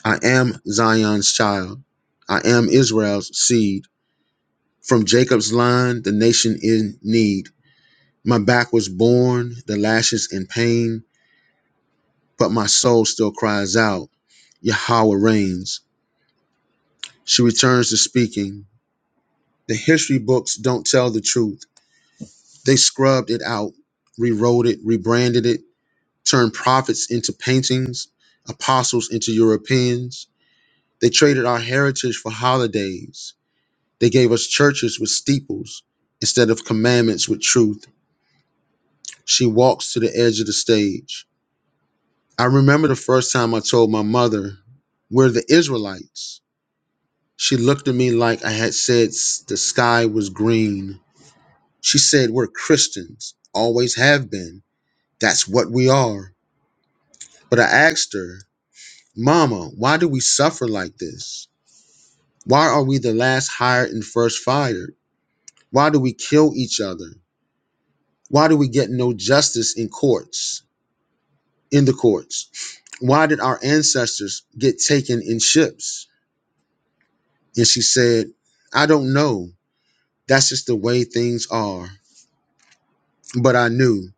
S2: i am zion's child i am israel's seed from jacob's line the nation in need my back was born the lashes in pain but my soul still cries out yahweh reigns she returns to speaking the history books don't tell the truth They scrubbed it out, rewrote it, rebranded it, turned prophets into paintings, apostles into Europeans. They traded our heritage for holidays. They gave us churches with steeples instead of commandments with truth. She walks to the edge of the stage. I remember the first time I told my mother, We're the Israelites. She looked at me like I had said s- the sky was green. She said, We're Christians, always have been. That's what we are. But I asked her, Mama, why do we suffer like this? Why are we the last hired and first fired? Why do we kill each other? Why do we get no justice in courts, in the courts? Why did our ancestors get taken in ships? And she said, I don't know. That's just the way things are. But I knew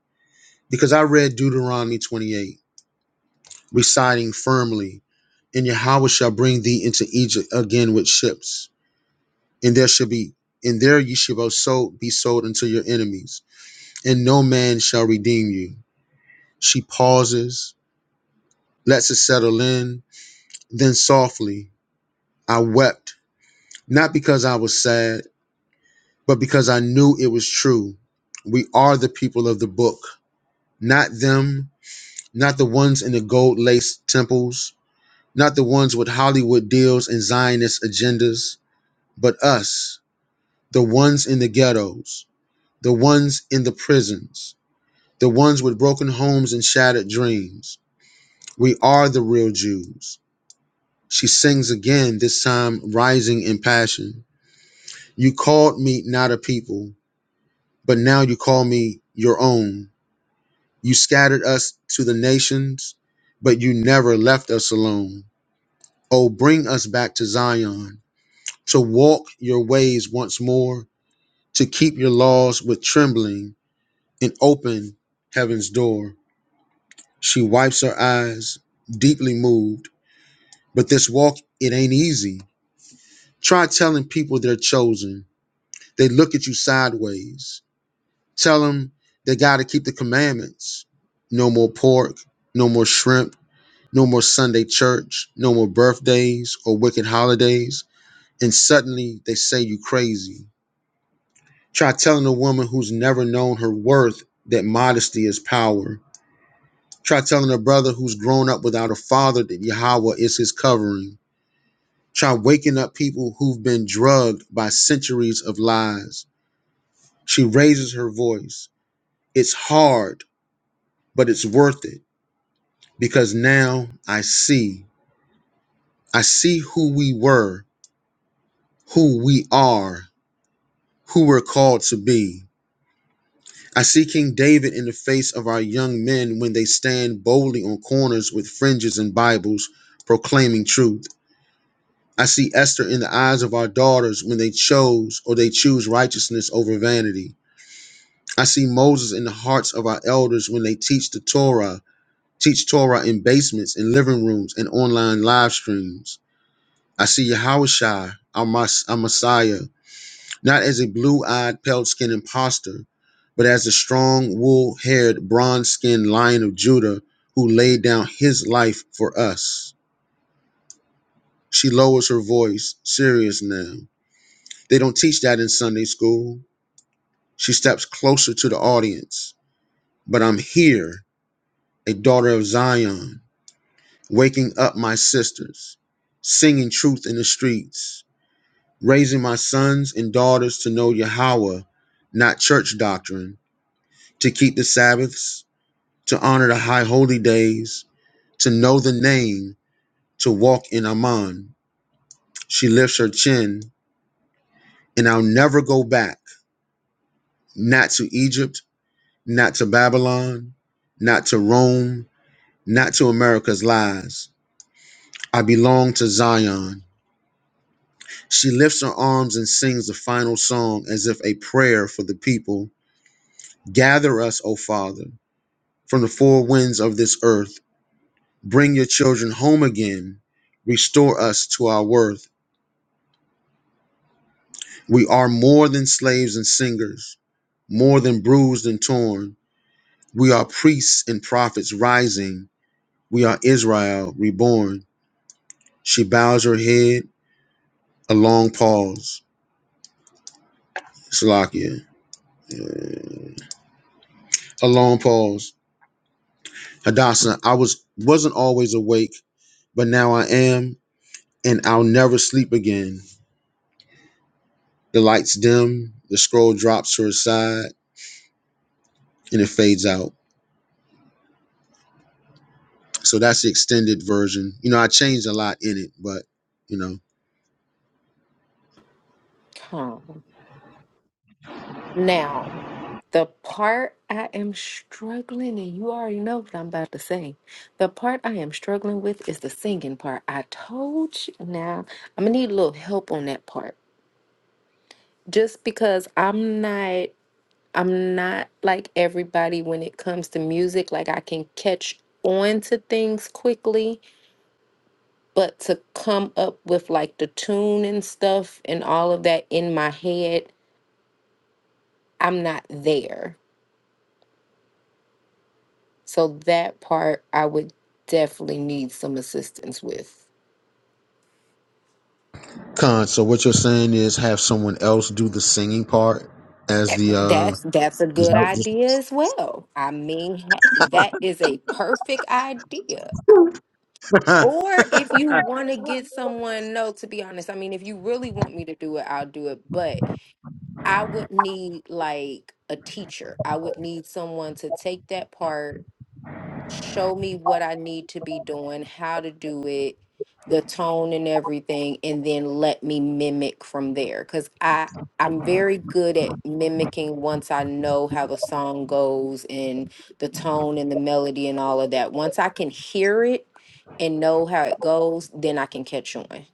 S2: because I read Deuteronomy 28, reciting firmly, and Yahweh shall bring thee into Egypt again with ships and there shall be and there ye shall so be sold unto your enemies, and no man shall redeem you. She pauses, lets it settle in, then softly, I wept, not because I was sad, but because I knew it was true. We are the people of the book, not them, not the ones in the gold laced temples, not the ones with Hollywood deals and Zionist agendas, but us, the ones in the ghettos, the ones in the prisons, the ones with broken homes and shattered dreams. We are the real Jews. She sings again, this time rising in passion. You called me not a people, but now you call me your own. You scattered us to the nations, but you never left us alone. Oh, bring us back to Zion, to walk your ways once more, to keep your laws with trembling and open heaven's door. She wipes her eyes, deeply moved But this walk, it ain't easy. Try telling people they're chosen. They look at you sideways. Tell them they got to keep the commandments. No more pork, no more shrimp, no more Sunday church, no more birthdays or wicked holidays. And suddenly they say you crazy. Try telling a woman who's never known her worth that modesty is power. Try telling a brother who's grown up without a father that Yahweh is his covering. Try waking up people who've been drugged by centuries of lies. She raises her voice. It's hard, but it's worth it because now I see. I see who we were, who we are, who we're called to be. I see King David in the face of our young men when they stand boldly on corners with fringes and Bibles proclaiming truth. I see Esther in the eyes of our daughters when they chose or they choose righteousness over vanity. I see Moses in the hearts of our elders when they teach the Torah, teach Torah in basements, in living rooms, and online live streams. I see Yahushua, our, Mas- our Messiah, not as a blue-eyed, pale-skinned imposter, but as a strong, wool-haired, bronze-skinned lion of Judah who laid down his life for us. She lowers her voice, serious now. They don't teach that in Sunday school. She steps closer to the audience. But I'm here, a daughter of Zion waking up my sisters, singing truth in the streets, raising my sons and daughters to know Yahweh, not church doctrine, to keep the Sabbaths, to honor the high holy days, to know the name, to walk in Amman. She lifts her chin, and I'll never go back, not to Egypt, not to Babylon, not to Rome, not to America's lies. I belong to Zion. She lifts her arms and sings the final song as if a prayer for the people. Gather us, O Father, from the four winds of this earth. Bring your children home again. Restore us to our worth. We are more than slaves and singers, more than bruised and torn. We are priests and prophets rising. We are Israel reborn. She bows her head, a long pause. Salakia. A long pause. Hadassah, I was wasn't always awake, but now I am, and I'll never sleep again. The lights dim, the scroll drops to her side, and it fades out. So that's the extended version. You know, I changed a lot in it, but you know.
S6: calm. Now, the part I am struggling, and you already know what I'm about to say. The part I am struggling with is the singing part. I told you. Now, I'm gonna need a little help on that part, just because I'm not. I'm not like everybody when it comes to music. Like I can catch on to things quickly but to come up with like the tune and stuff and all of that in my head, I'm not there. So that part I would definitely need some assistance with.
S2: Con, so what you're saying is have someone else do the singing part as
S6: That-
S2: the uh
S6: That's that's a
S2: is
S6: good
S2: that
S6: idea as well. I mean, hey, that is a perfect idea. Or if you want to get someone, no, to be honest, I mean, if you really want me to do it, I'll do it. But I would need like a teacher. I would need someone to take that part show me what I need to be doing, how to do it, the tone and everything, and then let me mimic from there. Cause I I'm very good at mimicking once I know how the song goes and the tone and the melody and all of that. Once I can hear it and know how it goes, then I can catch on.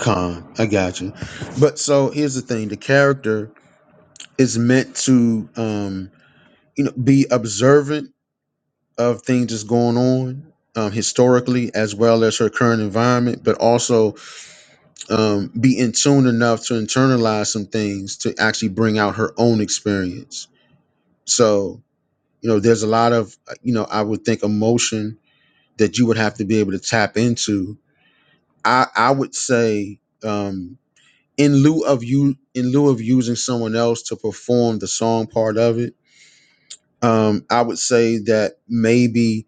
S2: Con, I got you. But so here's the thing: the character is meant to, um, you know, be observant of things that's going on um, historically as well as her current environment, but also um, be in tune enough to internalize some things to actually bring out her own experience. So, you know, there's a lot of, uh, you know, I would think emotion that you would have to be able to tap into. I, I would say, um, in lieu of you, in lieu of using someone else to perform the song part of it, um, I would say that maybe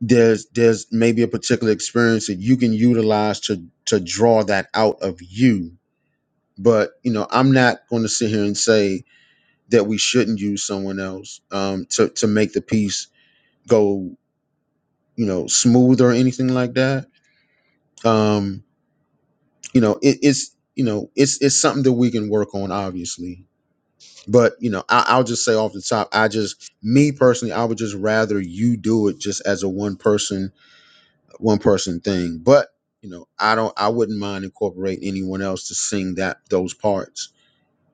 S2: there's there's maybe a particular experience that you can utilize to to draw that out of you but you know i'm not going to sit here and say that we shouldn't use someone else um to to make the piece go you know smooth or anything like that um you know it, it's you know it's it's something that we can work on obviously but you know I, i'll just say off the top i just me personally i would just rather you do it just as a one person one person thing. But you know, I don't. I wouldn't mind incorporating anyone else to sing that those parts.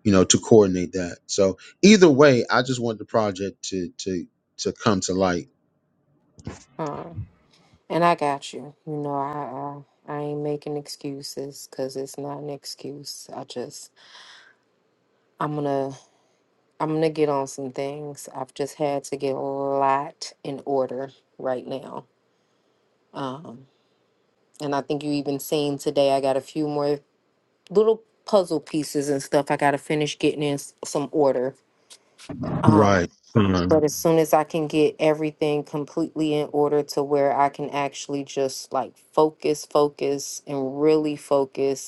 S2: You know, to coordinate that. So either way, I just want the project to to to come to light.
S6: Um, and I got you. You know, I I, I ain't making excuses because it's not an excuse. I just I'm gonna I'm gonna get on some things. I've just had to get a lot in order right now. Um, and I think you even seen today, I got a few more little puzzle pieces and stuff I gotta finish getting in s- some order.
S2: Right.
S6: Um, but
S2: Um,
S6: as soon as I can get everything completely in order to where I can actually just like focus, focus, and really focus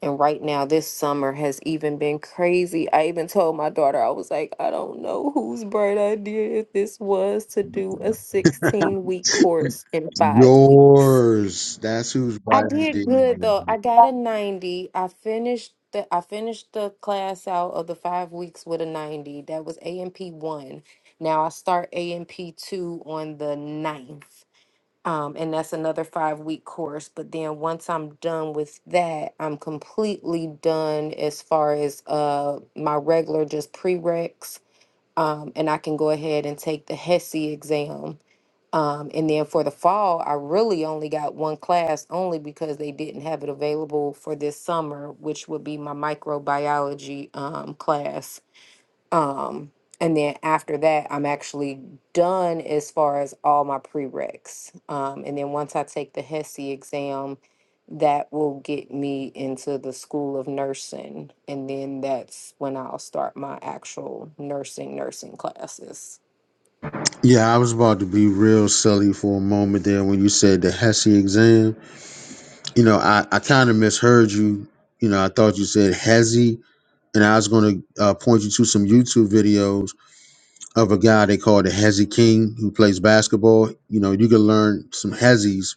S6: And right now, this summer has even been crazy. I even told my daughter, I was like, I don't know whose bright idea this was to do a 16 week course in five weeks.
S2: yours. That's who's
S6: I
S2: writing
S6: did
S2: the.
S6: good though. I got a 90. I finished the I finished the class out of the five weeks with a 90. That was AMP one. Now I start AMP two on the ninth. Um, and that's another five week course. But then once I'm done with that, I'm completely done as far as uh my regular just prereqs. Um, and I can go ahead and take the HESI exam. Um, and then for the fall, I really only got one class only because they didn't have it available for this summer, which would be my microbiology um, class. Um, and then after that, I'm actually done as far as all my prereqs. Um, and then once I take the HESI exam, that will get me into the School of Nursing. And then that's when I'll start my actual nursing, nursing classes.
S2: Yeah, I was about to be real silly for a moment there when you said the Hesse exam. You know, I, I kind of misheard you. You know, I thought you said Hezi, and I was going to uh, point you to some YouTube videos of a guy they call the Hezzy King who plays basketball. You know, you can learn some Hezzies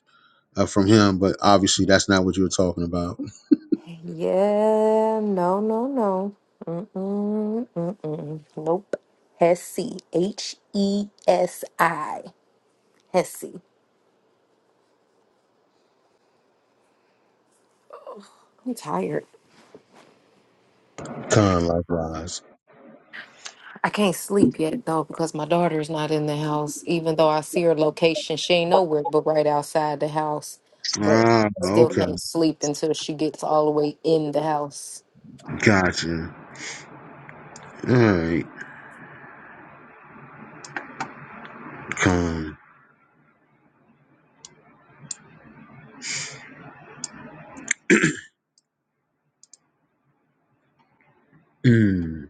S2: uh, from him, but obviously that's not what you were talking about.
S6: Yeah, no, no, no. Mm-mm, mm-mm. Nope. HESI. H E S I. HESI. I'm tired.
S2: Con likewise.
S6: I can't sleep yet though because my daughter's not in the house. Even though I see her location, she ain't nowhere but right outside the house. But
S2: Ah,
S6: still
S2: okay.
S6: can't sleep until she gets all the way in the house.
S2: Gotcha. All right. Con. Mm.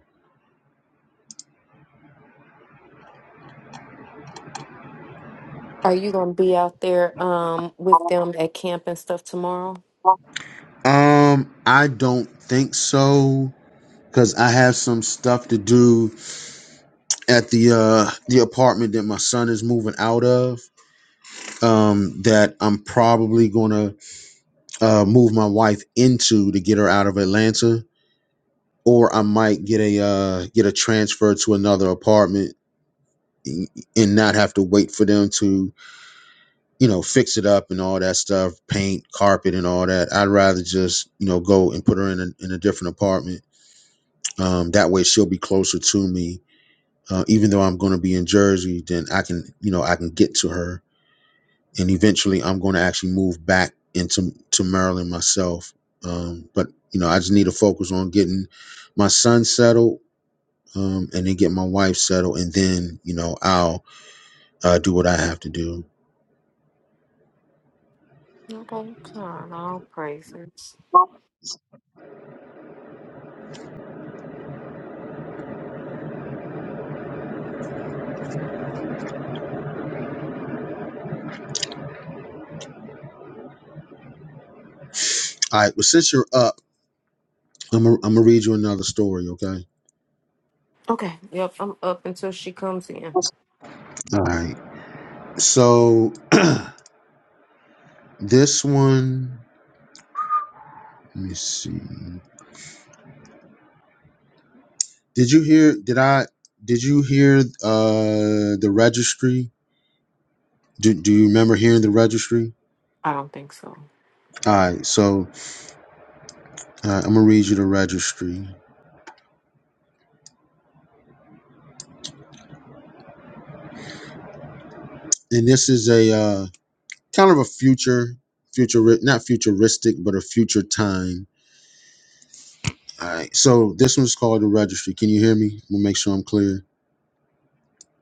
S6: Are you gonna be out there um with them at camp and stuff tomorrow?
S2: Um, I don't think so. because I have some stuff to do at the uh, the apartment that my son is moving out of. Um, that I'm probably gonna uh, move my wife into to get her out of Atlanta, or I might get a uh, get a transfer to another apartment and and not have to wait for them to you know fix it up and all that stuff, paint, carpet, and all that. I'd rather just you know go and put her in a, in a different apartment. Um, that way she'll be closer to me uh, even though I'm going to be in Jersey, then I can, you know, I can get to her, and eventually I'm going to actually move back into to Maryland myself. Um, but you know, I just need to focus on getting my son settled, um, and then get my wife settled, and then you know I'll uh, do what I have to do.
S6: Okay, God, all praises.
S2: All right. Well, since you're up, I'm gonna I'm gonna read you another story. Okay.
S6: Okay, yep, I'm up until she comes in.
S2: All right. So this one, let me see. Did you hear? Did I? Did you hear uh, the registry? Do Do you remember hearing the registry?
S6: I don't think so.
S2: All right, so uh, I'm gonna read you the registry, and this is a uh, kind of a future, future, not futuristic, but a future time. All right, so this one's called the registry. Can you hear me? We'll make sure I'm clear.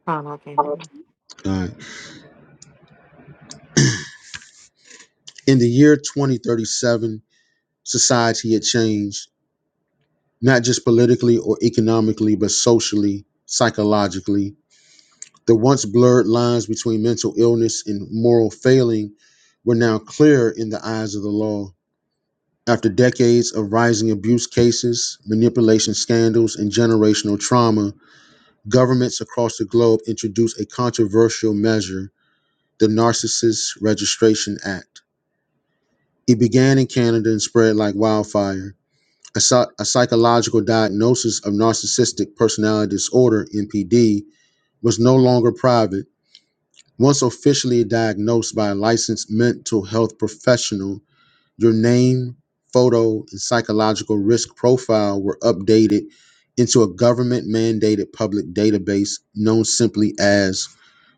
S6: Con, I can't. hear
S2: All
S6: you.
S2: right. In the year 2037, society had changed, not just politically or economically, but socially, psychologically. The once blurred lines between mental illness and moral failing were now clear in the eyes of the law. After decades of rising abuse cases, manipulation scandals, and generational trauma, governments across the globe introduced a controversial measure, the Narcissist Registration Act. It began in Canada and spread like wildfire. A, psy- a psychological diagnosis of narcissistic personality disorder, NPD, was no longer private Once officially diagnosed by a licensed mental health professional, your name, photo, and psychological risk profile were updated into a government mandated public database known simply as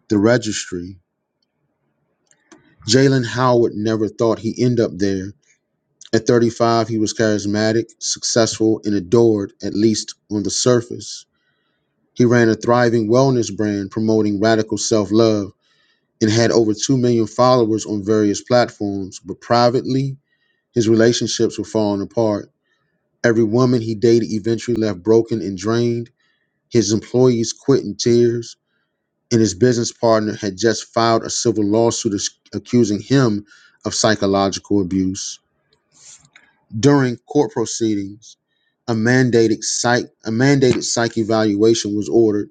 S2: the registry. Jalen Howard never thought he'd end up there. At 35, he was charismatic, successful, and adored, at least on the surface. He ran a thriving wellness brand promoting radical self love and had over 2 million followers on various platforms, but privately, his relationships were falling apart. Every woman he dated eventually left broken and drained. His employees quit in tears, and his business partner had just filed a civil lawsuit ac- accusing him of psychological abuse. During court proceedings, a mandated psych a mandated psych evaluation was ordered.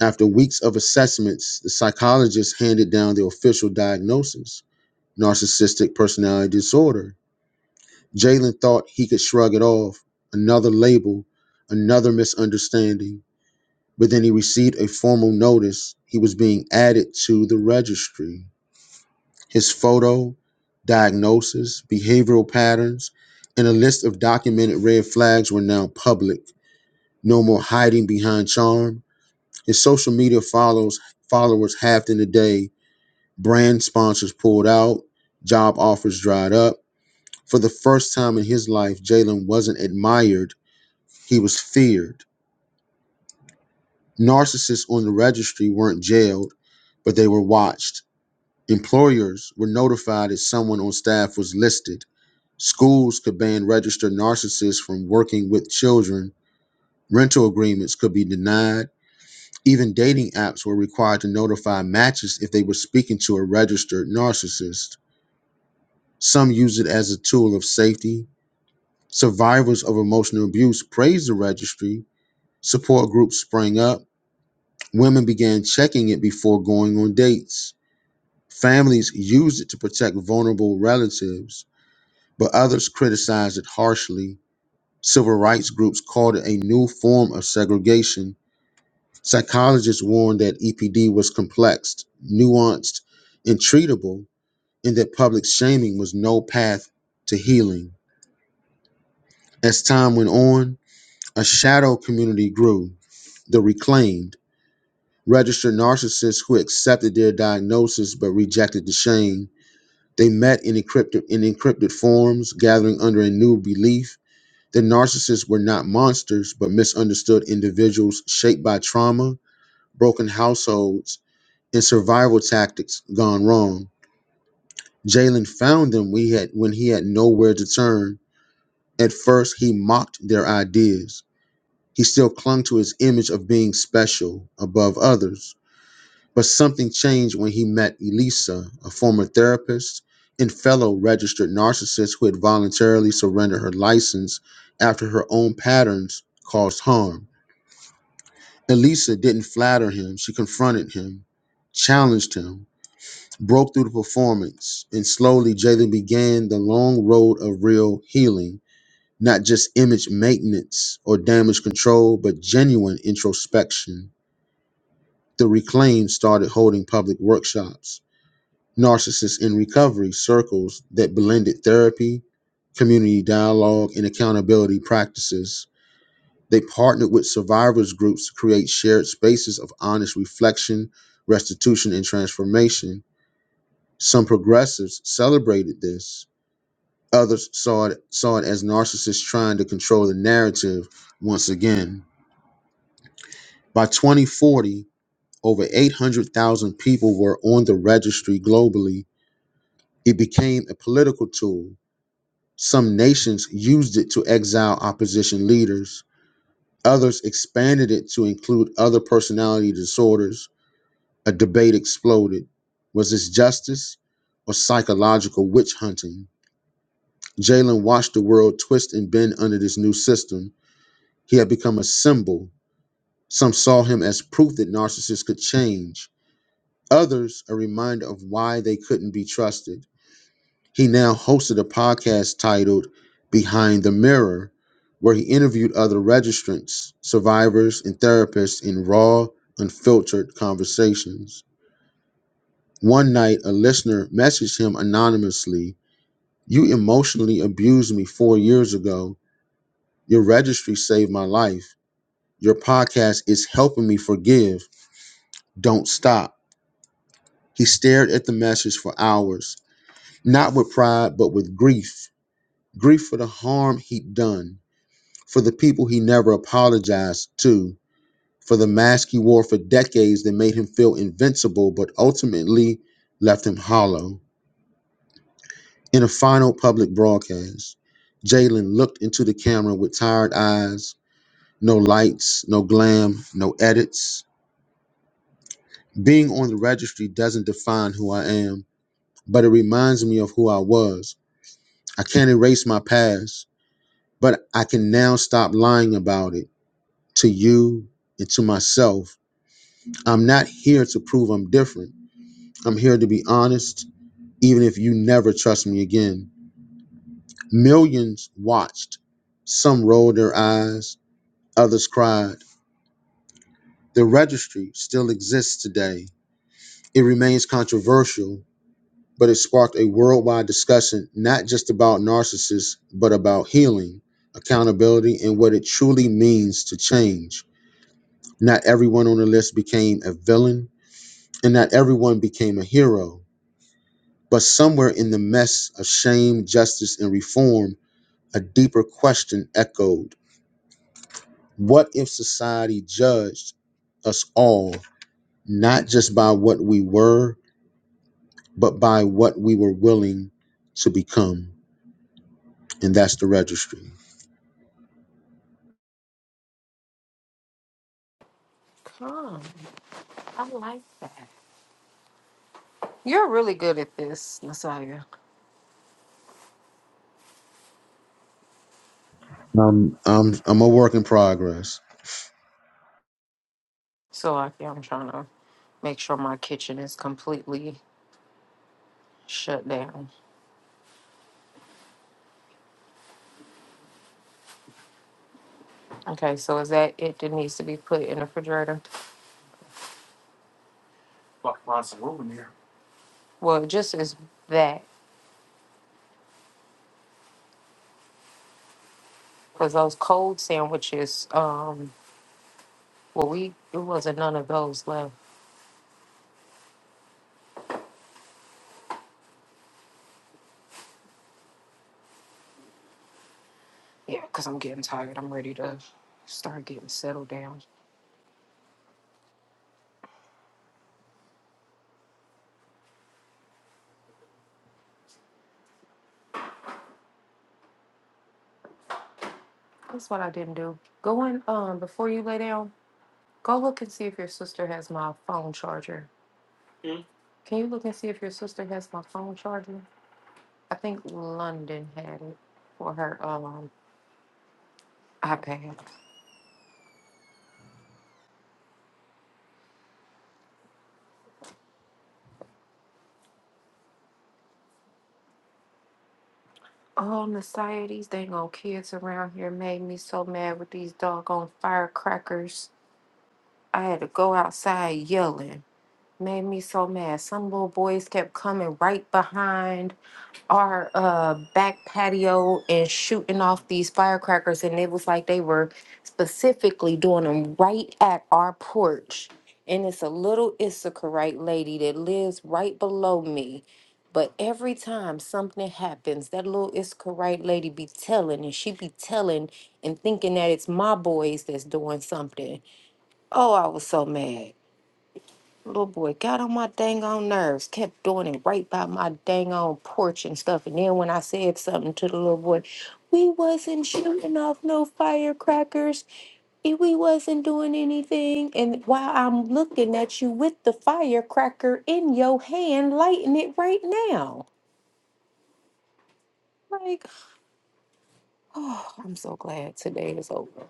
S2: After weeks of assessments, the psychologist handed down the official diagnosis narcissistic personality disorder. Jalen thought he could shrug it off, another label, another misunderstanding, but then he received a formal notice he was being added to the registry. His photo, diagnosis, behavioral patterns, and a list of documented red flags were now public. No more hiding behind charm. His social media follows followers halved in a day. Brand sponsors pulled out. Job offers dried up For the first time in his life, Jalen wasn't admired, he was feared. Narcissists on the registry weren't jailed, but they were watched. Employers were notified if someone on staff was listed. Schools could ban registered narcissists from working with children. Rental agreements could be denied. Even dating apps were required to notify matches if they were speaking to a registered narcissist. Some use it as a tool of safety. Survivors of emotional abuse praise the registry Support groups sprang up. Women began checking it before going on dates. Families used it to protect vulnerable relatives, but others criticized it harshly. Civil rights groups called it a new form of segregation. Psychologists warned that EPD was complex, nuanced, and treatable, and that public shaming was no path to healing. As time went on, a shadow community grew, the reclaimed. registered narcissists who accepted their diagnosis but rejected the shame. They met in encrypted, in encrypted forms, gathering under a new belief. The narcissists were not monsters, but misunderstood individuals shaped by trauma, broken households, and survival tactics gone wrong. Jalen found them we had, when he had nowhere to turn. At first, he mocked their ideas. He still clung to his image of being special above others But something changed when he met Elisa, a former therapist and fellow registered narcissist who had voluntarily surrendered her license after her own patterns caused harm. Elisa didn't flatter him, she confronted him, challenged him, broke through the performance, and slowly Jalen began the long road of real healing, not just image maintenance or damage control, but genuine introspection. The Reclaim started holding public workshops Narcissists in Recovery circles that blended therapy, community dialogue, and accountability practices. They partnered with survivors groups to create shared spaces of honest reflection, restitution, and transformation. Some progressives celebrated this. Others saw it, saw it as narcissists trying to control the narrative once again. By 2040, over 800,000 people were on the registry globally. It became a political tool Some nations used it to exile opposition leaders. Others expanded it to include other personality disorders. A debate exploded. Was this justice or psychological witch hunting? Jalen watched the world twist and bend under this new system. He had become a symbol. Some saw him as proof that narcissists could change, others, a reminder of why they couldn't be trusted. He now hosted a podcast titled Behind the Mirror, where he interviewed other registrants, survivors, and therapists in raw, unfiltered conversations. One night, a listener messaged him anonymously You emotionally abused me four years ago. Your registry saved my life. Your podcast is helping me forgive. Don't stop. He stared at the message for hours, not with pride, but with grief grief for the harm he'd done for the people he never apologized to, for the mask he wore for decades that made him feel invincible but ultimately left him hollow. In a final public broadcast, Jalen looked into the camera with tired eyes, no lights, no glam, no edits. Being on the registry doesn't define who I am, but it reminds me of who I was. I can't erase my past, but I can now stop lying about it to you and to myself I'm not here to prove I'm different. I'm here to be honest, even if you never trust me again. Millions watched. Some rolled their eyes, others cried. The registry still exists today. It remains controversial, but it sparked a worldwide discussion not just about narcissists, but about healing, accountability, and what it truly means to change. Not everyone on the list became a villain, and not everyone became a hero But somewhere in the mess of shame, justice, and reform, a deeper question echoed What if society judged us all, not just by what we were, but by what we were willing to become? And that's the registry.
S6: Con, I like that. You're really good at this, Messiah.
S2: Um, I'm, I'm a work in progress.
S6: So like, yeah, I'm trying to make sure my kitchen is completely shut down. Okay, so is that it that needs to be put in the refrigerator? Well, it just is that because those cold sandwiches, um, well, we it wasn't none of those left. Yeah, because I'm getting tired. I'm ready to start getting settled down. That's what I didn't do. Go in um before you lay down. Go look and see if your sister has my phone charger. Can you look and see if your sister has my phone charger? I think London had it for her um iPad. All societies, dang old kids around here made me so mad with these doggone firecrackers. I had to go outside yelling. Made me so mad. Some little boys kept coming right behind. our uh back patio and shooting off these firecrackers and it was like they were specifically doing them right at our porch and it's a little Issacharite lady that lives right below me but every time something happens that little Issacharite lady be telling and she be telling and thinking that it's my boys that's doing something oh I was so mad Little boy got on my dang on nerves, kept doing it right by my dang on porch and stuff. And then when I said something to the little boy, we wasn't shooting off no firecrackers. and We wasn't doing anything. And while I'm looking at you with the firecracker in your hand, lighting it right now. Like, oh, I'm so glad today is over.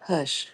S6: Hush.